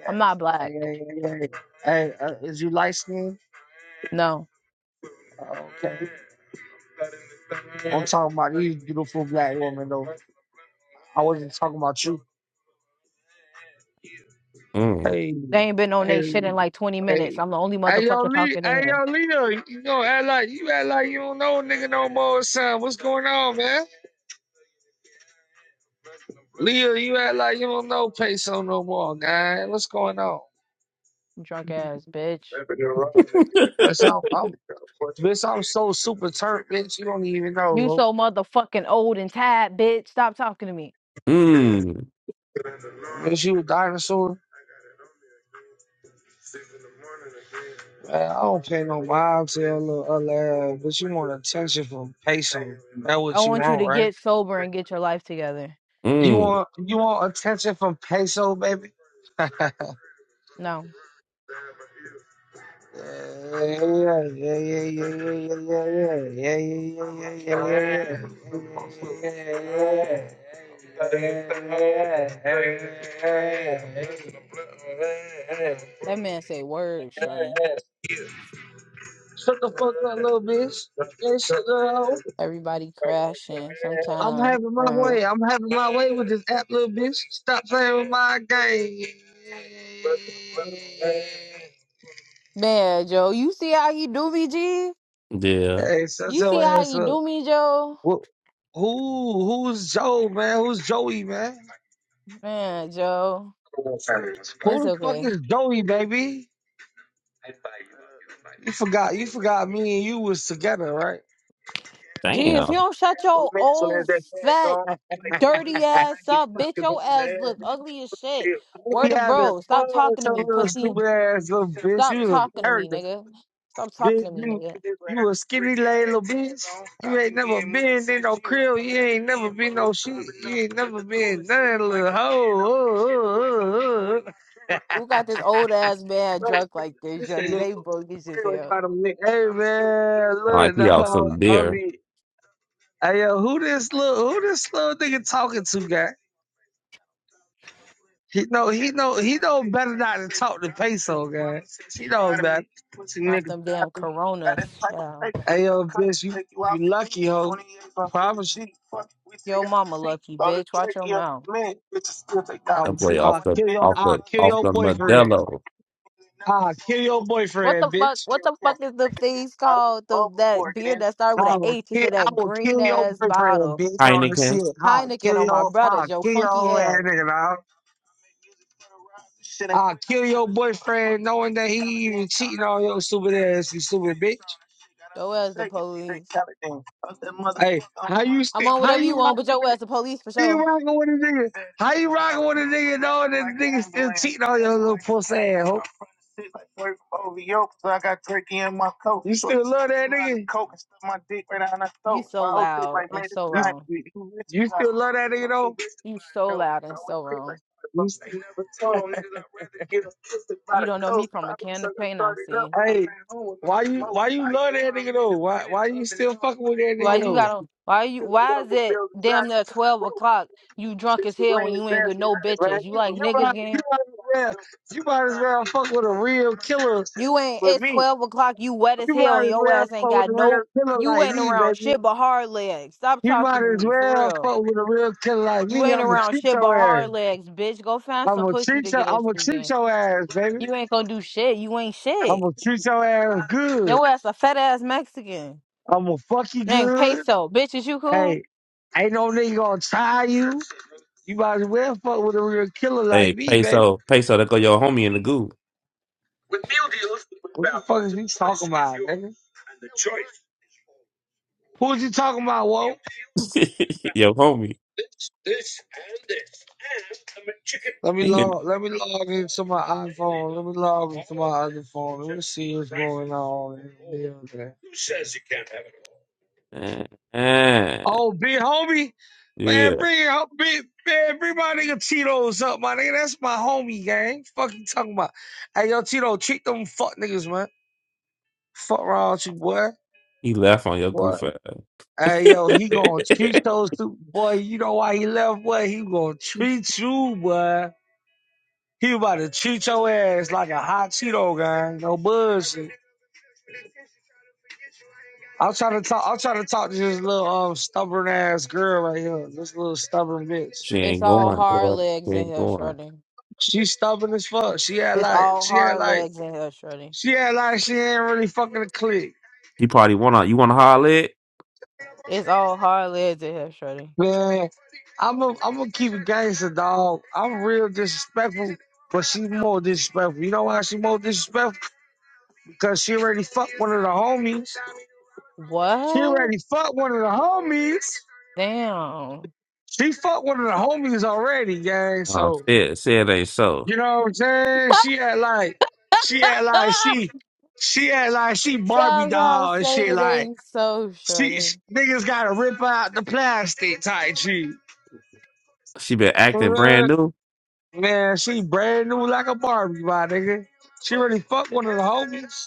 Yeah.
I'm not black.
Hey, hey, hey, hey. Hey, uh, is you light skinned?
No,
Okay. I'm talking about these beautiful black women, though. I wasn't talking about you.
Mm.
Hey,
they ain't been on they
hey,
shit in like 20 minutes.
hey.
I'm the only
Hey yo,
motherfucker
Lee,
talking
hey
in here.
yo, Leo, you know, act like you act like you don't know a nigga no more, son. What's going on, man? Leah, you act like you don't know peso no more, man. What's going on?
Drunk ass bitch.
Bitch, I'm, I'm, bitch, I'm so super turnt, bitch. You don't even know,
You
bro.
so motherfucking old and tired, bitch. Stop talking to me.
Mm.
Bitch, you a dinosaur? Man, I don't pay no mind to that little other ass, but you want attention from peso. That's
I
what you
want you
want,
to
right?
get sober and get your life together.
You
Mm.
want you want attention from peso, baby? [laughs]
No,
Shut the
that man say words, shorty.
fuck up, little bitch. That shit, little hoe.
Everybody crashing
I'm
sometimes.
having my
Uh,
way. I'm having my way with this app, little bitch. Stop playing with my game.
man, Joe, you see how he do me, G?
Yeah.
Hey, shut
You see
your
how
ass
he
up.
do me, Joe?
Who, who, who's Joe, man? Who's Joey, man?
Man, Joe. It's
Who the fuck
okay.
is Joey, baby? You forgot, you forgot me and you was together, right?
Gee,
Damn.
if you don't shut your old fat
Joe,
dirty ass up, bitch, your ass look ugly as shit.
You
Word of
having
bro,
fun
stop
with
talking to
your
me,
little
pussy.
stupid ass little bitch.
Stop
You was a
talking to me,
character,
nigga. Stop
bitch.
talking to me,
You,
nigga.
you a skinny lady little bitch. You ain't never been in no crib. You ain't never been no shit. You ain't never been none, little hoe. Oh, oh, oh, oh.
Who got this old ass man drunk like this, Jordy? They bogus as hell.
hey, man,
Sound Like
look,
he out
dog.
some
I
beer.
mean. Hey yo, who this little who this little nigga talking to, guy? He know he know he know better not to talk to peso, guy. He know better.
Off them damn coronas, child.
Hey yo, bitch, you you lucky hoe. Promise you.
Yo mama lucky,
I'll,
bitch. Watch your mouth.
do play
I'll
off the
kill your
off the
I'll kill
off
your
the
boyfriend.
Modelo
I'll kill your
What the
boyfriend,
fuck?
bitch.
What the fuck is the things called? The, that beer that started with an
I will
H. It's
kill
in
I
that
will
green
kill your
ass
boyfriend,
bottle.
bitch. On the
Heineken.
shit. I'll
Heineken
kill
on my
your
brother,
I'll
yo
kill your
funky
whole
ass.
ass nigga. Uh, kill your boyfriend knowing that he even cheating on your stupid ass, you stupid bitch.
Yo ass the police.
Hey, how you
I'm
sti-
on
how
whatever you
you
want,
rocking
but yo
with
ass the police for
how you
sure.
rocking with a nigga? How you rocking with a nigga knowing that the nigga still cheating on your little pussy ass? hoe? You still love that nigga?
You so loud and so wrong.
you still love that nigga though?
You so loud and so wrong.
folks ain't never told me I'd rather get a pussy by
You
the
don't know me
coast.
from a
Probably
can of
suck I
paint I
started up.
seen.
Hey, why you why you love that nigga though? Why why you still fucking with that
Why
nigga
you
though?
got on why you why is it damn near twelve o'clock? You drunk as
It's the
hell when
rain is
you ain't with
nasty,
no
man.
bitches. You
You,
like
you,
niggas
might, you
again?
might as well you might as well fuck with a real killer.
You ain't it's twelve o'clock, you wet as
You
hell
might
and
as
your
well
ass ain't
fuck with
got
a
no
real killer
you
like
ain't
me,
around
baby.
shit but hard legs. Stop
You
talking
might
to
as
me for
well
real.
fuck with a real killer like
You
me.
ain't
I'm gonna
around
treat
shit but
your ass.
hard legs, bitch. Go find
I'm
some
gonna
pussy
treat
to
your
get us
I'm gonna treat
again.
your ass, baby.
You ain't gonna do shit. You ain't
I'm
shit.
gonna treat your ass good.
No ass a fat ass Mexican.
I'm gonna fuck you
Name
good.
peso. Bitch, is you cool?
Hey, ain't no nigga gonna tie you. You might as well fuck with a real killer
Hey,
like me, baby.
peso peso. That go your homie in the goo.
With meal deals. What the fuck is you talking about, nigga? Who is you talking about, Whoa?
[laughs] your homie.
Let me
He in,
log. Let me log into my iPhone. Let me log into my other phone. Let me see what's going on. in the building.
eh, eh.
Oh, big homie,
yeah,
man, bring up, big man, bring my nigga Tito's up, my nigga. That's my homie, gang. Fuck you talking about? Hey, yo, Tito, treat them fuck niggas, man. Fuck wrong with you, boy.
he left on your
What?
goof ass.
Hey, yo, he
[laughs]
gonna treat those two, boy. You know why he left, boy? He gonna treat you, boy. He about to treat your ass like a hot Cheeto gang. No bullshit. I'm trying to talk. I'm trying to talk to this little um stubborn ass girl right here. This little stubborn bitch.
she
It's
ain't
all
going,
hard
bro.
legs
She
in
ain't
here,
going.
Shorty.
She stubborn as fuck. She had
It's
like.
all
She had
hard
like.
legs in here, Shorty.
She had like. She ain't really fucking a click.
She probably wanna you wanna holler it?
It's all hard legs in here, Shorty.
Man, I'm a, I'm gonna keep it gangster, dog. I'm real disrespectful, but she more disrespectful. You know why she more disrespectful? Because she already fucked one of the homies. She
What?
already fucked one of the homies.
Damn.
She fucked one of the homies already, gang.
Oh
So
shit, say it ain't so.
you know what I'm saying? She had like, she had like
Ah!
she, she had like she Barbie
Drive out,
doll and
say
shit.
it
Like
ain't so,
she,
Shorty.
she niggas gotta rip out the plastic type shit.
She been acting brand new.
Man, she brand new like a Barbie, my nigga. She really fucked one of the homies.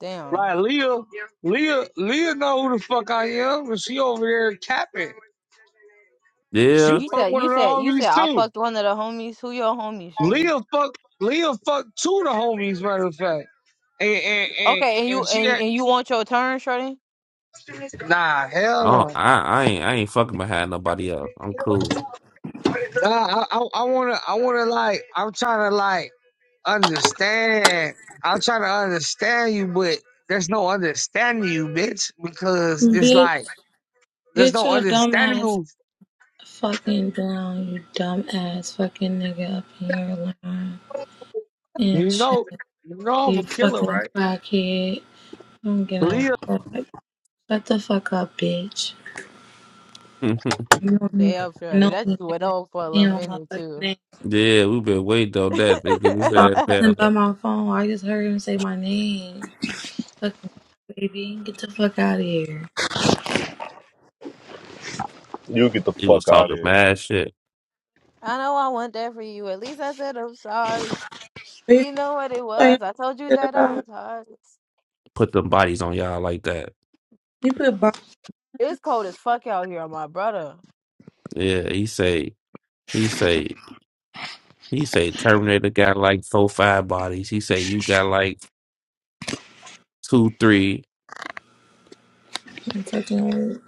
Damn.
Like Leah, Leah, Leah know who the fuck I am, and she over there capping. She
Yeah.
You said,
fucked one
you
of the
said, you said
homies
I
too.
fucked one of the homies. Who your homies, Shorty?
Leah fucked. Leah fucked two of the homies, matter of fact. And and and,
Okay, and you
and she
and,
got
and you want your turn, Shorty?
nah, hell
Oh,
no,
I, I ain't I ain't fucking behind nobody else. I'm cool.
nah. I, I I wanna I wanna like I'm trying to like understand. I'm trying to understand you, but there's no understanding you, bitch, because it's like.
Bitch,
There's
get
no
your dumb
understanding
ass
who
fucking down, you dumb ass fucking nigga up in your line and
You
shit.
know, you know I'm
You
a killer,
fucking
right?
crackhead. I'm getting
Leah?
fuck. Shut the fuck up, bitch.
[laughs] yeah,
You don't even
Damn,
fucking
Shorty,
know
that
me,
you went
nigga.
on for a little
You know my
minute
fucking
too.
name.
we been waiting
[laughs]
on that to get his
I
ass
I
down
wasn't by
there.
my phone. I just heard him say my name. Fucking baby, get the fuck out of here.
You get the
He was
fuck out of
talking
here.
mad shit.
know I want that for you. At least I said I'm sorry. You know what it
are you
was? I told you
talking
that I
about?
was hard.
Put them bodies on y'all like that.
You put
It's cold as fuck out here, my brother.
Yeah, he say he say he say Terminator got like four five bodies. He say you got like two, three.
I'm fucking weak.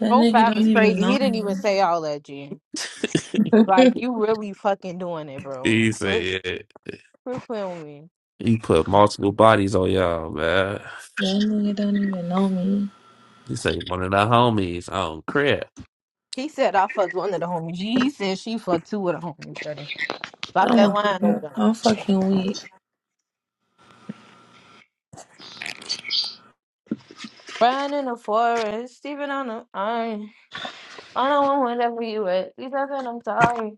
That
Whole
nigga
Fab
don't
is
even
crazy.
know
He didn't even
me.
say all that, G.
[laughs]
Like you really fucking doing it, bro.
He
Quit,
said
quit playing with me.
he put multiple bodies on y'all, man.
That nigga don't even know me.
You say one of the homies. Oh crap!
He said I fucked one of the homies. G, he said she fucked two of the homies, Shorty. Drop
I'm
that
a
line over
fucking,
there.
I'm fucking weak.
Riding in the forest, sleeping on the iron. I don't want whatever you at. You talking, I'm sorry.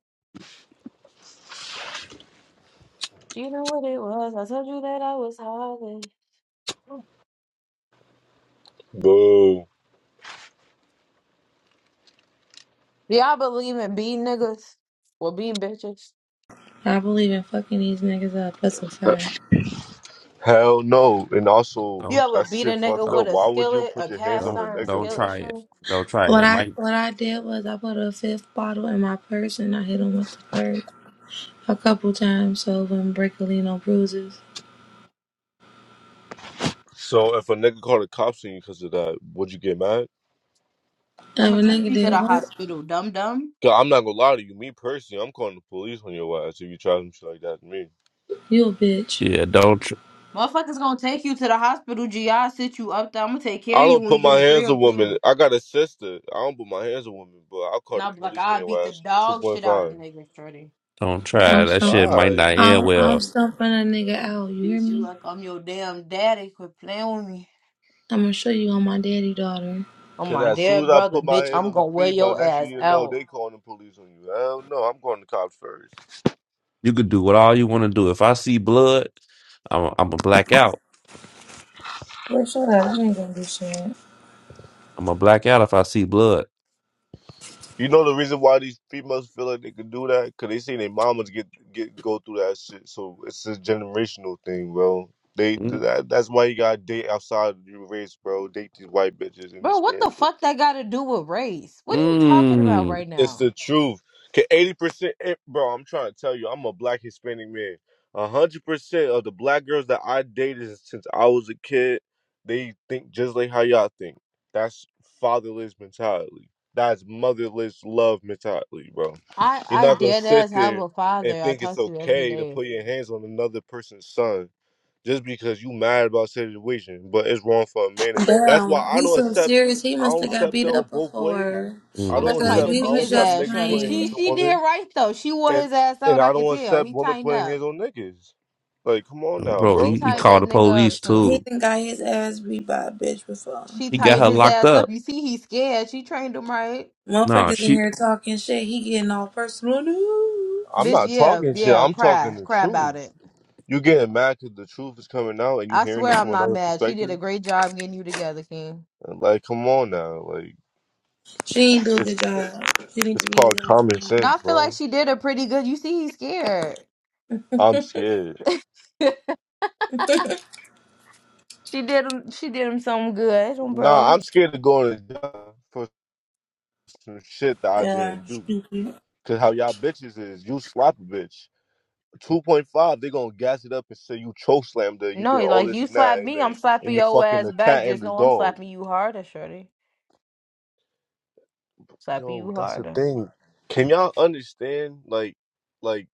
You know what it was. I told you that I was hard. Do
Boo.
y'all believe in beating niggas? or beating bitches.
I believe in fucking these niggas up. That's a fact.
Hell no. And also,
You
Don't
ever
that
beat a
shit
nigga
fucked up.
with
don't
a
Why would you
skillet,
put
a
your hands
cast
on
don't
the
iron
nigga,
don't
skillet,
bro?
try it.
sure?
Don't try it.
What
it
I
might
what I did was I put a fifth bottle in my purse and I hit him with the purse a couple times so it wouldn't break a lean no bruises.
So if a nigga called the cops on you because of that, would you get mad?
And If
I'ma
a
take
nigga
you to
did
the
what?
hospital, dum dum.
Cause I'm not gonna lie to you. Me personally, I'm calling the police on your ass if you try some shit like that to me.
You a bitch.
yeah. Don't tr-
Motherfuckers gonna take you to the hospital, GI, sit you up there. I'ma take care
I
of you
don't
when you
put
get in
my
the
hands on
crib,
women.
too.
I got a sister. I don't put my hands on women, but I'll call the
Now, like,
police on
I
your
beat the
ass. Two
dog
point
shit out of
five.
niggas, shorty.
don't try it.
I'm
That
stumping.
shit
All
might
right.
not end
I'm, I'm
well.
stumping a nigga out. You hear
Bitch, you
me?
like I'm your damn daddy. Quit playing with me.
I'm gonna show you on my daddy daughter.
I'm
Cause
my
as soon as
dead
I
brother,
put my
bitch.
hands
I'm
on the
gonna wear
female,
your
next thing
ass
you know,
out.
they calling the police on you. Hell no, I'm calling the cops first.
You could do what all you want to do. If I see blood, I'm I'm a black out.
Well, shut up. You ain't gonna do shit.
I'm a black out if I see blood.
You know the reason why these females feel like they can do that? Cause they seen their mamas get get go through that shit. So it's a generational thing, bro. They
Mm
that, that's why you gotta date outside of your race, bro. Date these white bitches and
Bro,
these
what the
Spanish
fuck that gotta do with race? What are you talking about
mm
right
it's
now?
the truth. Can eighty percent, eh, bro? I'm trying to tell you, I'm a black Hispanic man. A hundred percent of the black girls that I dated since I was a kid, they think just like how y'all think. That's fatherless mentality. That's motherless love mentality, bro.
I
You're
I
not gonna
dead
sit
ass have
there
a
and
father I
think it's
talk to every
okay to
day.
put your hands on another person's son just because you mad about situation, but it's wrong for a man. That's why
Damn,
I
he's
don't
so
accept.
serious. He
I
must
don't
have got
accept
beat
them
up
both ways.
before
I
Oh, bro,
don't
somebody
because
mm.
accept.
to
we
I
beat
don't
was
his
accept
just
ass,
niggas
shorty.
putting
She
hands
playing.
on
she did
women,
right though. She wore
and
his ass
and
out. I
I
could
don't
tell.
accept
He
women
tightened
putting
up.
hands on niggas. Like, come on now,
Bro,
She
he,
bro.
he
Like,
tied
called
that
the
nigga up
police
He
some.
too.
done got his ass beat by a bitch before.
She
He got
tied
her
his
locked
ass
up.
up. You see, he's scared. She trained him right.
Nah,
Motherfuckers in
she
here talking shit. He getting all personal. No,
I'm
Bitch,
not
yeah,
talking shit.
yeah.
I'm
Cry,
talking the
cry about it.
truth. You getting mad because the truth is coming out, and you
I
hearing
swear
it
I'm
from
not
another
mad. She did a
perspective.
great job getting you together, King.
And, Like, come on now. Like,
she ain't do a
it's
good job. She need
it's
to
called
beat his ass
common
again.
No,
sense,
I feel like
bro.
she did a pretty good. You see, he's scared.
I'm scared.
[laughs] she did him. She did him something good, um,
Nah,
bro.
I'm scared of going to jail for some shit that I
Yeah,
didn't do.
stupid.
Cause how y'all bitches is, you slap a bitch. 2.5, they gonna gas it up and say you choke slammed her, you
No,
did all
like
this
you
and
slap
that, and,
me,
then,
I'm
and
slapping
you
your
fucking
ass
the
back.
cat and
Just
the
know I'm
dog.
slapping you harder, shorty. Slapping
Yo,
you
that's the
harder.
thing. Can y'all understand, like, like,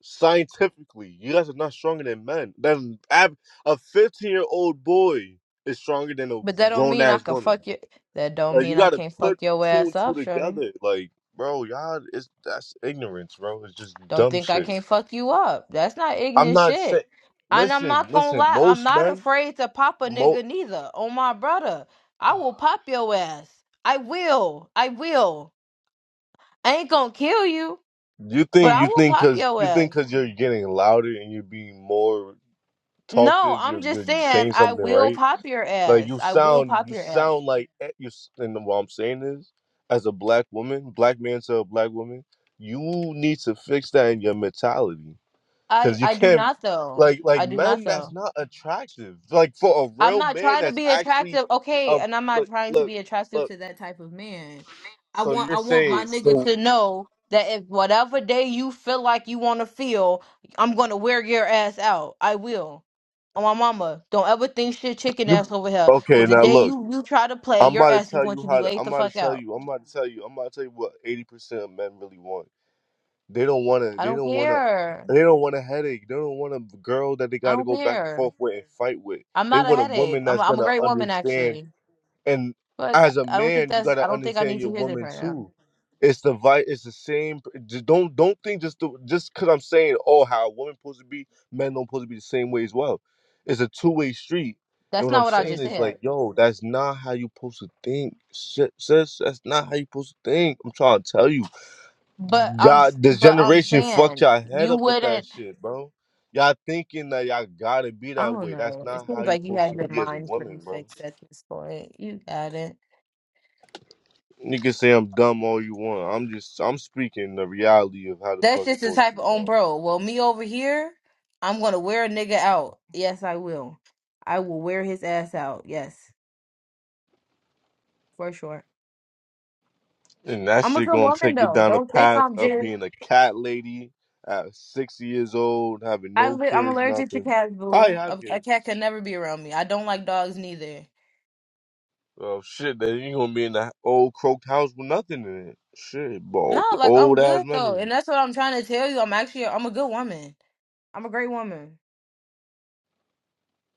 scientifically, you guys are not stronger than men. That ab- a 15 year old boy is stronger than a
But that don't
grown
mean I
ass
can
woman.
fuck you. That don't
Like, you
mean I
gotta
can't
put
fuck your
two and
ass
two
up, shorty.
together. Like, bro, y'all, it's that's ignorance, bro. It's just
Don't
dumb
think I
shit.
can't fuck you up. That's not
I'm
ignorant
not saying.
shit. And I'm
Listen,
not gonna
listen.
lie, I'm
Most
not
men,
afraid to pop a
mo.
nigga neither. Oh my brother.
[sighs]
I will pop your ass. I will. I will. I ain't gonna kill you,
You
but
think
I
you
will
think
pop
because
your
you think
ass.
because you're getting louder and you're being more
No,
talkative. You're
I'm
you're
just saying
saying
I
something
will
right.
pop your
Like
ass.
you
I will
sound
pop
you
your ass.
sound like eh, you. s- And what I'm saying is, as a black woman, black man to a black woman, you need to fix that in your mentality
I
because you
I do
can't.
not though.
Like
I
like
do not
man,
though.
that's not attractive. Like for a
I'm
real
not
man,
trying to
that's
be
actually
attractive, okay,
a
and I'm not
look
trying to
look
be attractive
look.
to that type of man. I
So
want
you're
I want my
saying
nigga
so
to know that if whatever day you feel like you want to feel, I'm going to wear your ass out. I will. On my mama, don't ever think shit chicken
you
ass over here
okay?
cuz the
Now
day
look,
you you try to play,
I'm
your
about to
ass is
tell
going
you
to be
how to.
laid
I'm
the
about
fuck
to tell
out.
you. I'm about to tell you. I'm about to tell you what 80 percent of men really want. They don't want to.
I
They
don't
don't want to.
care.
They don't want a headache. They don't want a girl that they
I
got to
don't
go back and
care.
forth with and fight with.
I'm
They
not a
want a
headache.
woman
I'm a,
that's
I'm a
gonna
great woman
understand
actually.
and
But
as a
I don't think
man, you
that's I
gotta
don't think I
understand
need
your
to hear this
woman
right now.
too. It's the vi- It's the same. p- j- don't don't think just the, just because I'm saying oh how a woman supposed to be, men don't supposed to be the same way as well. It's a two way street. And
That's
what I'm
not what I
saying
just
is
said.
like, yo, that's not how you supposed to think, si- sis. That's not how you supposed to think. I'm trying to tell you,
But I'm
y'all,
s-
this
but I'm
generation fucked
saying
y'all head
you
up with that
wouldn't.
shit, bro. Y'all thinking that y'all gotta be
I
that
don't
way. That's
know. It
not how
seems
you
like you
supposed
had
to
your
be as a
mind pretty
woman, bro.
fixed at this point. You got it.
You can say I'm dumb all you want. I'm just I'm speaking the reality of how the
That's
fuck it's
just the
supposed
type
to
of
be,
on
bro.
bro. Well, me over here, I'm gonna wear a nigga out. Yes, I will. I will wear his ass out. Yes, for sure.
And that
I'm a
shit
good
gonna
woman
take you
though.
down the
Don't think
path
I'm
of
just.
being a cat lady at six years old, having
I
no
li- I'm
kids,
allergic to
nothing.
cats, boo.
Probably have
A, a
kids.
cat can never be around me. I don't like dogs neither.
Oh shit, then you gonna be in that old croaked house with nothing in it. Shit, bro.
No, like I'm
Old ass
good though,
memories.
and that's what I'm trying to tell you. I'm actually I'm a good woman. I'm a great woman.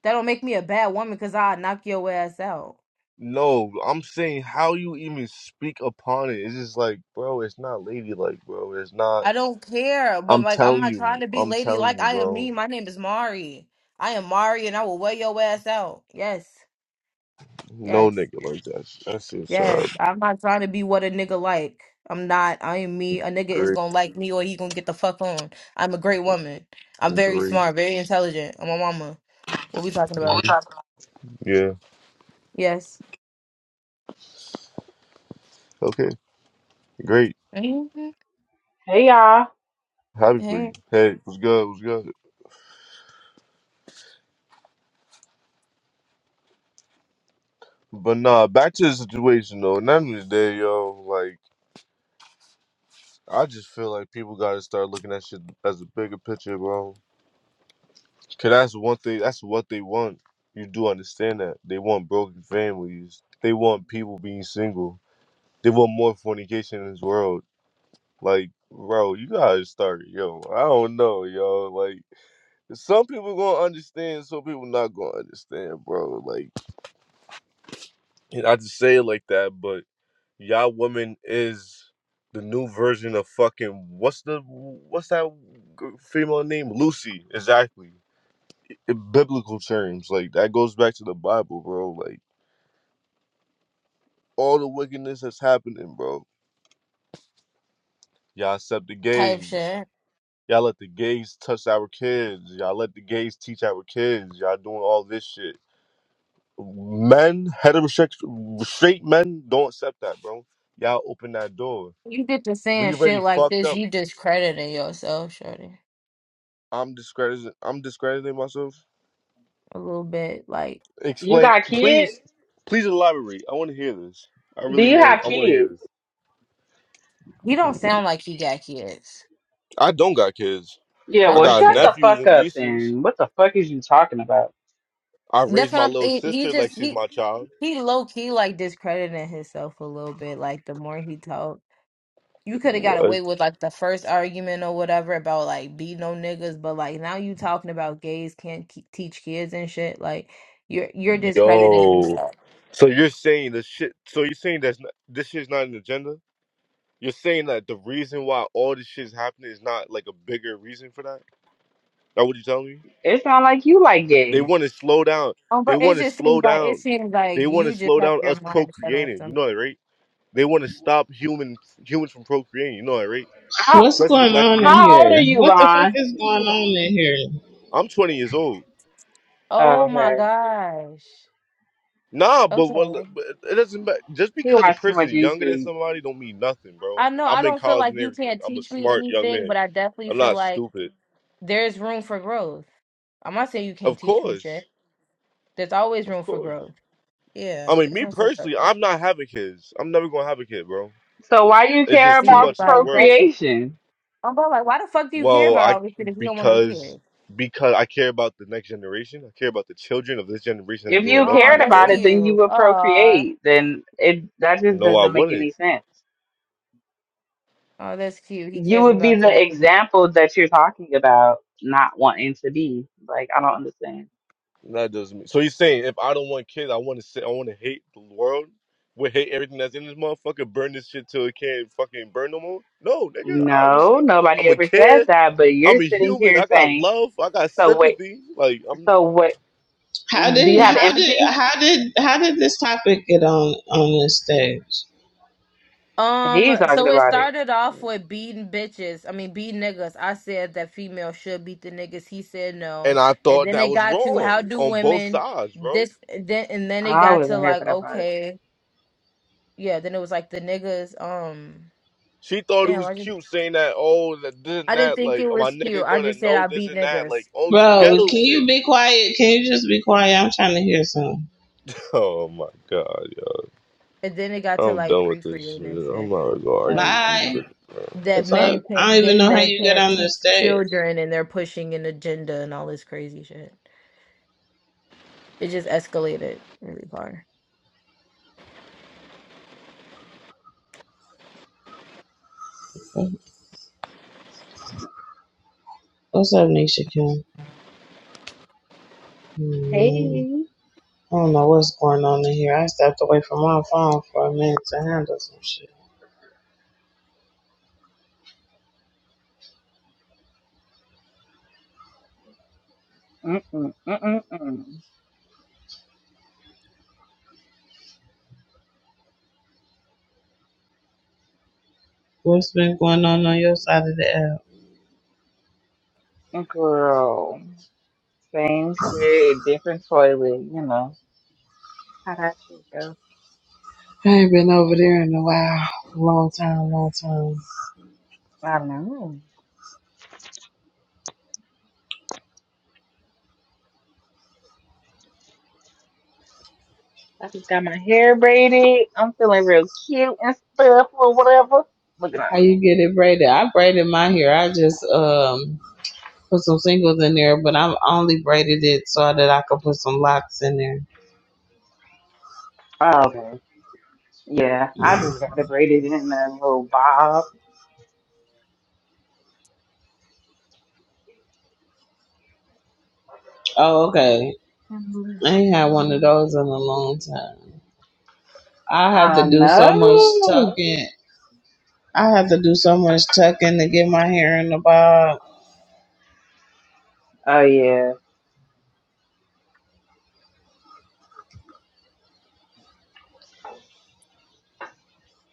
That don't make me a bad woman because I'll knock your ass out.
No, I'm saying how you even speak upon it. It's just like, bro, it's not ladylike, bro. It's not
I don't care, but
I'm
like I'm
telling
not
you,
trying to be
I'm
lady
telling
like
you,
I am
bro.
me. My name is Mari. I am Mari and I will wear your ass out. Yes.
No
Yes.
nigga like that. That's just
Yes.
uh,
I'm not trying to be what a nigga like. I'm not. I am me. A nigga is
great
gonna like me or he gonna get the fuck on. I'm a great woman. I'm
and
very
great.
smart, very intelligent. I'm a mama. What we talking about?
Mhm. Yeah.
Yes.
Okay. Great.
hmm
Hey y'all,
Happy for you. Hey, what's good? What's good? But nah, back to the situation though. And at the end of the day, yo, like I just feel like people gotta start looking at shit as a bigger picture, bro. Cause that's one thing. That's what they want. You do understand that they want broken families. They want people being single. They want more fornication in this world. Like, bro, you gotta start, yo. I don't know, yo. Like. Some people gonna understand, some people not gonna understand, bro. Like and I just say it like that, but y'all woman is the new version of fucking what's the what's that g- female name? Lucy, exactly. In biblical terms, like that goes back to the Bible, bro. Like all the wickedness that's happening, bro. Y'all accept the
Type
gays.
shit.
Y'all let the gays touch our kids. Y'all let the gays teach our kids. Y'all doing all this shit. Men, heterosexual, straight men don't accept that, bro. Y'all open that door.
You get to saying
We already
shit like
fucked
this,
up.
you discrediting yourself, shorty.
I'm discrediting. I'm discrediting myself.
a little bit. Like
you
Explain,
got kids?
please, please elaborate. I want to hear this. I
Do
really
you
want.
have
I want to hear
kids?
this.
he don't sound like he got kids.
I don't got kids.
Yeah,
I
I
well,
can
got
shut the
tell.
nephews
fuck
and
up
nieces.
then. What the fuck is you talking about?
I
That's
raised
what
my
I'm.
little
He, he
sister like
just
she's
he
my child.
he low key like discrediting himself a little bit. Like the more he talked, you could have got
What?
away with like the first argument or whatever about like be no niggas, but like now you talking about gays can't ke- teach kids and shit. Like you're you're discrediting
Yo.
yourself.
So you're saying the shit? So you're saying that not, this shit's not an agenda? You're saying that the reason why all this shit's happening is not like a bigger reason for that? That what you're telling me?
It's not like you like
They
gay.
want to slow down.
Um,
They
but it
want to
just
slow
seems like it
down.
seems like
They want to
you just
slow
have
down us
your mind set on
procreating. You
something.
know that, right? They want to stop human humans from procreating. You know that, right?
How
What's
Especially the
going
black
on in
community.
how old are
here?
you,
What the fuck
Vaughn?
is going on in here?
I'm 20 years old.
Oh
Oh,
my
okay,
gosh.
Nah, but
Okay.
what? But it doesn't matter. Just
he
because a
watches too
person
much
is younger than
YouTube.
somebody don't mean nothing, bro.
I know I
I'm in
don't feel
college
like
and
you
everything.
can't
I'm a
teach me
smart young
anything,
man.
but I definitely
I'm
feel
not
like
stupid.
there's room for growth. I'm not saying you can't
Of
teach me
course,
shit. There's always
of
room for
course.
growth.
I
Yeah,
mean,
there's
me
room for
personally,
growth.
I'm not having kids. I'm never gonna have a kid, bro.
So why you
It's
care
just too
See,
about
much in this
like
world.
that's what-
procreation?
I'm about like, why the fuck do you care
Well,
about all
I
this shit if you don't want to hear
because
it?
because I care about the next generation. I care about the children of this generation that's
If
growing
you
up in
Oh,
cared
this
that's
about
world.
it,
cute.
then you would
Oh,
procreate. Then it that just
No, I
doesn't make
wouldn't.
any sense.
oh, that's cute. He
You
cares
would be
about
the
this.
example that you're talking about, not wanting to be. Like I don't understand.
That doesn't. Mean, so you're saying if I don't want kids, I want to sit. I want to hate the world. We hate everything that's in this motherfucker. Burn this shit till it can't fucking burn no more. No, nigga.
No,
Obviously, I'm
nobody
a
ever said
kid.
that, but
I'm
you're
a
sitting
human.
here
I got
saying,
love. I got
so wait,
sympathy. Like I'm.
so what,
How
do you
did
have
how did
empathy?
how did how did this topic get on on this stage?
Um,
He's talking
so it
about it.
started off with beating bitches. I mean, beating niggas. I said that females should beat the niggas. He said
And
no.
I
And
thought
then
that
they
was
got to how
wrong
do
on both
women
sides, bro.
this then and then it
I
got to
wasn't here
like
for that part.
okay, yeah, then it was like the niggas um
She thought it
damn,
was
I just
cute saying that, oh, that this and
I didn't
that,
think
like,
it
oh, my
was cute.
nigga
I
gonna
just said
know
I
this
beat
and that, like,
niggas.
on
I
Bro,
would
ghetto
be
can you
shit. [laughs]
be quiet? Can you just be quiet? I'm trying to hear something.
Oh my god, yo.
and then it got to
I'm
like
done with this
pre-creating
shit.
and
I'm
shit.
not gonna argue
Like
with
Bye.
you.
The
that
fuck?
men
I
can't
don't even
gay
know how
men
you get
can't
on the
teach
stage.
children and they're pushing an agenda and all this crazy shit. It just escalated really far.
What's up, Nisha Kim? Hmm,
Hey.
I don't know what's going on in here. I stepped away from my phone for a minute to handle some shit.
Mm-mm, mm-mm,
What's been going on on your side of the app?
mm. Girl. Same shit, different toilet, you know. How that you, go?
I ain't been over there in a while. Long time, long time.
I don't know. I just got my hair braided. I'm feeling real cute and stuff or whatever. Look at that.
How you get it braided? I braided my hair. I just um put some singles in there, but I'm I only braided it so that I could put some locks in there.
Oh, okay. Yeah, I just got it braided in a little bob.
Oh, okay. I ain't had one of those in a
Yeah.
long time. I have
I
to do so much
know.
tucking. I have to do so much tucking to get my hair in the bob.
Oh yeah.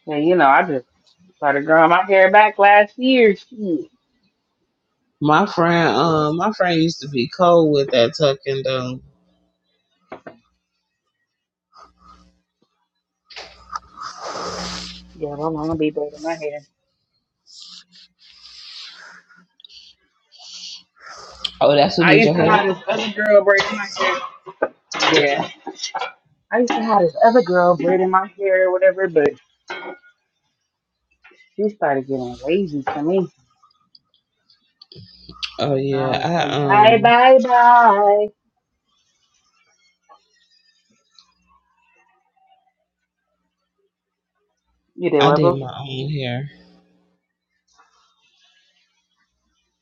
And you know, I just started growing my hair back last year. Shit.
My friend, um, my friend used to be cold with that tucking though.
Yeah, my mama be braiding my hair.
Oh, that's who
I
did
used
your
to
hair?
have this other girl braiding my hair. Yeah. I used to have this other girl braiding my hair or whatever, but she started getting lazy to me.
Oh
So I
yeah,
was
I
like, bye,
um,
bye, bye. You did
I
what,
did
boo?
my own hair.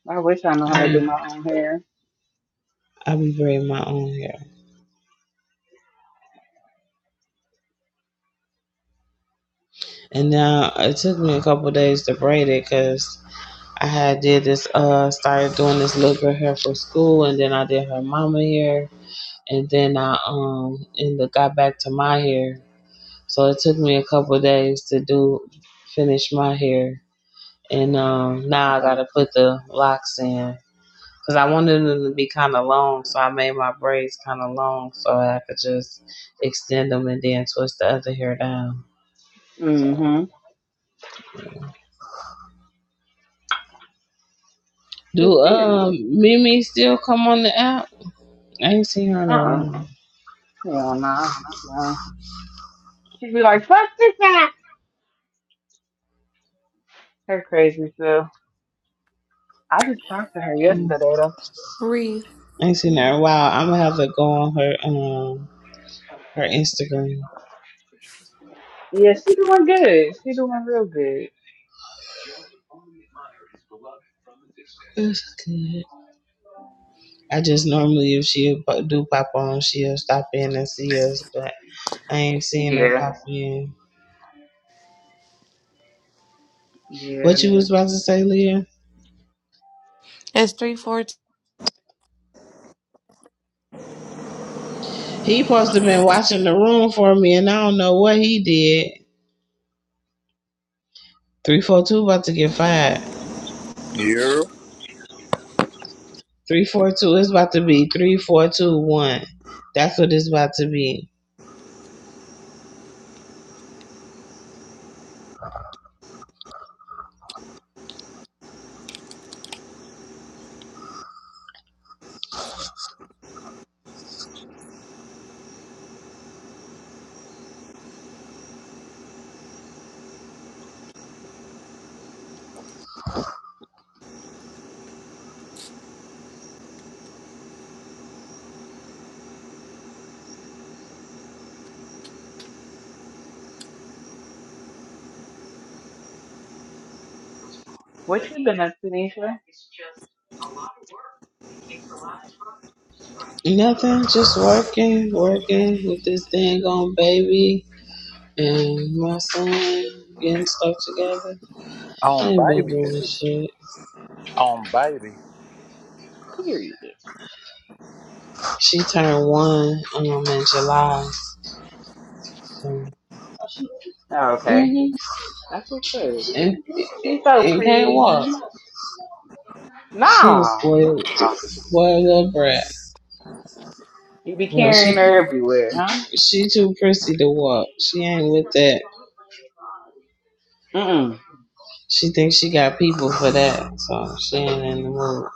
I wish I knew how
I
to do
be
my own hair.
I be braiding my own hair, and now it took me a couple days to braid it because I had did this uh started doing this little girl hair for school, and then I did her mama hair, and then I um and the, got back to my hair. So it took me a couple of days to do finish my hair, and um now I
Okay.
gotta put the locks in because I wanted them to be kind of long, so I made my braids kind of long so I could just extend them and then twist the other hair down. So
Mm-hmm. Cause
do
period.
um Mimi still come on the app? I ain't seen her in a
Uh-uh.
while.
Hell nah. She done. She'd be like, fuck this Her crazy self. I just talked to her
Um,
yesterday though.
Three.
I ain't seen her in a while. I'm gonna have to go on her um her Instagram.
Yeah, she doing good. She doing real good.
That's good. I just normally, if she do pop on, she'll stop in and see us, but I ain't seeing her
Yeah.
pop in.
Yeah.
What you was about to say, Leah?
It's three fourteen.
He supposed to been watching the room for me, and I don't know what he did. Three four two about to get fired.
Yeah.
Three four two is about to be three four two one. That's what it's about to be.
What you been up to, Nisha?
Nothing, just working, working with this thing, on baby and my son getting stuff together. I
On
ain't been doing
babies.
shit.
On babies.
Period.
She turned one um in July. So.
Oh, okay.
hmm
That's what's good.
And,
She's so
and can't walk.
pretty.
She is
Nah.
spoiled, spoiled little brat.
You be
Well,
carrying
she
her everywhere, huh?
she too prissy to walk. She ain't with that.
Mm-mm.
She thinks she got people for that, so she ain't in the mood.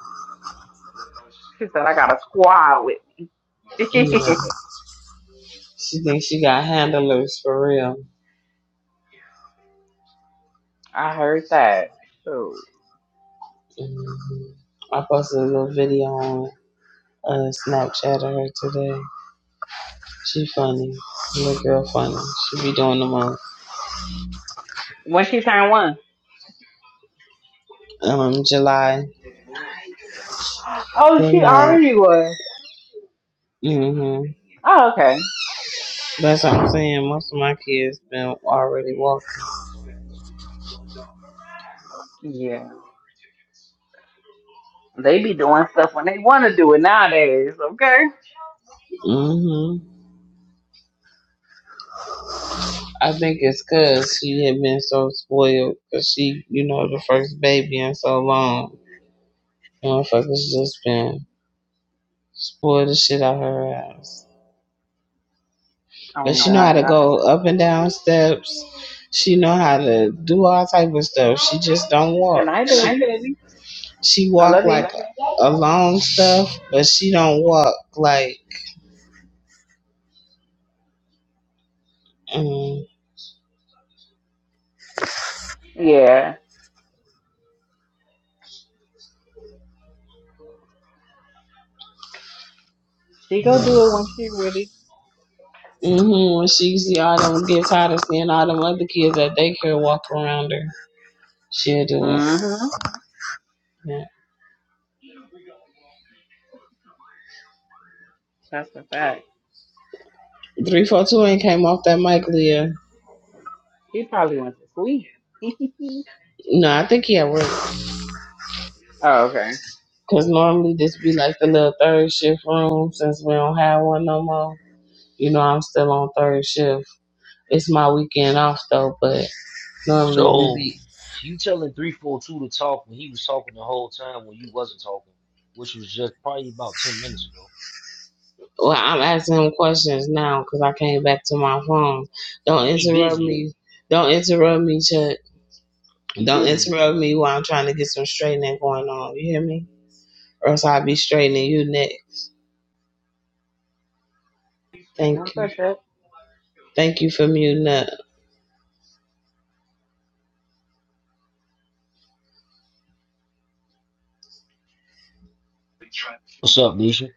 She said I got a squad with me.
Yeah.
[laughs]
She thinks she got handlers for real.
I heard that. So
hmm I posted a little video on uh, Snapchat of her today. She funny, little girl funny. She be doing the month
when she turned one. [gasps]
Um, July
Oh,
Good
she
night.
already was.
Mhm.
Oh, okay.
That's what I'm saying. Most of my kids been already walking.
Yeah. They be doing stuff when they want to do it nowadays, okay?
Mhm. I think it's cause she had been so spoiled, cause she, you know, the first baby in so long. Motherfuckers just been spoiled the shit out her ass. But
Oh,
she know how to
God.
go up and down steps. She know how to do all type of stuff. She just don't
Good
walk.
night, baby.
She, she
I
walk
love you.
like a, a long stuff, but she don't walk like. Mm,
Yeah. She go do it when she ready.
hmm When she see all them, get tired of seeing all them other kids at daycare walk around her, she'll do it.
Mm-hmm.
Yeah.
That's a fact.
Three four two ain't came off that mic, Leah.
He probably went to sleep. [laughs]
No, I think he at work.
oh, okay.
Cause normally this be like the little third shift room since we don't have one no more. You know I'm still on third shift. It's my weekend off though, but normally we
So
be.
you telling three four two to talk when he was talking the whole time when you wasn't talking, which was just probably about ten minutes ago.
Well, I'm asking him questions now because I came back to my phone. Don't
He
interrupt
busy.
me. Don't interrupt me, Chuck.
He
Don't
busy.
interrupt me while I'm trying to get some straightening going on. You hear me? Or else I'll be straightening you next.
I'm
Thank you.
so sure.
Thank you for muting up.
What's up, Nisha?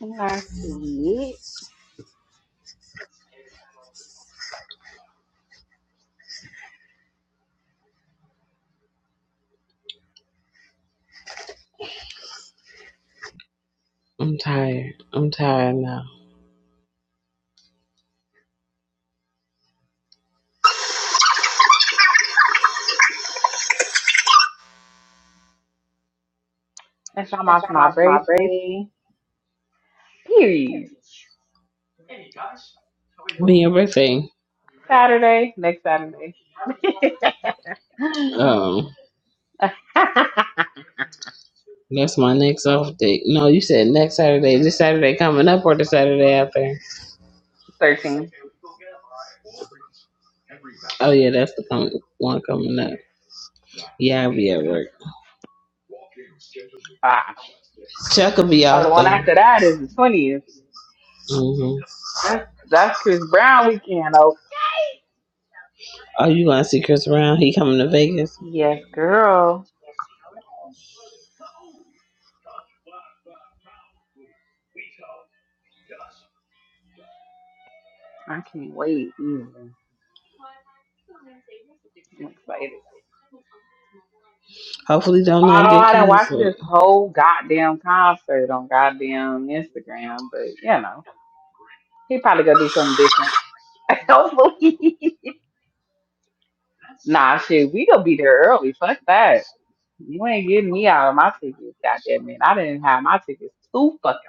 Nice to
I'm tired. I'm tired now.
That's all my,
Since I'm
my
off my break.
birthday. Period.
When your birthday?
Saturday. Next Saturday.
Um,
[laughs] [laughs]
that's my next off date. No, you said next Saturday. Is this Saturday coming up or the Saturday after?
Thirteen.
Oh yeah, that's the com- one coming up. Yeah, I'll be at
Yeah.
work.
Ah.
Chuck will be
Oh, the
off
one
though.
after that is the twentieth.
hmm
That's that's Chris Brown weekend. Oh.
Oh, you gonna see Chris Brown? He coming to Vegas.
Yes, girl. I can't wait. Either. I'm excited.
Hopefully, don't not
Although
get
I didn't watch
canceled.
this whole goddamn concert on goddamn Instagram, but you know, he probably gonna do something different. [laughs] Hopefully. Nah, shit, we gonna be there early. Fuck that. You ain't getting me out of my tickets, goddamn it. I didn't have my tickets too fucking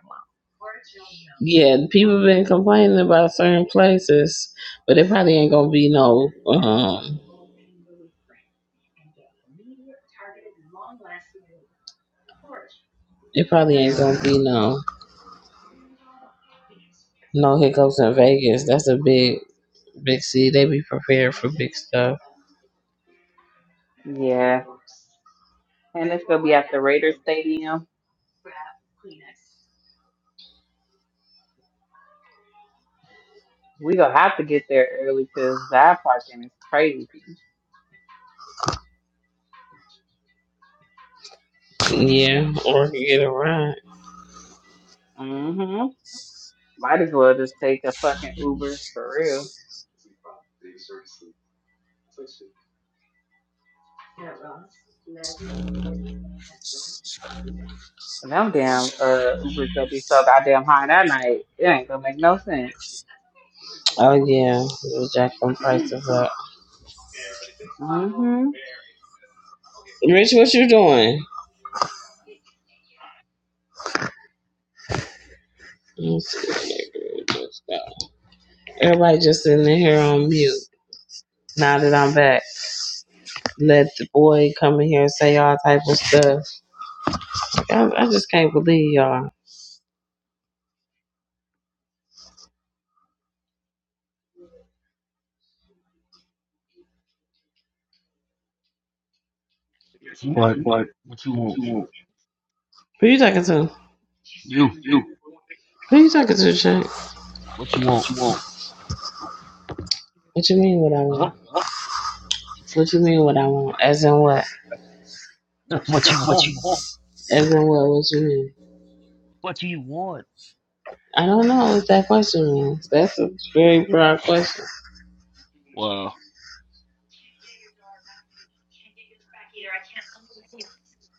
Yeah, people been complaining about certain places, but it probably ain't gonna be no. Um, it
long.
probably ain't
Yeah,
gonna be no no hiccups in Vegas. That's a big big city. They be prepared for big stuff.
yeah. And it's gonna be at the Raiders Stadium. We gonna have to get there early 'cause that parking is crazy.
Yeah, or can get a ride.
hmm Might as well just take a fucking Uber for real. Them damn uh Ubers gonna be so goddamn high that night. It ain't gonna make no sense.
Oh yeah, we'll jack them prices up.
Mm-hmm.
Rich, what you doing? Let's see. Everybody just sitting in here on mute. Now that I'm back, let the boy come in here and say all type of stuff. I, I just can't believe
What?
y'all.
What you
What
want?
you want? Who you talking to?
You.
You. Who you talking to, Chuck?
What you
What
want?
you want? What you mean what I
Huh?
want? Huh? What you mean what I want? As in what?
[laughs] what you
[laughs] What you
want?
want? As in what? What you mean?
What do you want?
I don't know what that question means. That's a very broad question.
Wow.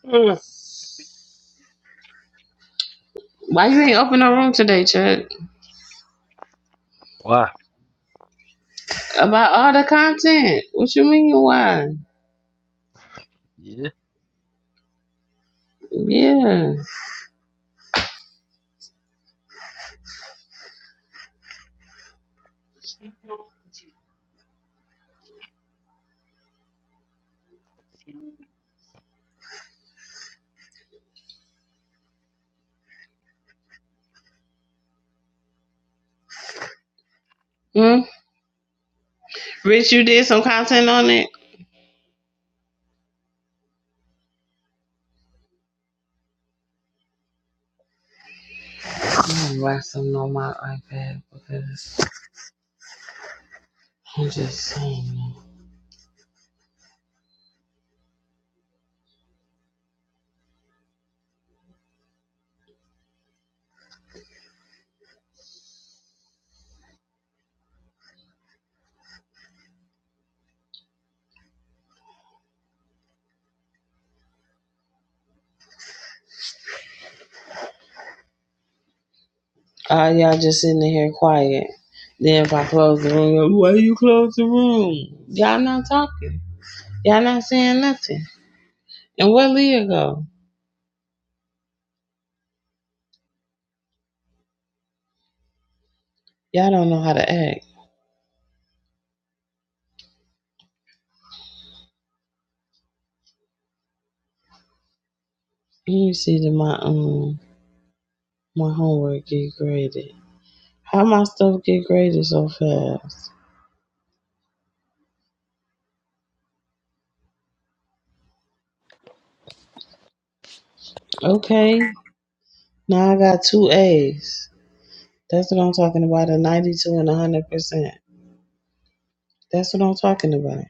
Ugh.
Why you ain't open no room today, Chuck?
Why?
About all the content. What you mean why?
Yeah.
Yeah. Hmm? Rich, you did some content on it? I'm gonna write something on my iPad because I'm just saying. Uh, y'all just sitting in here quiet. Then if I close the room, y'all, why you close the room? Y'all not talking. Y'all not saying nothing. And where Leah go? Y'all don't know how to act. Let me see that my um my homework get graded. How my stuff get graded so fast? Okay, now I got two A's. That's what I'm talking about. A 92 and a 100 percent. That's what I'm talking about.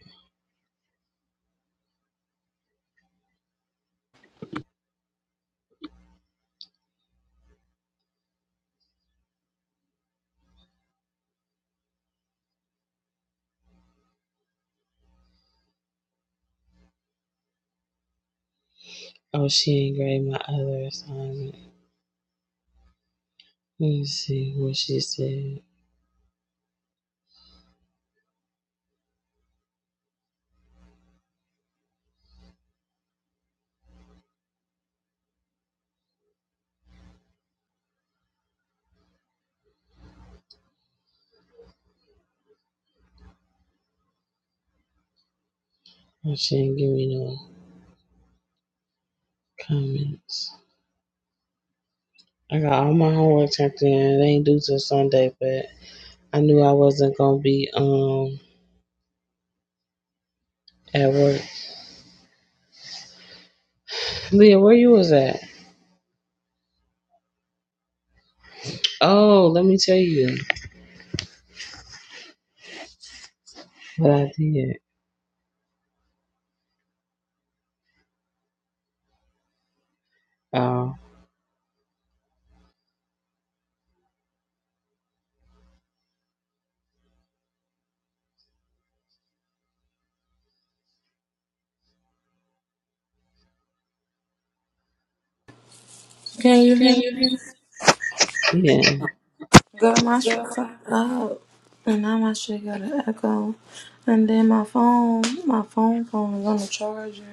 Oh, she ain't grade my other assignment. Let me see what she said. And she didn't give me no comments. I got all my homework turned in. It ain't due till Sunday, but I knew I wasn't gonna be um at work. Leah, where you was at? Oh, let me tell you what I did. Oh,
Can you
Can
hear
you
me?
yeah.
Girl, my shit
go?
fucked up, and now my shit got an echo. And then my phone, my phone phone is on the charger.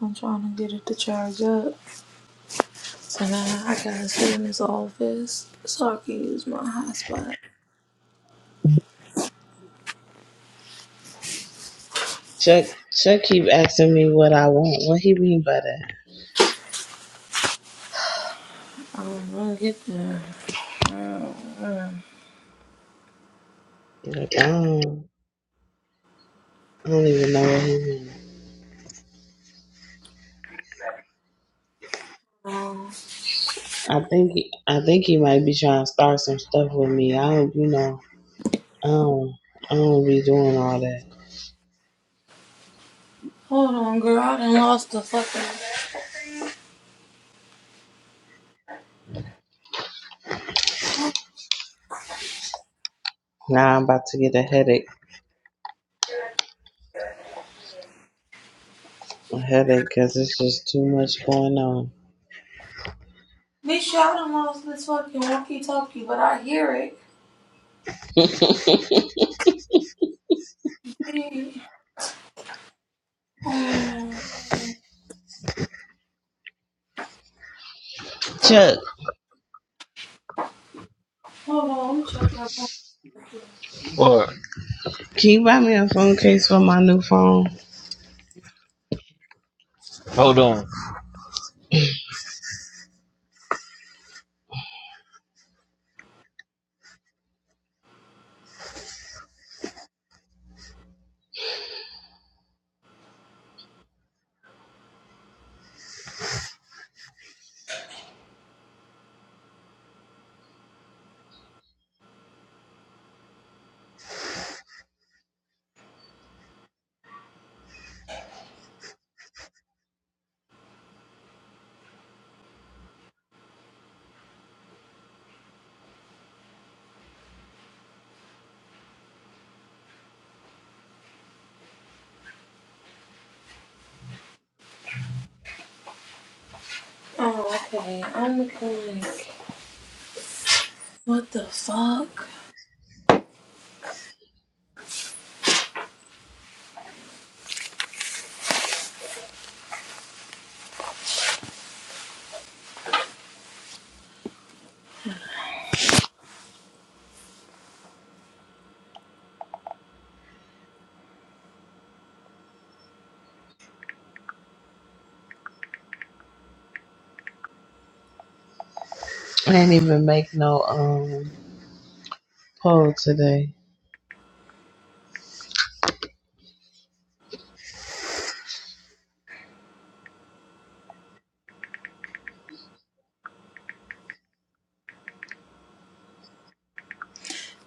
I'm trying to get it to charge up. So now I gotta sit in this office so I can use my hotspot.
Chuck, Chuck keep asking me what I want. What he mean by that?
I don't know, get there.
Like I don't, I don't even know what he mean.
Um,
I think he, I think he might be trying to start some stuff with me. I don't, you know, I don't, I don't be doing all that.
hold on, girl. I done lost the fucking.
Now I'm about to get a headache. A headache because it's just too much going on.
Bitch, I done lost this fucking walkie talkie, but I hear it. Um,
Chuck,
hold on, let me check that.
What?
can you buy me a phone case for my new phone?
Hold on.
Oh, okay. I'm looking like. What the fuck?
I didn't even make no um poll today.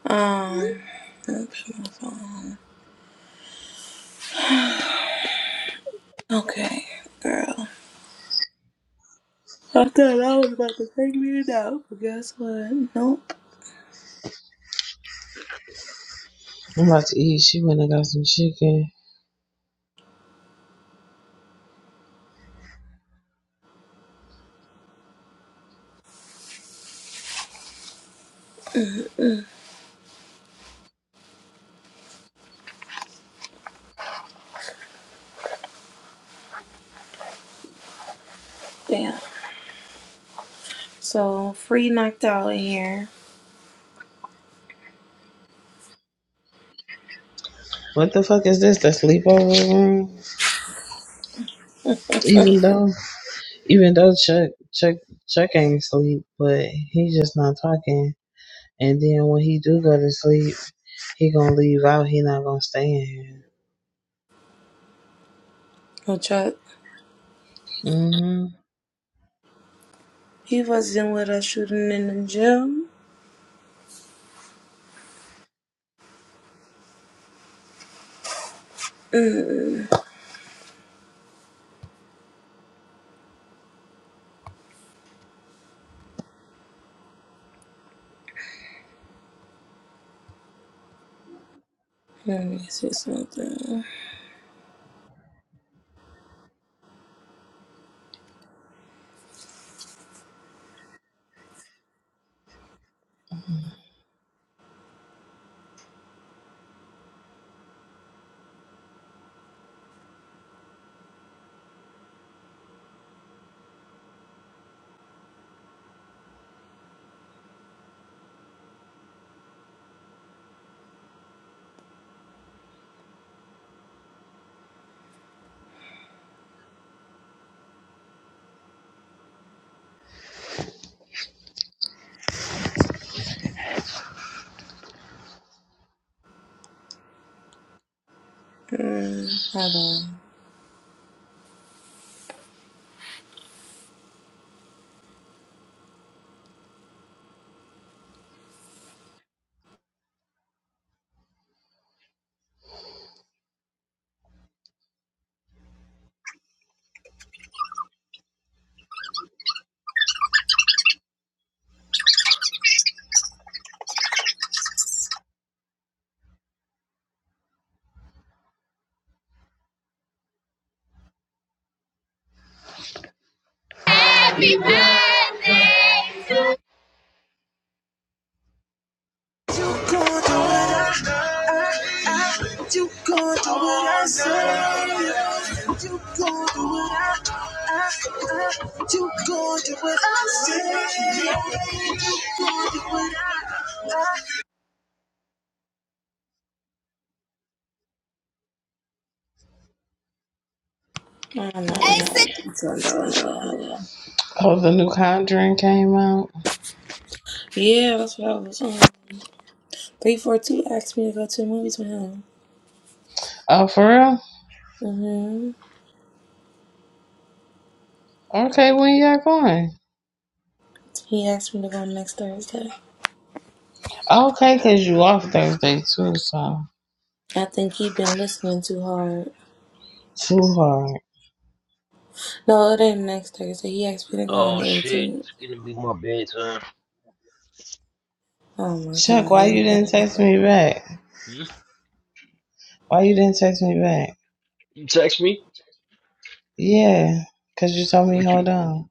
Um, oops, my phone. Okay, girl. I thought I was about to take me it out, but guess what? Nope.
I'm about to eat. She went and got some chicken.
Damn. So free knocked out in here.
What the fuck is this? The sleepover room? Even though, even though Chuck, Chuck, Chuck ain't sleep, but he just not talking. And then when he do go to sleep, he gonna leave out. He not gonna stay in
Oh, Chuck,
here.
he wasn't with us shooting in the gym. Mm, Let me see something. Mm, hold
Mhm.
on. I don't know what it's on. Hold on.
Oh, the new Conjuring came out.
Yeah, that's what I was on. 342 asked me to go to the movies with him.
Oh, for real?
hmm
Okay, when y'all going?
He asked me to go next Thursday.
Okay, cause you off Thursday too, so
I think he been listening too hard.
too hard.
No, it ain't next Thursday. He asked me to go on
Oh
the
shit!
18th.
It's gonna be my bedtime.
Oh my God,
Chuck, why
here we
you
go.
didn't text me back?
Hmm?
Why you didn't text me back?
You text me?
Yeah, cause you told me hold on.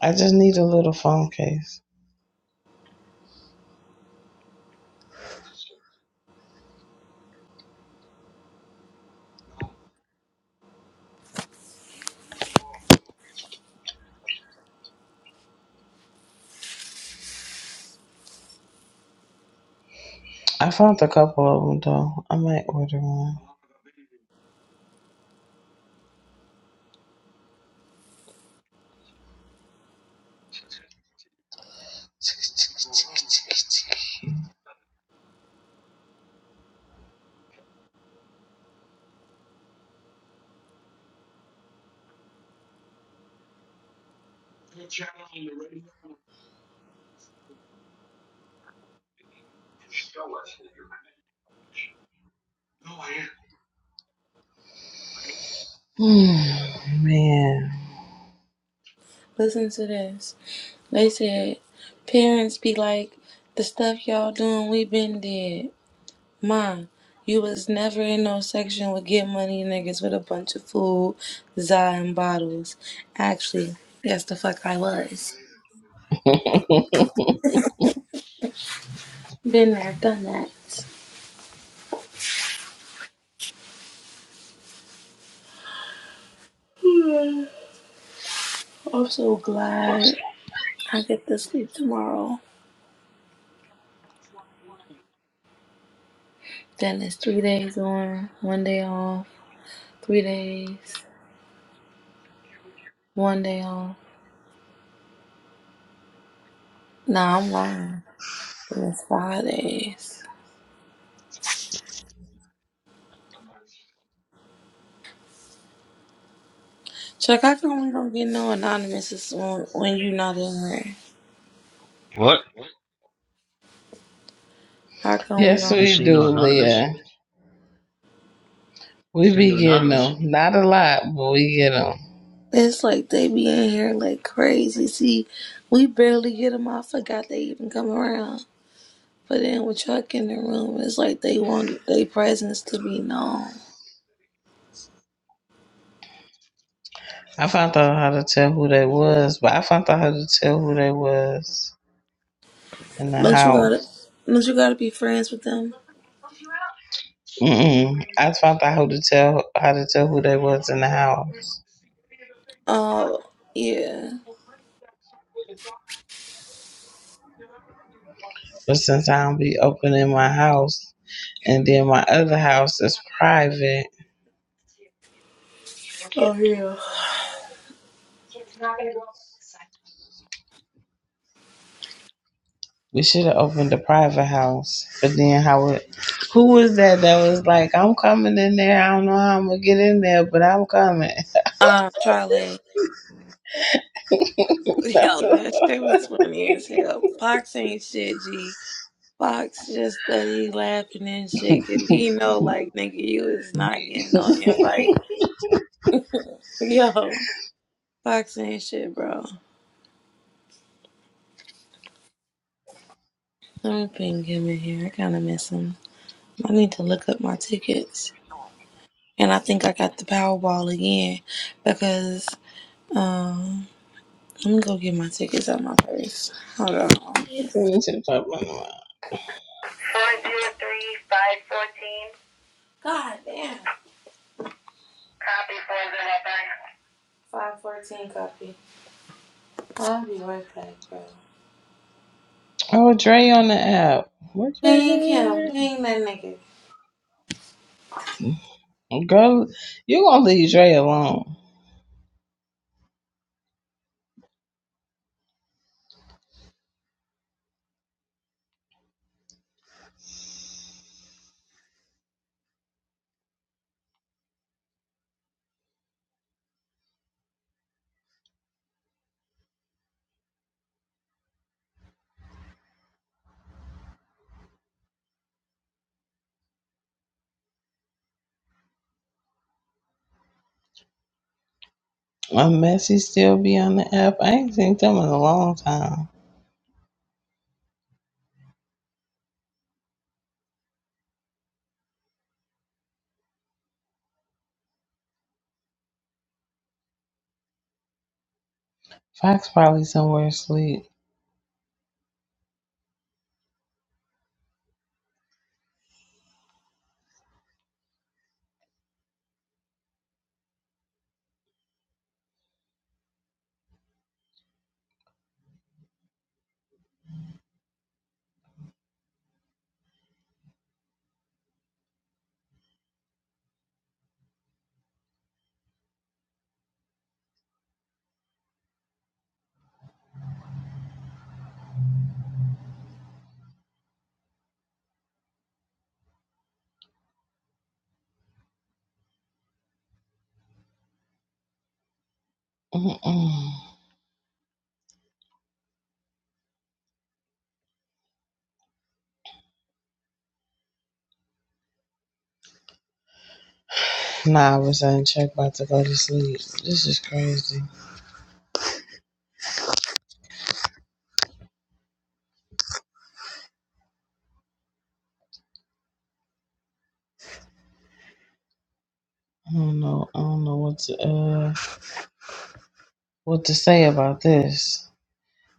I just need a little phone case. I found a couple of them though. I might order one. [sighs] [tsk] Hmm, man.
Listen to this. They said, parents be like, the stuff y'all doing, we been dead. Mom, you was never in no section with get money niggas with a bunch of food, za and bottles. Actually, yes, the fuck I was. Been there, done that. I'm so glad I get to sleep tomorrow. Then it's three days on, one day off, three days, one day off. Nah, I'm lying. It's five days. Chuck, how come we don't get no anonymous when, when you not in here?
What?
How come we
Yes,
You
don't?
just
we
seen
do,
the anonymous?
Leah. We
Seen
be
the
getting
anonymous?
them. Not a lot, but we get them.
It's like they be in here like crazy. See, we barely get them. I forgot they even come around. But then with Chuck in the room, it's like they want their presence to be known.
I found out how to tell who they was, but I found out how to tell who they was in the
Don't you gotta,
house.
don't you gotta be friends with them?
Mm-mm. I found out how to tell how to tell who they was in the house.
Oh yeah.
But since I don't be opening my house, and then my other house is private,
Oh yeah.
we should have opened the private house. But then how it? Who was that that was like, I'm coming in there. I don't know how I'm gonna get in there, but I'm coming.
Um, Charlie.
[laughs]
[laughs]
That was
Yo, that shit was
so
funny as
funny.
hell. Fox ain't shit, G. Fox just study laughing and shit, 'cause he know, like, nigga, you is not getting no invite. [laughs] Yo, Fox ain't shit, bro. Let me ping him in here. I kind of miss him. I need to look up my tickets. And I think I got the Powerball again because, um, let me go get my tickets out my purse. Hold on. Four
[laughs] She was talking about
zero three five fourteen. God damn. Copy 409. 514 copy. I'll be right back, bro.
Oh, Dre on the app. What Dre
Ping
doing
him.
on
Ping that nigga.
there? Girl, you gonna leave Dre alone. Unless he still be on the app. I ain't seen them in a long time. Fox probably somewhere asleep. Mm-mm. Nah, I was on check about to go to sleep. This is crazy. I don't know. I don't know what to uh what to say about this.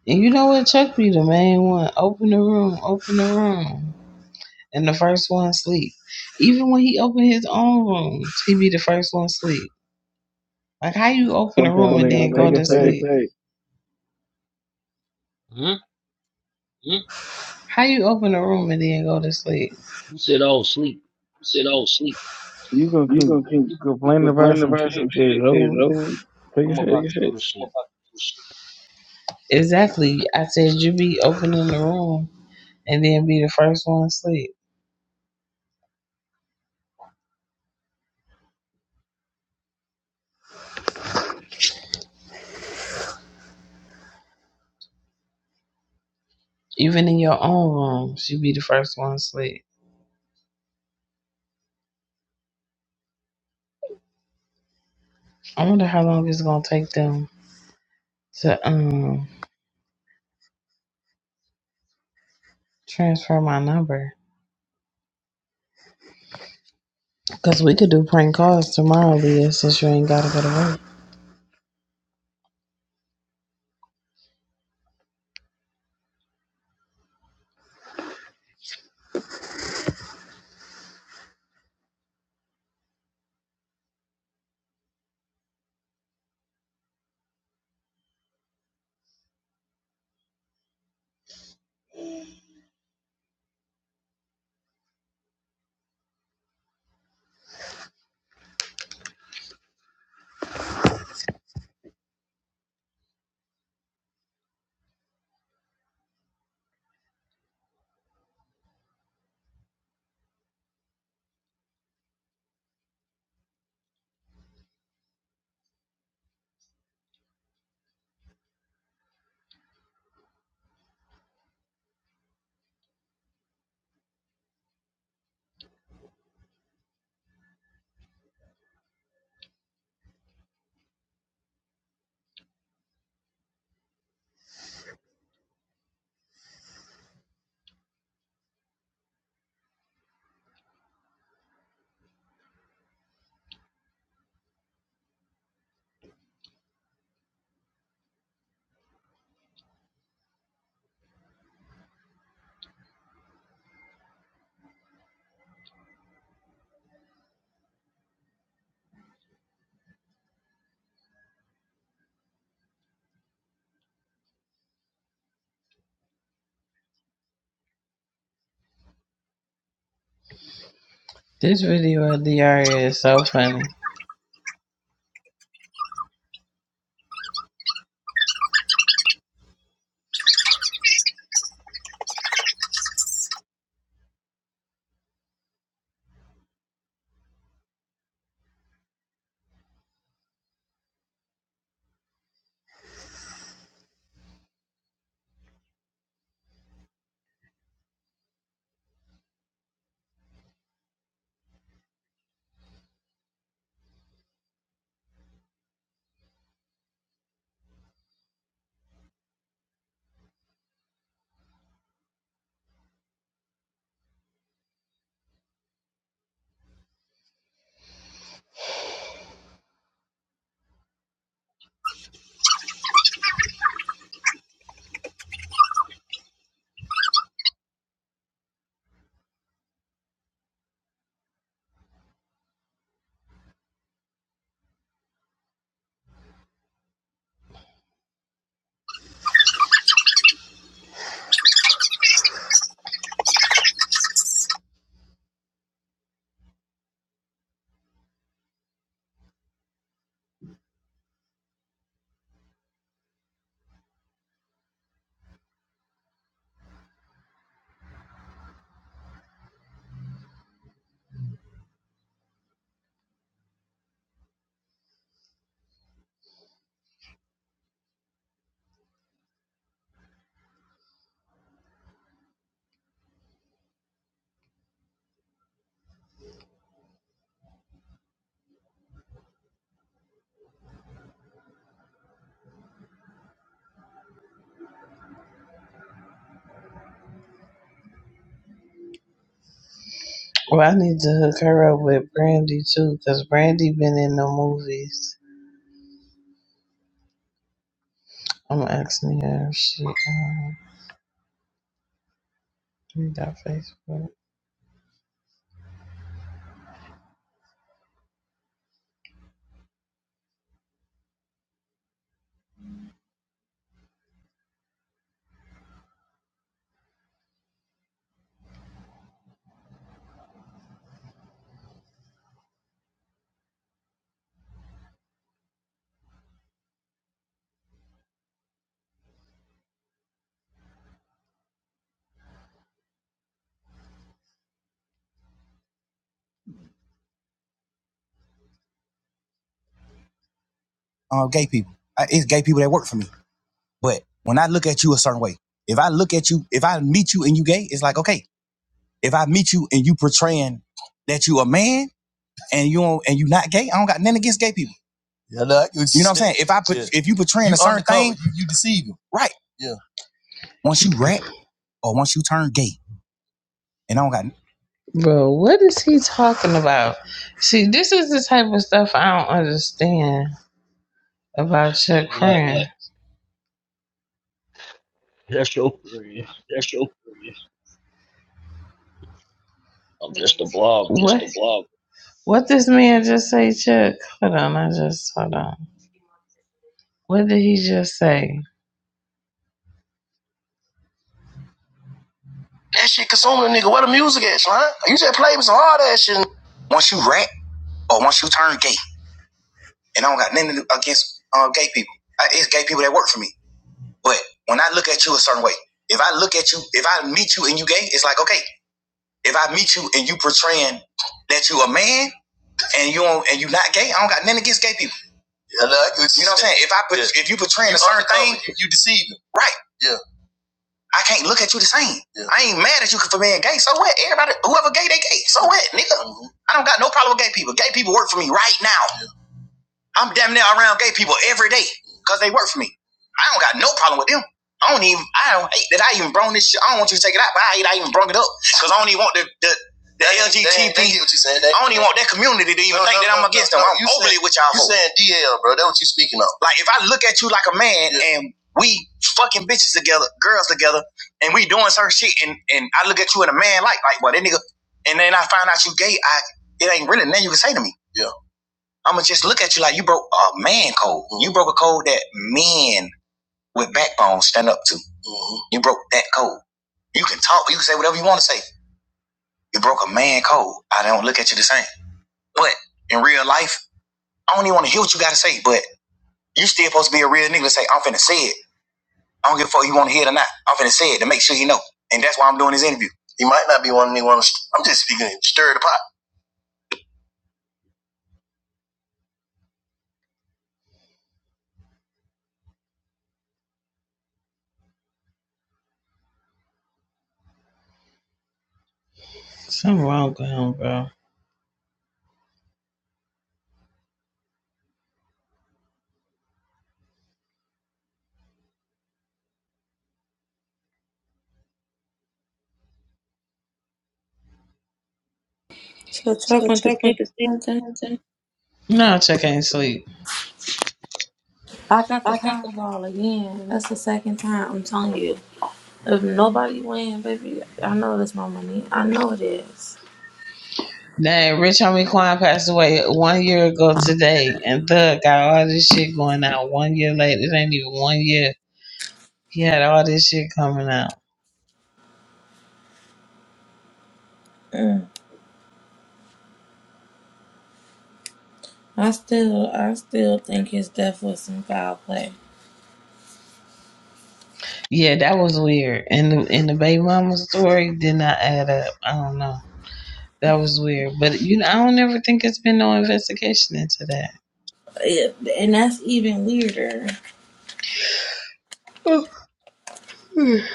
And you know what? Chuck be the main one. Open the room. Open the room. and the first one sleep. Even when he opened his own rooms, he be the first one sleep. Like how you open a
Look
room Come
out
and on,
late.
then go
Take
man. to
a
Take it
shit.
sleep? it back.
Hmm?
Hmm? How you open a room and then go to sleep?
You said I was asleep.
Sit all sleep.
You gonna
You
keep,
gonna keep
keep complaining about
complaining
some
about some
shit that's
shit that's
over.
over.
Take a
I'm
shit.
Take
about
a
to go
shit.
to sleep.
Exactly. I said you be opening the room and then be the first one sleep. Even in your own rooms, you be the first one sleep. I wonder how long it's gonna take them to um transfer my number. Cause we could do prank calls tomorrow, Leah, since you ain't gotta go to work. This video of Diaria is so funny. Well, I need to hook her up with Brandy too, cause Brandy been in the movies. I'm asking her if she um you got Facebook. uh, gay people. I, it's gay people that work for me. But when I look at you a certain way, if I look at you, if I meet you and you gay, it's like okay. If I meet you and you portraying that you a man and you don't, and you not gay, I don't got nothing against gay people. Yeah, like you You know shit. what I'm saying? If I put Yeah. if you portraying You a certain thing, You you deceiving. right? Yeah. Once you rap or once you turn gay, and I don't got Bro, what is he talking about? See, this is the type of stuff I don't understand about Chuck
What?
Friend.
That's your period. I'm just a blogger.
What? What this man just say, Chuck? Hold on, I just hold on. What did he just say? once you rap or once you turn gay, and I don't got nothing against uh, gay people. I, it's gay people that work for me. But when I look at you a certain way, if I look at you, if I meet you and you gay, it's like okay. If I meet you and you portraying that you a man and you don't, and you not gay, I don't got nothing against gay people. Yeah, no, you know what I'm saying? If I put, Yeah. if you portraying you a certain thing, you- you- right? Yeah. I can't look at you the same. Yeah. I ain't mad at you for being gay. So what? Everybody, whoever gay, they gay. So what, nigga? Mhm. I don't got no problem with gay people. Gay people work for me right now. I'm damn near around gay people every day because they work for me. I don't got no problem with them. I don't even, I don't hate that I even brung this shit. I don't want you to take it out, but I hate I even brung it up because I don't even want the, the, the LGBT. what you saying. I don't even want that community to even No, think no, that I'm no, against no, them. no, I'm overly with y'all. You saying D speaking up. Like if I look at you like a man Yeah. and we fucking bitches together, girls together, and we doing certain shit, and, and I look at you and a man like, like, well, that nigga, and then I find out you gay, I it ain't really nothing you can say to me. yeah. I'ma just look at you like you broke a man code. Mm-hmm. You broke a code that men with backbone stand up to. Mm-hmm. You broke that code. You can talk, you can say whatever you want to say. You broke a man code. I don't look at you the same. But in real life, I don't even want to hear what you gotta say, but you still supposed to be a real nigga to say, I'm finna say it. I don't give a fuck you wanna hear it or not. I'm finna say it to make sure you know. And that's why I'm doing this interview. You might not be one nigga wanna I'm just speaking stir the pot. Something wrong with him, bro.
Chill, will truck went to sleep or something.
No, check ain't sleep.
I got the
Like
Powerball again. That's the second time. I'm telling you. If nobody win, baby, I know that's my money. I know it is.
Dang, Rich Homie Quan passed away one year ago today, and Thug got all this shit going out one year later. It ain't even one year. He had all this shit coming out.
Mm. I still, I still think his death was some foul play,
Yeah, that was weird. And the and the baby mama story did not add up. I don't know. That was weird. But you know, I don't ever think it's been no investigation into that.
It- and that's even weirder.
[sighs]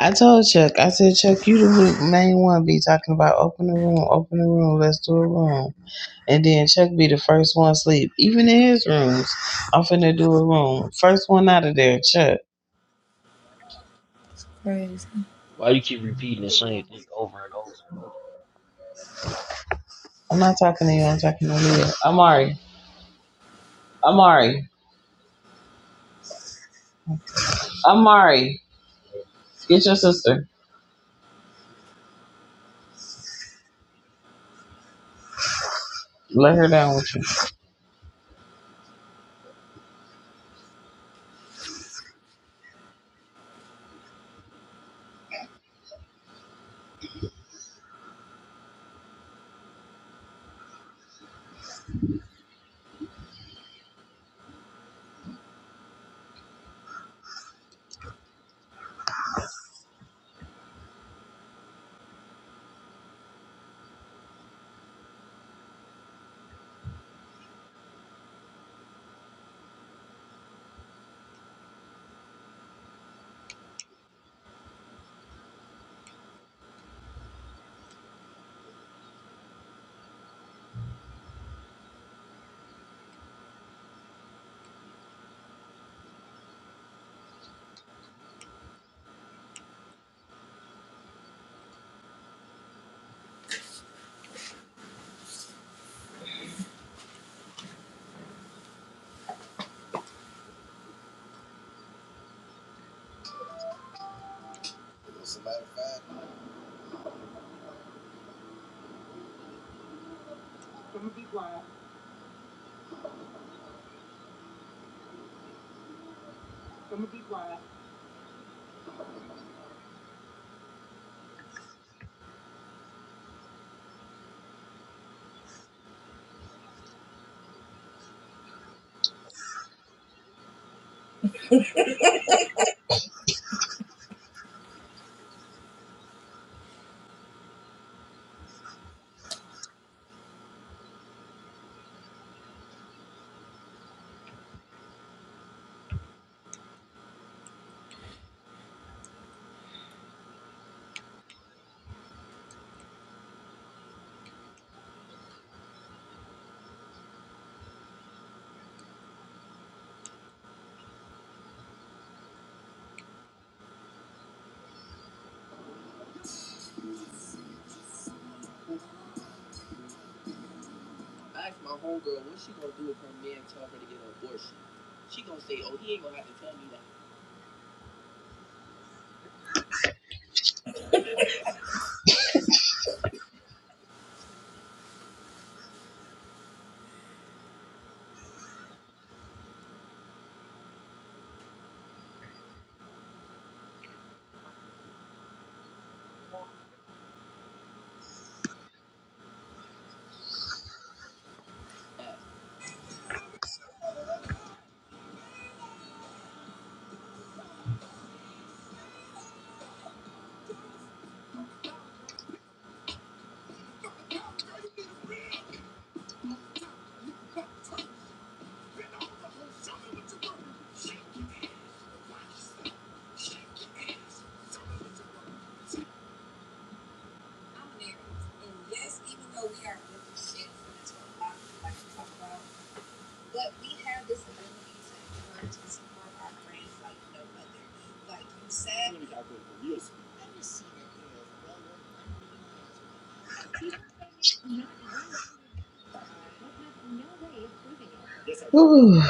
I told Chuck, I said, Chuck, you the main one be talking about open the room, open the room, let's do a room. And then Chuck be the first one sleep, even in his rooms. I'm finna do a room. First one out of there, Chuck.
Why you keep repeating the same thing over and over and over?
I'm not talking to you. I'm talking to Leah. Amari. Amari. Amari. Get your sister. Let her down with you. Whew.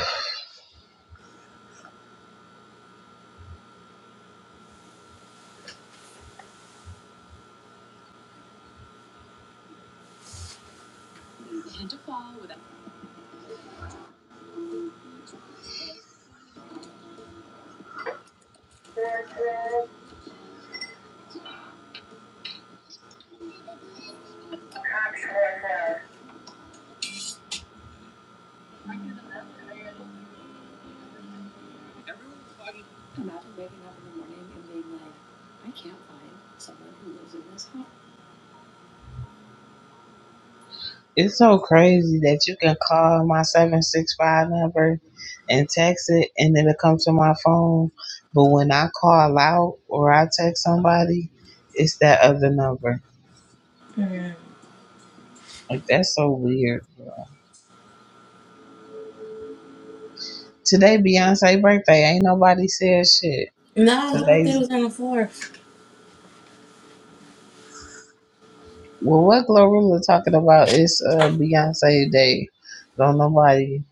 It's so crazy that you can call my 765 number and text it and then it comes to my phone. But when I call out or I text somebody, it's that other number. Like, that's so weird. Today Beyonce birthday. Ain't nobody said shit.
No,
Cause
her
they
birthday was on the fourth.
well what Glorilla talking about is uh Beyonce Day. Don't nobody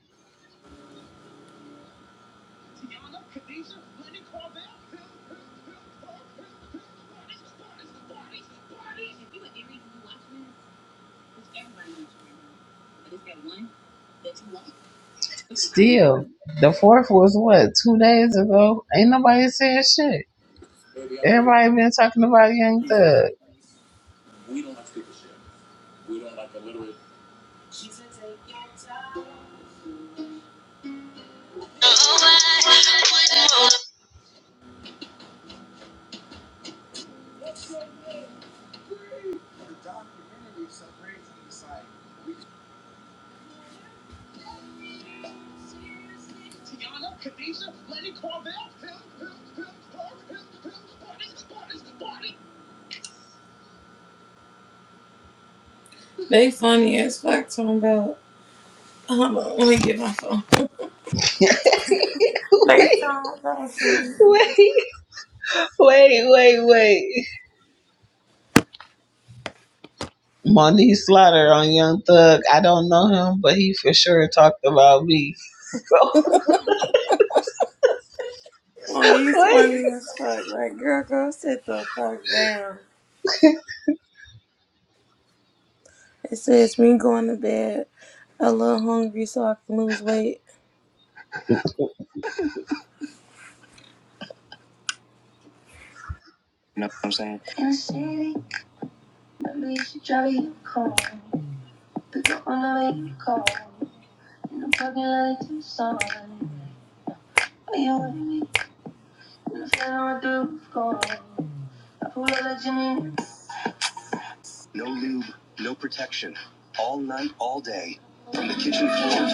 still the fourth was what, two days ago? Ain't nobody said shit. Everybody been talking about Young Thug.
We don't like stupid shit. We don't like illiterate.
[laughs] wait, wait, wait, wait, wait. Monique Slaughter on Young Thug. I don't know him, but he for sure talked about me. [laughs]
Oh,
So
he's
wait.
funny as fuck. Like, girl, go sit the fuck down. It says me going to bed a little hungry so I can lose weight. You know what I'm saying? No lube, no protection. All night, all day, from the kitchen floor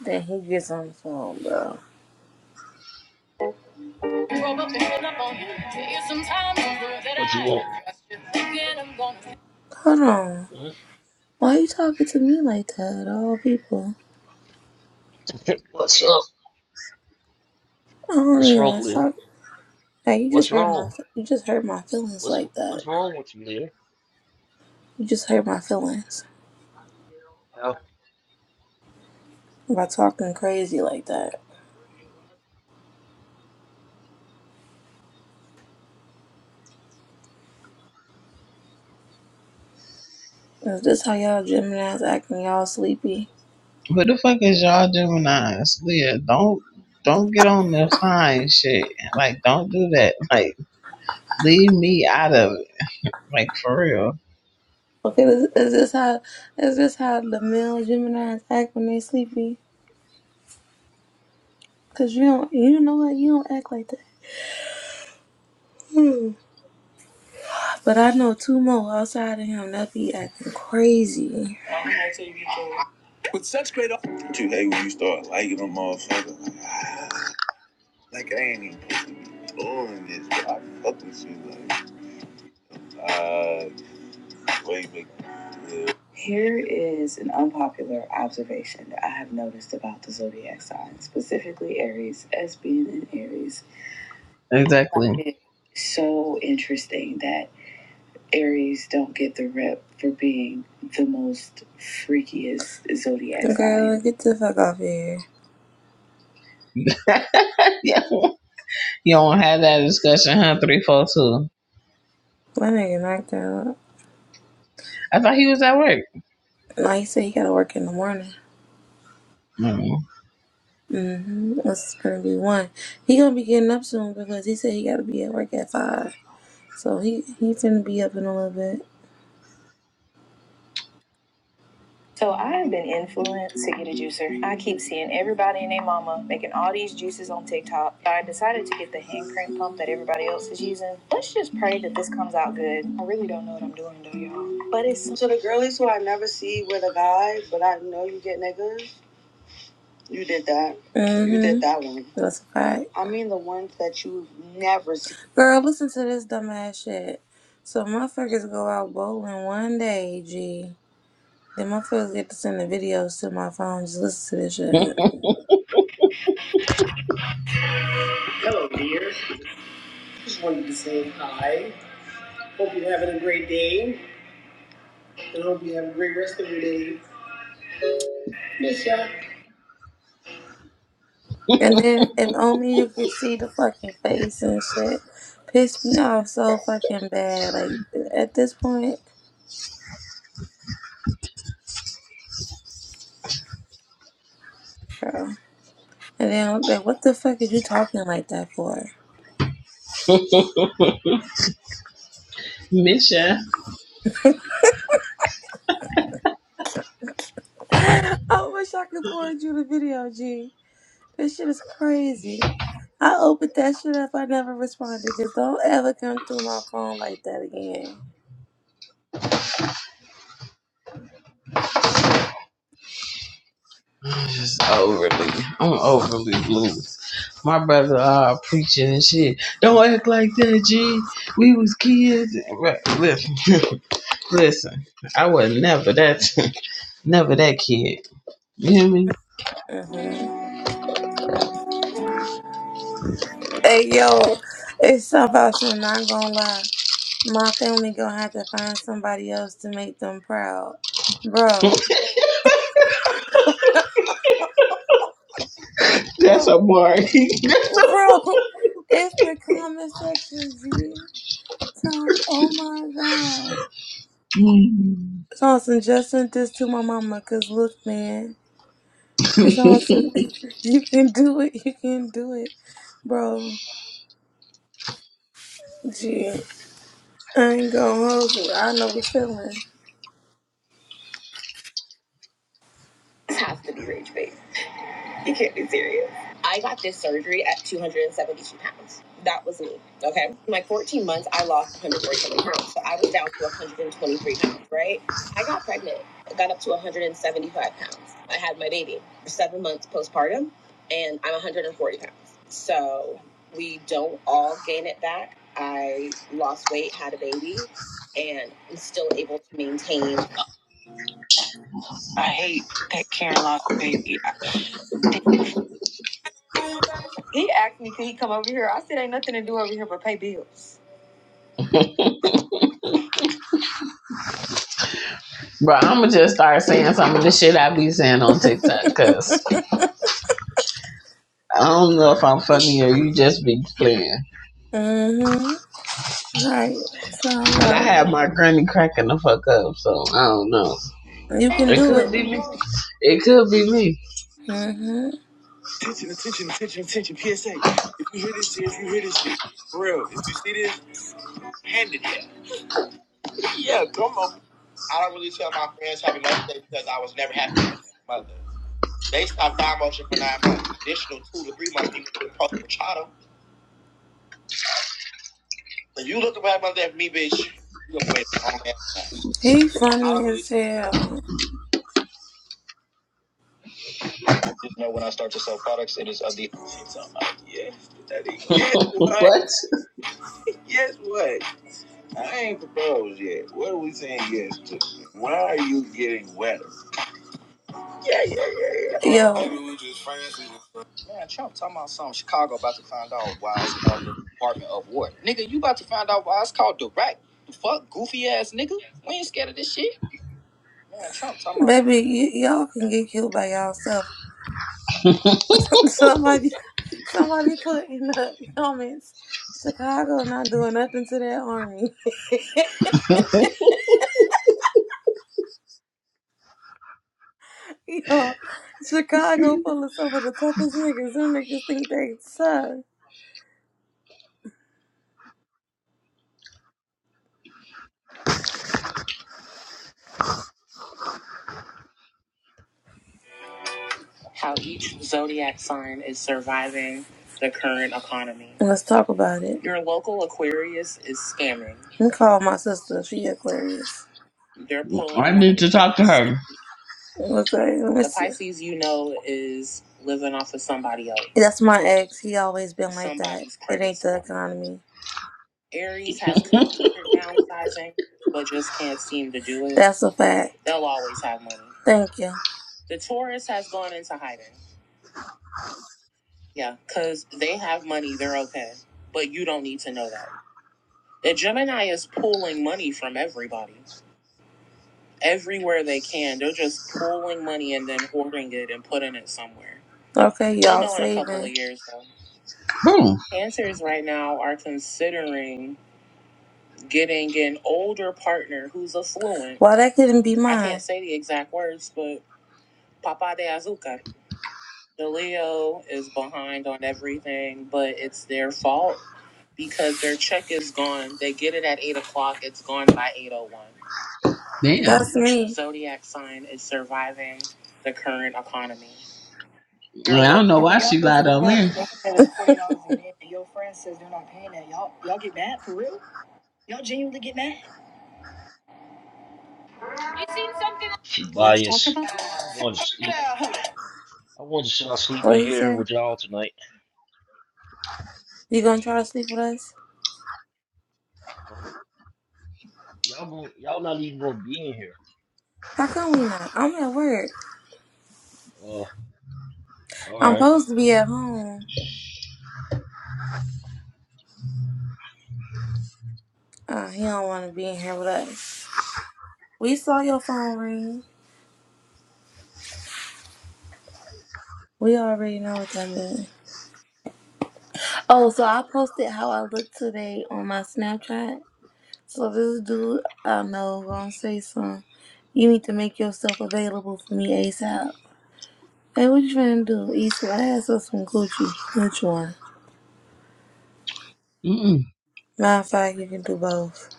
Then he gets on the phone, bro.
What you want?
Hold on.
Hmm?
Why are you talking to me like that, all people?
[laughs] What's up?
I don't
What's
even
wrong,
want to
Leah?
talk Hey, you just
What's
hurt my
wrong?
you just hurt my feelings
What's
like that.
What's wrong with you,
Hurt My feelings.
Leah?
Is this how y'all Gemini's act when y'all sleepy?
What the fuck is y'all Gemini's? Leah, don't don't get on the sign shit. Like, don't do that. Like, leave me out of it. Like, for real.
Okay, is, is this how is this how the male Gemini's act when they sleepy? Cause you don't you know what you don't act like that. Hmm. But I know two more outside of him that be acting crazy. do you hate when you start liking them motherfucker? Like, I ain't even doing this, but I fuck with you. Like, ah, uh, way big deal. SI, specifically Aries, S being in Aries.
Exactly. [laughs]
It's so interesting that Aries don't get the rep for being the most freakiest zodiac sign. The guy sign. was
Yeah. You don't have that discussion, huh? Three, four, two. I thought he was at work.
in the morning.
Mm.
Mm-hmm. That's gonna be one. He gonna be getting up soon because he said he gotta be at work at five. So he he finna be up in a little bit. So I have been influenced to get a juicer. I keep seeing everybody and their mama making all these juices on TikTok. So I decided to get the hand crank pump that everybody else is using. Let's just pray that this comes out good. I really don't know what I'm doing though, y'all. But it's so the girlies who I never see with a guy, but I know you get niggas. You did that. Mm-hmm. You did Mm-hmm. that one. That's a fact. I mean the ones that you never see. Girl, listen to this dumbass shit. So motherfuckers go out bowling one day, G. Then my friends get to send the videos to my phone. Just listen to this shit. Hope you're having a great day, and hope you have a great rest of your day. Miss ya. And then if only you could see the fucking face and shit. Pissed me off so fucking bad. Like at this point, bro. And then like, what the fuck are you talking like that for?
Mission.
This- Oh,
Overly. I'm overly blue. My brother uh preaching and shit. Don't act like that, G. We was kids. Right. Listen, [laughs] listen. I was never that, [laughs] never that kid. You hear me? [laughs] That's
bro,
a bar. [laughs] That's a
bro,
bar.
[laughs] it's the comment section, G. So, oh my god. So, I just sent this to my mama. Cause look, man. It's awesome. [laughs] You can do it. You can do it, bro. Gee, I ain't gonna hold you. I know the feeling. This has to be rage bait. [laughs] You can't be serious. I got this surgery at 272 pounds. That was me. Okay. In like 14 months, I lost 147 pounds. So I was down to 123 pounds, right? I got pregnant. I got up to 175 pounds. I had my baby for seven months postpartum, and I'm 140 pounds. So we don't all gain it back. I lost weight, had a baby, and I'm still able to maintain. I hate that Karen lost the baby. I He asked me, could he come over here? I said, ain't nothing to do over here but pay bills.
Bro, I'ma just start saying some of the shit I be saying on TikTok, cause I don't know if I'm funny or you just be playing.
hmm Right. Time
But I
up.
have my granny cracking the fuck up, so I don't know.
You can
It
do it.
could be me. It could be me.
Attention, attention, attention, attention. PSA. If you hear this, if you hear this, for real, if you see this, hand it here. [laughs] Yeah, come over. I don't really tell my friends Happy Mother's Day because I was never happy you became a mother. They stopped thigh motion for nine months. Additional two to three months, we went to the post machado. If you looking for Happy Mother's Day for me, bitch, you gonna be waiting a long ass time. I Funny I don't really. as hell. Yeah,
What?
yes, what? I ain't proposed yet. What are we saying yes to? Why are you getting wetter? Maybe we just friends. Man, Trump talking about some Chicago about all why it's called the park. Man, Trump talking about. Baby, y- y'all can get killed by y'allself. [laughs] Somebody, somebody put in the comments, Chicago not doing nothing to that army. [laughs] you know, Chicago full of some of the toughest niggas. Them niggas think they tough. How each zodiac sign is surviving the current economy. Let's talk about it. Your local Aquarius is scamming. I call my sister. She Aquarius.
I
One of
need
the
to
biggest.
talk to her.
Okay, let me The see. Pisces you know is living off of somebody else, That's my ex. He always been like Somebody's that. It credit ain't the score. economy. Aries has considered downsizing, but just can't seem to do it. That's a fact. They'll always have money. Thank you. The Taurus has gone into hiding. Yeah, because they have money, they're okay. But you don't need to know that. The jump is pulling it. in there. Okay, you all know in a couple of saving. of years, though.
Who?
Cancers right now are considering getting an older partner who's affluent. Well, that couldn't be mine. I can't say the exact words, but Papa de Azúcar. The Leo is behind on everything, but it's their fault.
Damn.
The zodiac sign is surviving the current economy.
I
you Your
don't
lo-
know why she lied on me.
She I'm going to sleep. i want to sit I sleep in here with y'all tonight.
You gonna try to sleep with us?
Huh? Y'all going y'all not even gonna be in here.
How come we not? I'm at work.
Uh, all
I'm
right.
supposed to be at home. Uh, he don't want to be in here with us. We saw your phone ring. We already know what that means. Oh, so I posted how I look today on my Snapchat. So this dude I know gonna say something. You need to make yourself available for me ASAP. Hey, what you trying to do? Eat some ass or some Gucci? Which one?
Mm-mm.
Matter of fact, you can do both.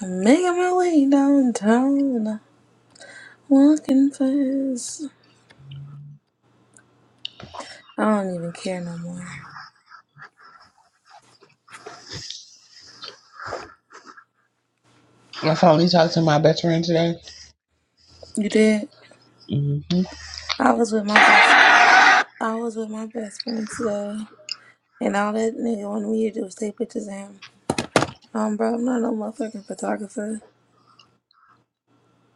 I'm making my way downtown, walking fast. I don't even care no more.
I finally talked to my best friend today. Mm-hmm.
I was with my best, I was with my best friend today, and all that nigga wanted me to do was take pictures of him. Um, bro, I'm not no motherfucking photographer.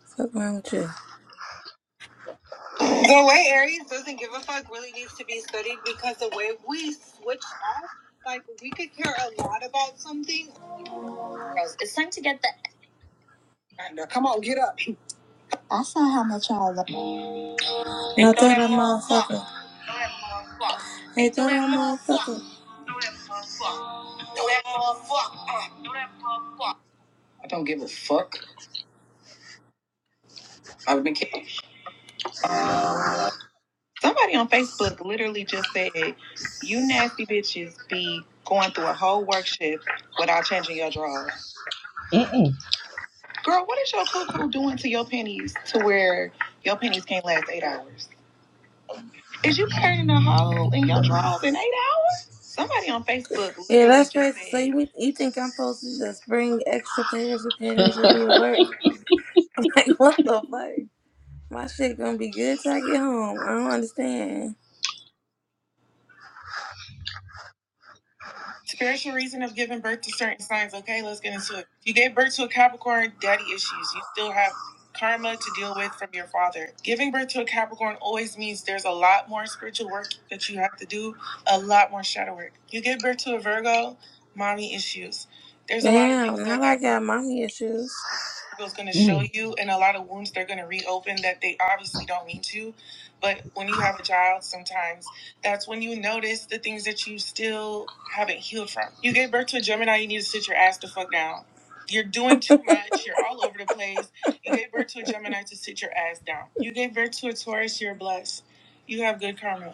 Fuck around with you. Go away. The way we switched off, like care a lot about something. I don't give a fuck. I've been. Kidding. Somebody on Facebook literally just said, "You nasty bitches be going through a whole work shift without changing your drawers."
mm
Girl, what is your cuckoo doing to your panties to where your panties can't last eight hours? Is you burning a hole in your drawers in eight hours? Somebody on Facebook Yeah, literally that's just crazy. So said, you, you think I'm supposed to just bring extra pairs of panties with me to work? [laughs] I'm like, what the fuck? My shit gonna be good till I get home. I don't understand. birth to certain signs. Okay, let's get into it. You gave birth to a Capricorn, daddy issues. You still have karma to deal with from your father. Giving birth to a Capricorn always means there's a lot more spiritual work that you have to do, a lot more shadow work. You give birth to a Virgo, mommy issues. There's a lot of Damn, things that now I got mommy issues. Virgo's going to show
Mm-mm.
you and a lot of wounds they're going to reopen that they obviously don't mean to. But when you have a child, sometimes that's when you notice the things that you still haven't healed from. You gave birth to a Gemini, you need to sit your ass the fuck down. You're doing too much, [laughs] you're all over the place. You gave birth to a Gemini to sit your ass down. You gave birth to a Taurus, you're a good karma.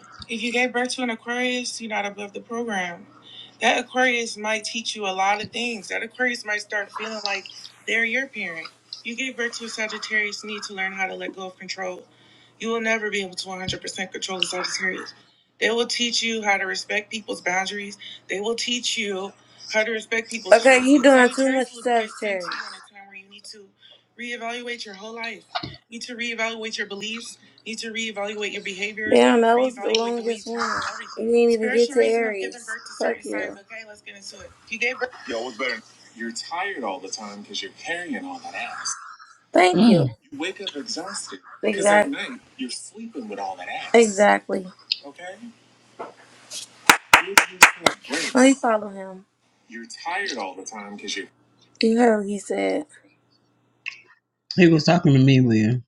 That Aquarius might teach you a lot of things. That Aquarius might start feeling like they're your parent. You gave birth to a Sagittarius, you need to learn how to let go of control. You will never be able to 100% control the Sagittarius. Respect people's Okay, choices. you doing too Sagittarius much Sagittarius. will be sent to you Sagittarius. in a time where Damn, that was the longest one. You didn't even get to Aries. Fuck you. No, what's better? You're tired all the time because you're carrying all that ass. Thank you.
Mm.
You wake up exhausted. Because at Exact- night, you're sleeping with all that ass. Exactly. Okay? You- you can't breathe. Let me follow him. You're tired all the time because you're. You heard what he said.
He was talking to me, Leah.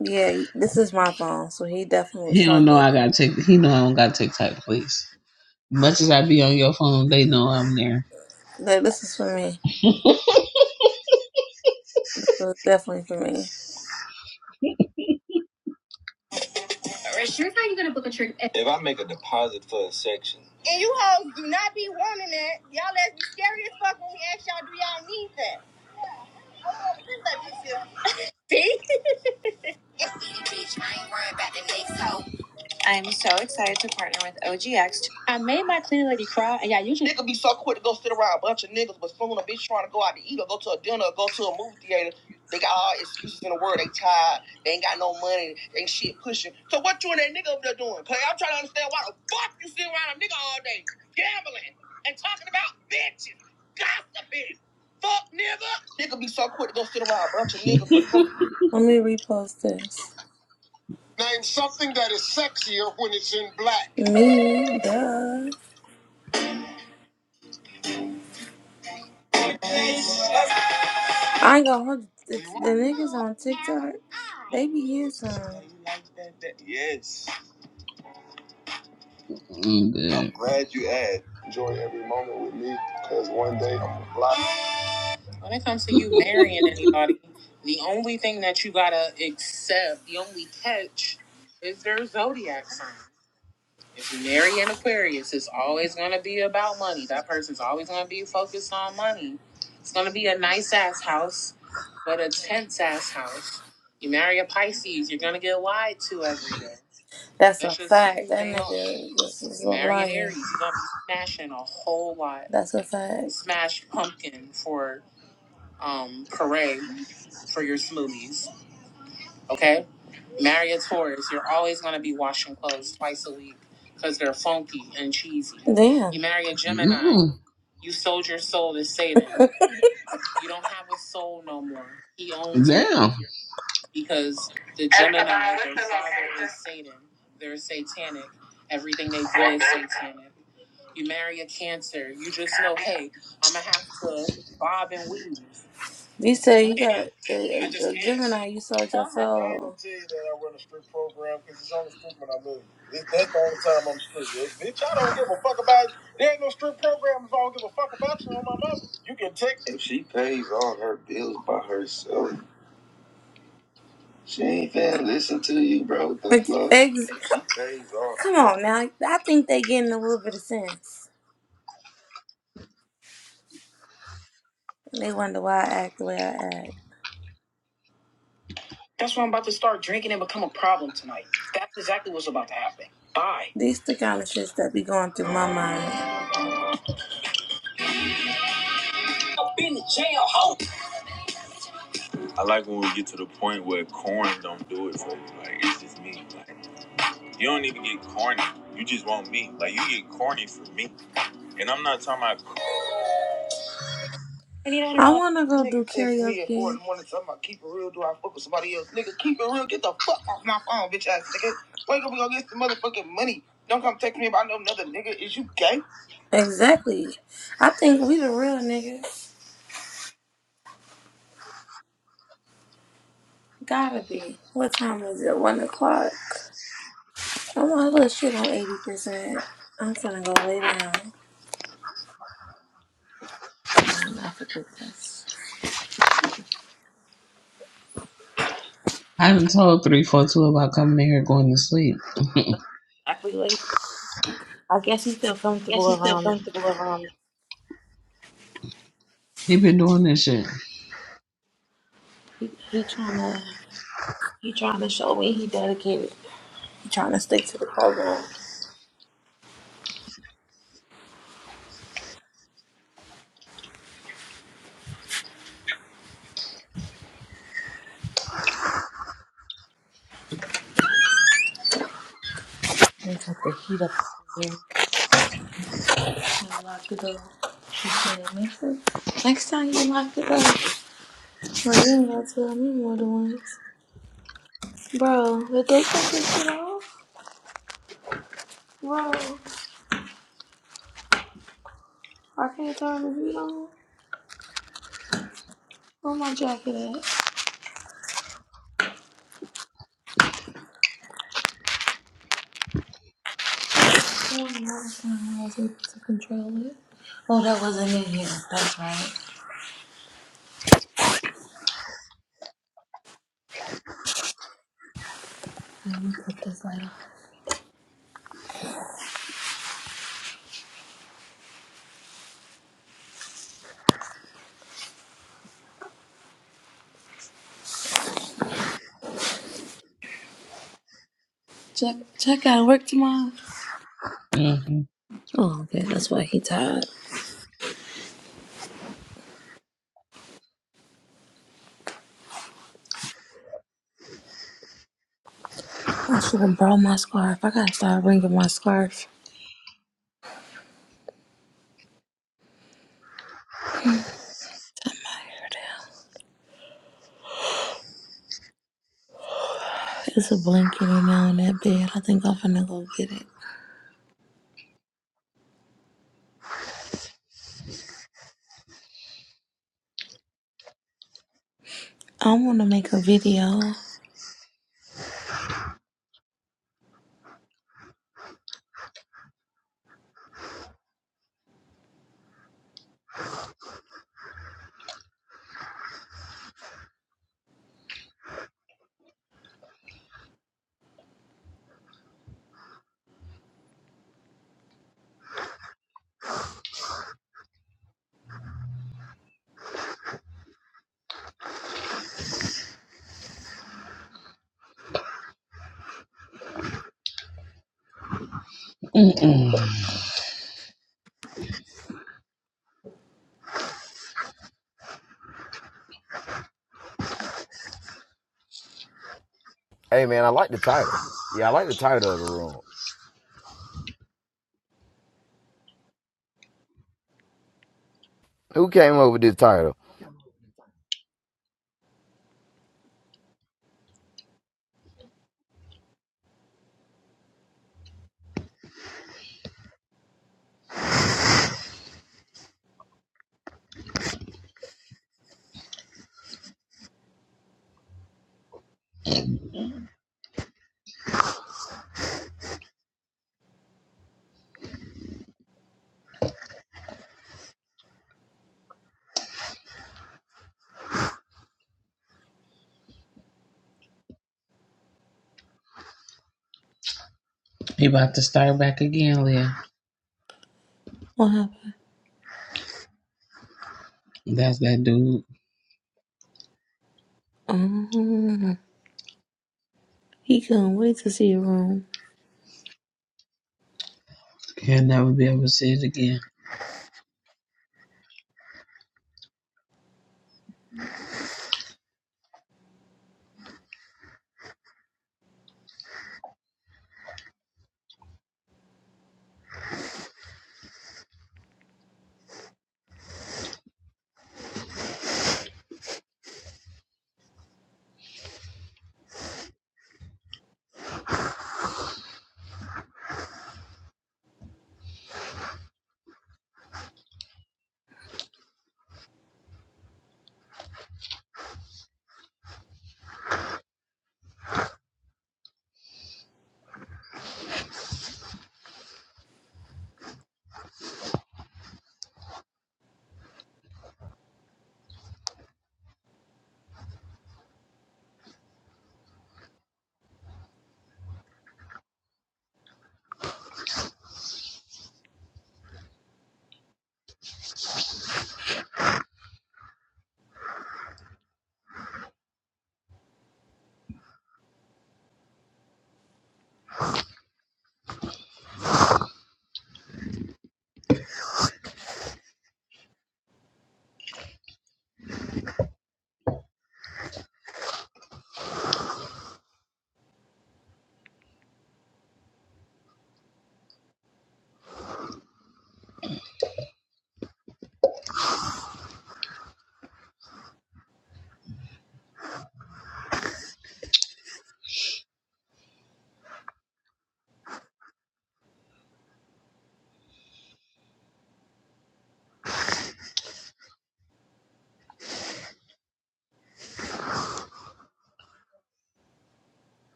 Yeah, this is my phone, so he definitely was
He don't know
talking.
I gotta take. He know I don't gotta take type place. Much as I be on your phone, they know I'm there.
Like, this is for me. This is definitely for me. If I make a deposit for a section, I'm so excited to partner with OGX. I mean, you Nigga be so quick to go sit around a bunch of niggas, but soon a bitch trying to go out to eat or go to a dinner or go to a movie theater. They got all excuses in the world. They tired. They ain't got no money. They ain't shit pushing. So what you and that nigga over there doing? because I'm trying to understand why the fuck you sit around a nigga all day gambling and talking about bitches, gossiping. Fuck nigga. Nigga be so quick to go sit around a bunch of niggas, but soon. Name something that is sexier when it's in black. I ain't gonna hold you. It's- The niggas on TikTok, they be in some. Yes,
Mm,
I'm
good.
glad you asked. Block. When it comes to you marrying anybody, the only thing that you gotta accept, the only catch, is their zodiac sign. That's a It's just fact. who That they are. nigga is a Marrying liar. Aries, you're gonna be smashing a whole lot. That's... Smash pumpkin for um puree for your smoothies. Okay. marry a Taurus, you're always going to be washing clothes twice a week because they're funky and cheesy. Damn. You marry a Gemini,
Mm,
you sold your soul to Satan. [laughs] You don't have a soul no more. He owns your
damn.
soul because the Gemini, their father is Satan, satanic, every day Satan. Just know, hey, You said you got a, a, I just a Gemini. You sold your soul. I'm not tell you that I run a strip program because it's only strip when I live. It, that's the only time I'm strip. If- bitch, I don't give a fuck about. There ain't no strip program if I don't give a fuck about you on my mother. You can take it. Like, ex- come on now. I think they getting a little bit of sense. That's why I'm about to start drinking and become a problem tonight. That's exactly what's about to happen. Bye. I've been to jail, ho. I like when we get to the point where corn don't do it for you. Like it's just me. You don't even get corny. You just want me. Like you get corny for me. And I'm not talking about do karaoke. at four in the morning talking about keep it real, do I fuck with somebody else? Nigga, keep it real, get the fuck off my phone, bitch ass nigga. Wake up, we gonna get some motherfucking money. Don't come text me about no another nigga. Is you gay?
I done told three four two about coming in here going to sleep. He been doing this shit. Mm-mm. Mm-mm.
[laughs] hey, man, I like the title. Yeah, I like the title of the room. Who came up with this title?
He about to start back again, Leah. That's that dude. He'll never be able to see it again.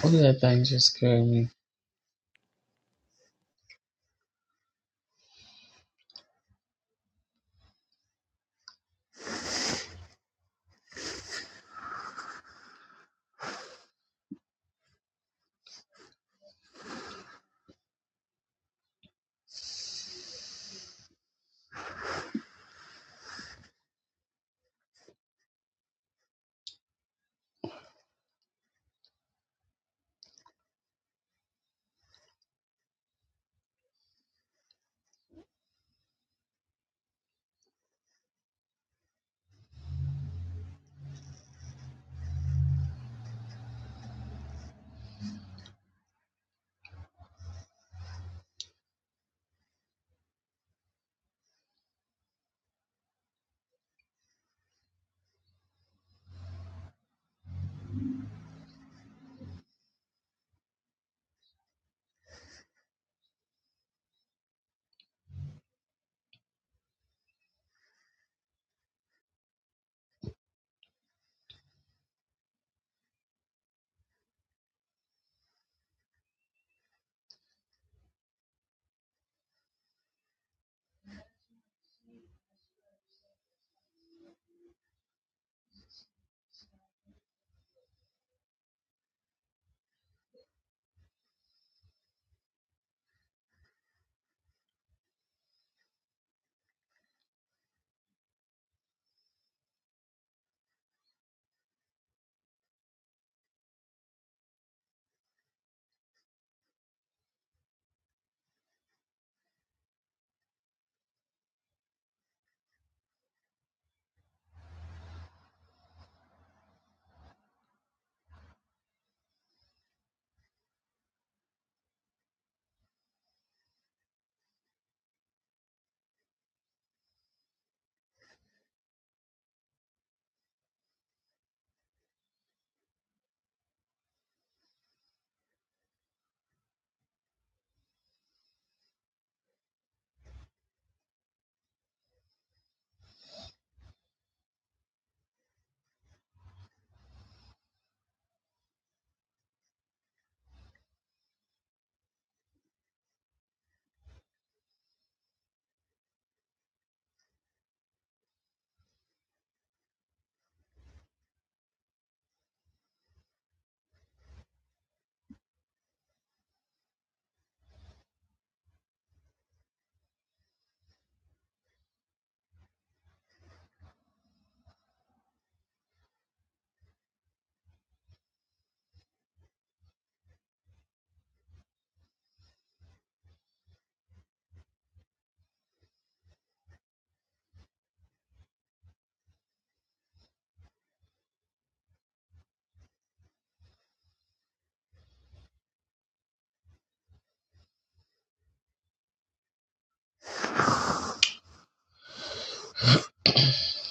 What that thing just scared me.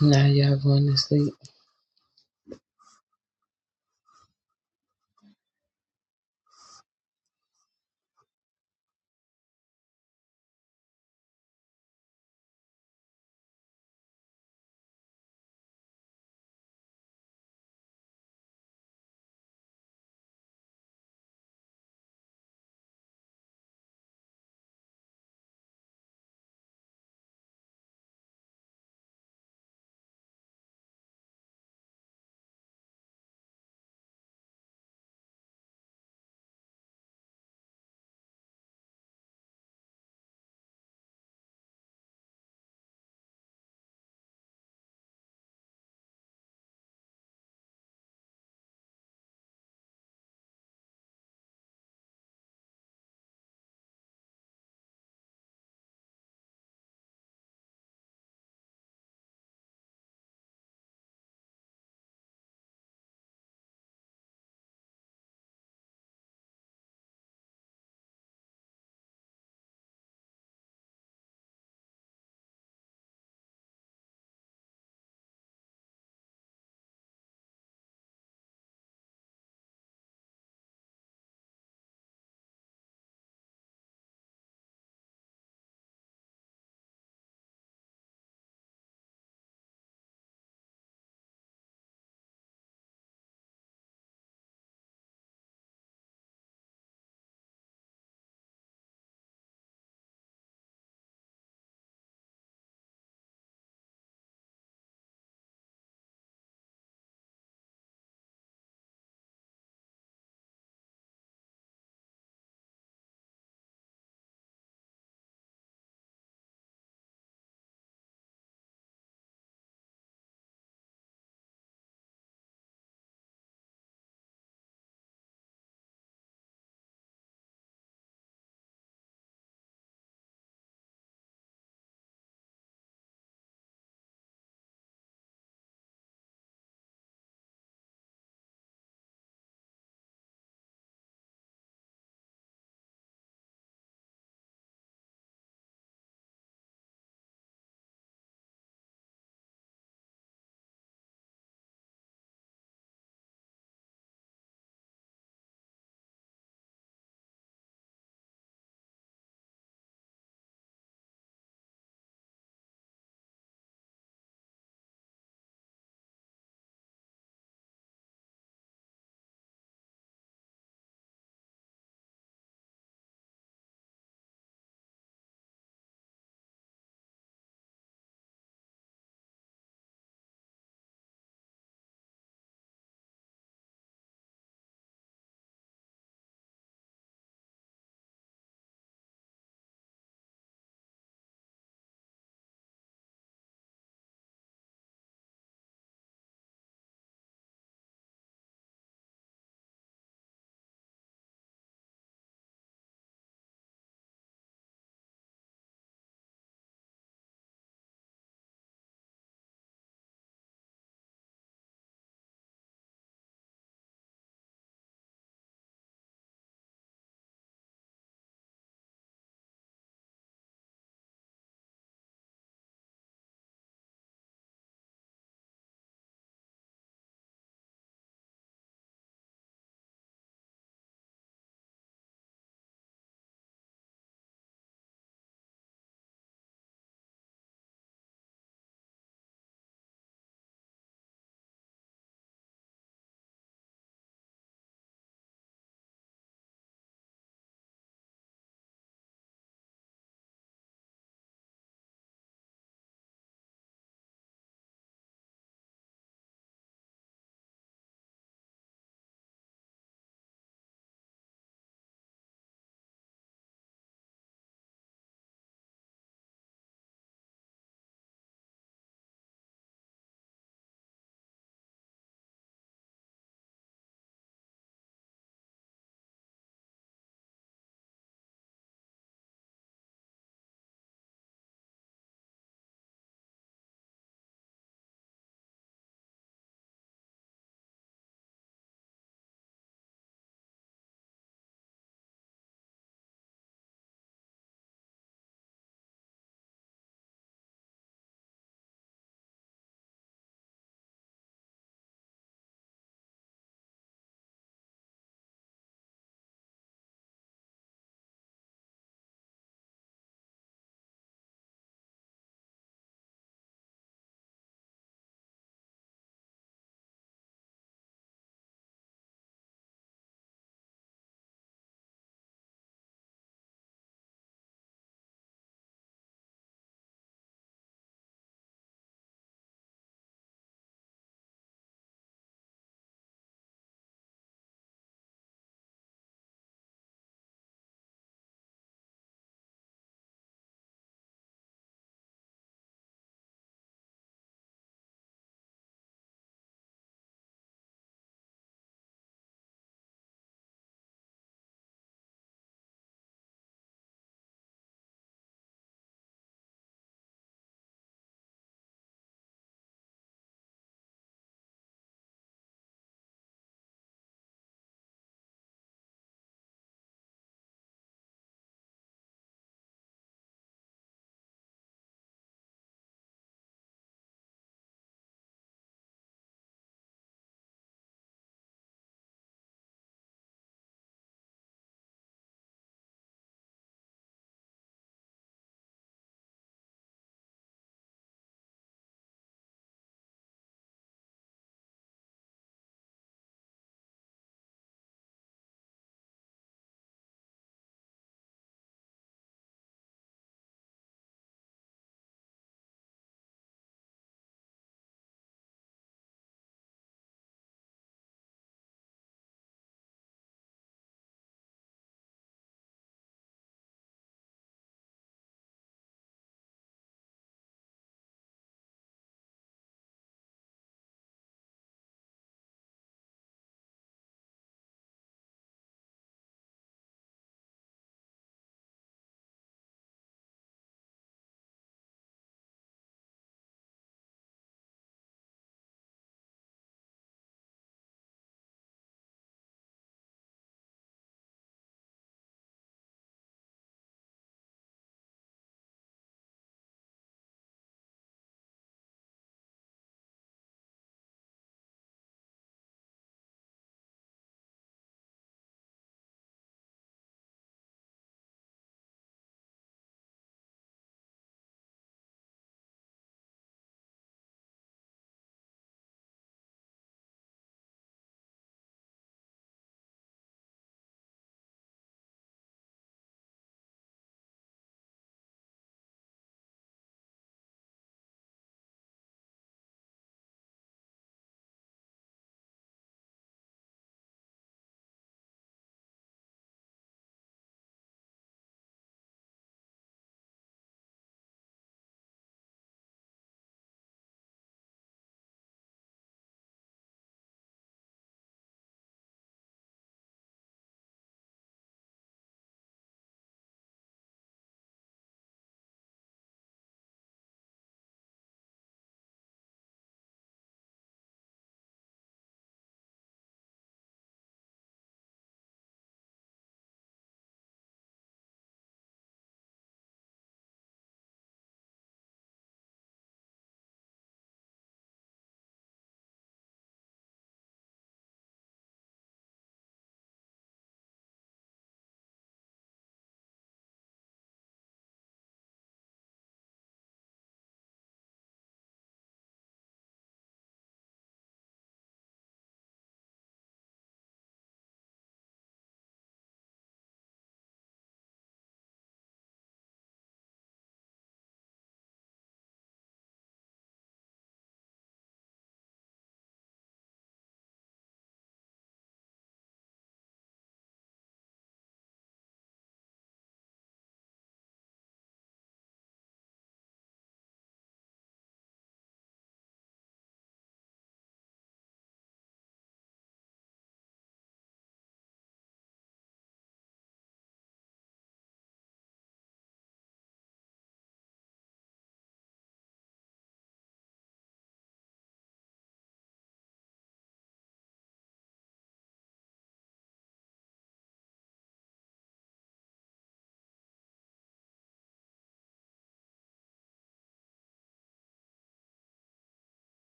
Now y'all going to sleep.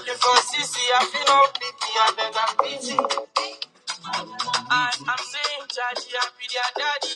For sissy, I feel all I beg and pity. I, am saying, Jaji, I be their daddy.